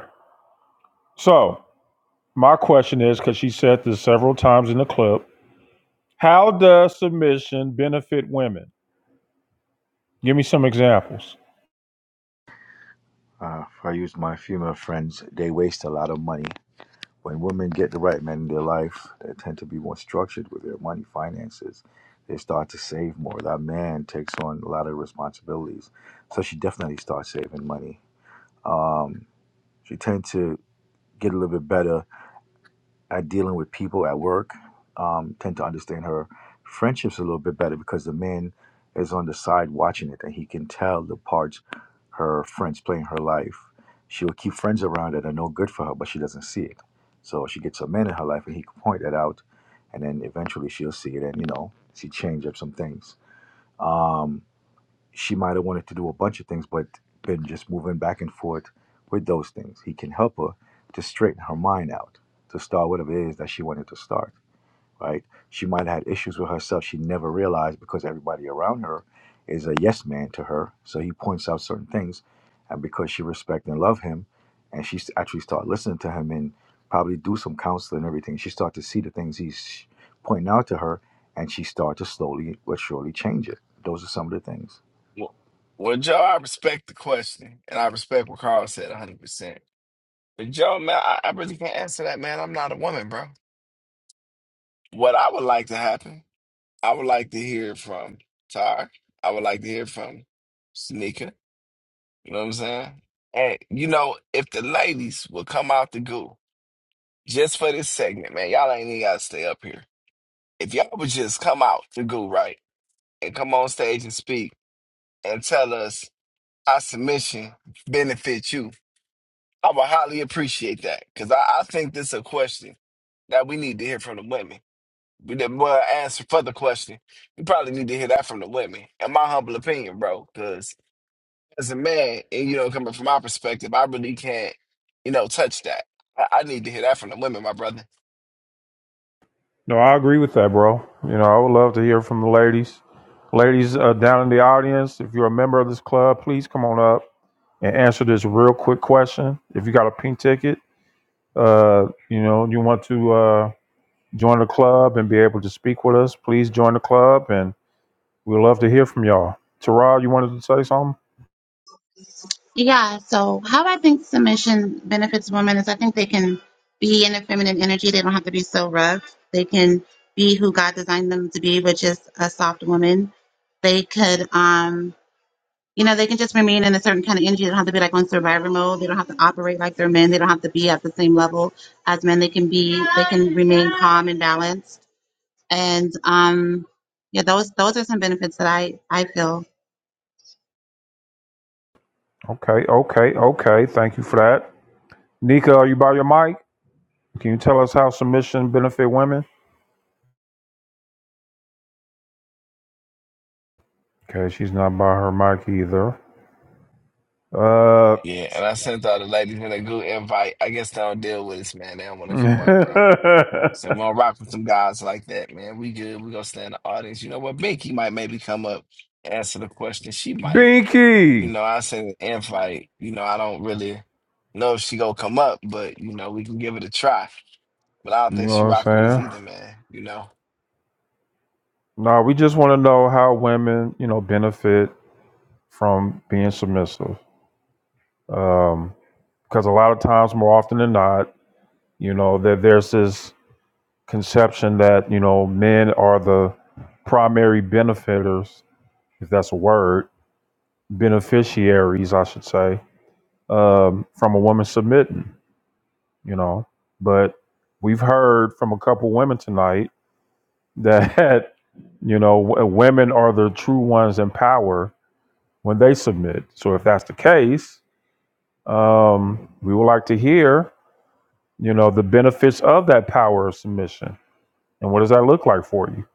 [SPEAKER 1] So, my question is because she said this several times in the clip how does submission benefit women? Give me some examples.
[SPEAKER 4] Uh, if I use my female friends, they waste a lot of money. When women get the right men in their life, they tend to be more structured with their money finances. They start to save more. That man takes on a lot of responsibilities. So she definitely starts saving money Um, she tend to get a little bit better at dealing with people at work. Um, tend to understand her friendships a little bit better because the man is on the side watching it, and he can tell the parts her friends play in her life. She will keep friends around that are no good for her, but she doesn't see it. So she gets a man in her life, and he can point that out, and then eventually she'll see it, and you know she change up some things. Um, she might have wanted to do a bunch of things, but been just moving back and forth with those things. He can help her to straighten her mind out, to start whatever it is that she wanted to start, right? She might have had issues with herself she never realized because everybody around her is a yes man to her. So he points out certain things. And because she respect and love him, and she s- actually start listening to him and probably do some counseling and everything, she start to see the things he's pointing out to her, and she start to slowly but surely change it. Those are some of the things.
[SPEAKER 5] Well, well, Joe, I respect the question and I respect what Carl said 100%. But Joe, man, I, I really can't answer that, man. I'm not a woman, bro. What I would like to happen, I would like to hear from Tar. I would like to hear from Sneaker. You know what I'm saying? And, you know, if the ladies will come out the goo just for this segment, man, y'all ain't even got to stay up here if y'all would just come out the goo right and come on stage and speak and tell us our submission benefits you, I would highly appreciate that because I, I think this is a question that we need to hear from the women. We did not more answer for the question. We probably need to hear that from the women, in my humble opinion, bro. Because as a man, and you know, coming from my perspective, I really can't, you know, touch that. I, I need to hear that from the women, my brother.
[SPEAKER 1] No, I agree with that, bro. You know, I would love to hear from the ladies. Ladies uh, down in the audience, if you're a member of this club, please come on up and answer this real quick question. If you got a pink ticket, uh, you know, you want to uh, join the club and be able to speak with us, please join the club and We'd love to hear from y'all. Tara, you wanted to say something?
[SPEAKER 2] Yeah, so how I think submission benefits women is I think they can be in their feminine energy. They don't have to be so rough. They can be who God designed them to be, which is a soft woman. They could, um, you know, they can just remain in a certain kind of energy. They don't have to be like on survivor mode. They don't have to operate like they're men. They don't have to be at the same level as men. They can be, they can remain calm and balanced. And um, yeah, those those are some benefits that I I feel.
[SPEAKER 1] Okay, okay, okay. Thank you for that. Nika, are you by your mic? Can you tell us how submission benefit women? Okay, she's not by her mic either. Uh,
[SPEAKER 5] Yeah, and I sent all the ladies in a good invite. I guess they don't deal with this, man. They don't want to come up, bro.
[SPEAKER 1] [laughs]
[SPEAKER 5] So we're gonna rock with some guys like that, man. We good. We're gonna stay in the audience. You know what? Binky might maybe come up, answer the question. She might. You
[SPEAKER 1] Binky.
[SPEAKER 5] know, I sent an invite. You know, I don't really know if she gonna come up, but you know, we can give it a try. But I don't
[SPEAKER 1] You know
[SPEAKER 5] think
[SPEAKER 1] what
[SPEAKER 5] she
[SPEAKER 1] I'm
[SPEAKER 5] rock with us
[SPEAKER 1] saying?
[SPEAKER 5] either, man. You know.
[SPEAKER 1] No, we just want to know how women, you know, benefit from being submissive. Um, because a lot of times, more often than not, you know, that there's this conception that you know men are the primary benefiters, if that's a word, beneficiaries, I should say, um, from a woman submitting. You know, but we've heard from a couple women tonight that [laughs] you know w- women are the true ones in power when they submit. So if that's the case, um, we would like to hear you know the benefits of that power of submission and what does that look like for you.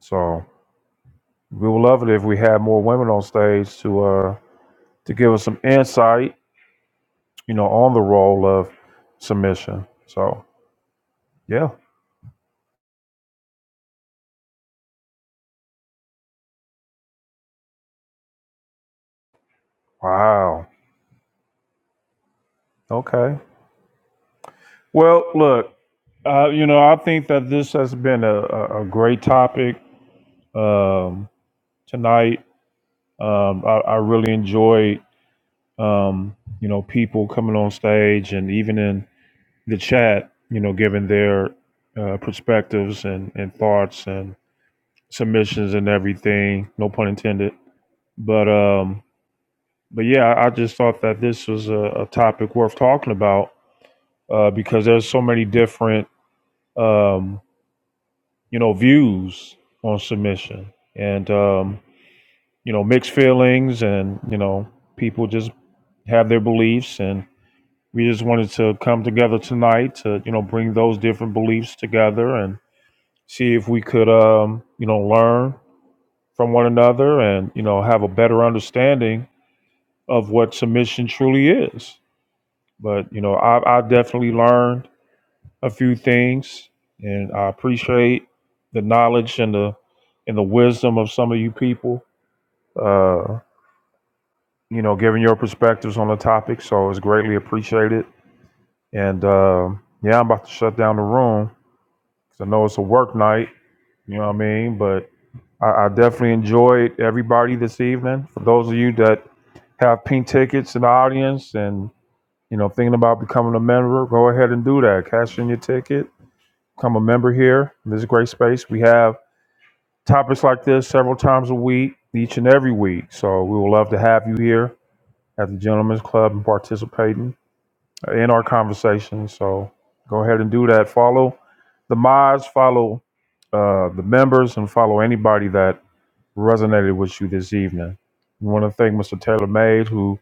[SPEAKER 1] So. We would love it if we had more women on stage to uh to give us some insight, you know, on the role of submission. So yeah. Wow. Okay. Well, look, uh, you know, I think that this has been a, a, a great topic um, tonight. Um, I, I really enjoyed, um, you know, people coming on stage and even in the chat, you know, giving their uh, perspectives and, and thoughts and. submissions and everything. No pun intended. But um, but yeah, I just thought that this was a, a topic worth talking about uh, because there's so many different um, you know views on submission and um, you know mixed feelings and you know people just have their beliefs and we just wanted to come together tonight to you know bring those different beliefs together and see if we could um, you know learn from one another and you know have a better understanding of what submission truly is. But you know, I, I definitely learned a few things, and I appreciate the knowledge and the and the wisdom of some of you people. Uh, you know, giving your perspectives on the topic, so it's greatly appreciated. And uh, yeah, I'm about to shut down the room because I know it's a work night. You know what I mean? But I, I definitely enjoyed everybody this evening. For those of you that have pink tickets in the audience and You know, thinking about becoming a member, go ahead and do that. Cash in your ticket, become a member here. This is a great space. We have topics like this several times a week, each and every week. So we would love to have you here at the Gentlemen's Club and participating in our conversation. So go ahead and do that. Follow the mods, follow uh, the members, and follow anybody that resonated with you this evening. We want to thank Mr. Taylor Mays, who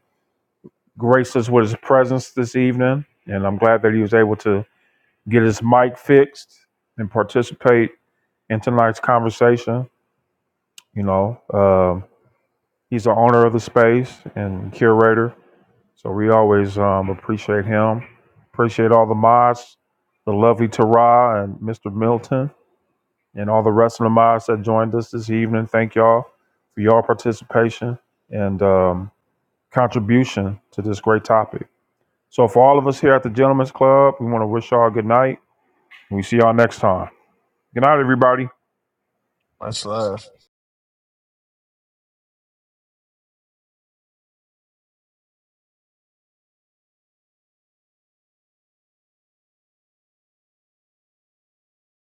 [SPEAKER 1] graced us with his presence this evening, and I'm glad that he was able to get his mic fixed and participate in tonight's conversation. You know, Um he's the owner of the space and curator, so we always um, appreciate him. Appreciate all the mods, the lovely Tara and Mr. Milton, and all the rest of the mods that joined us this evening. Thank y'all for your participation and um, contribution to this great topic. So, for all of us here at the Gentlemen's Club, we want to wish y'all a good night. We see y'all next time. Good night, everybody.
[SPEAKER 5] Much love.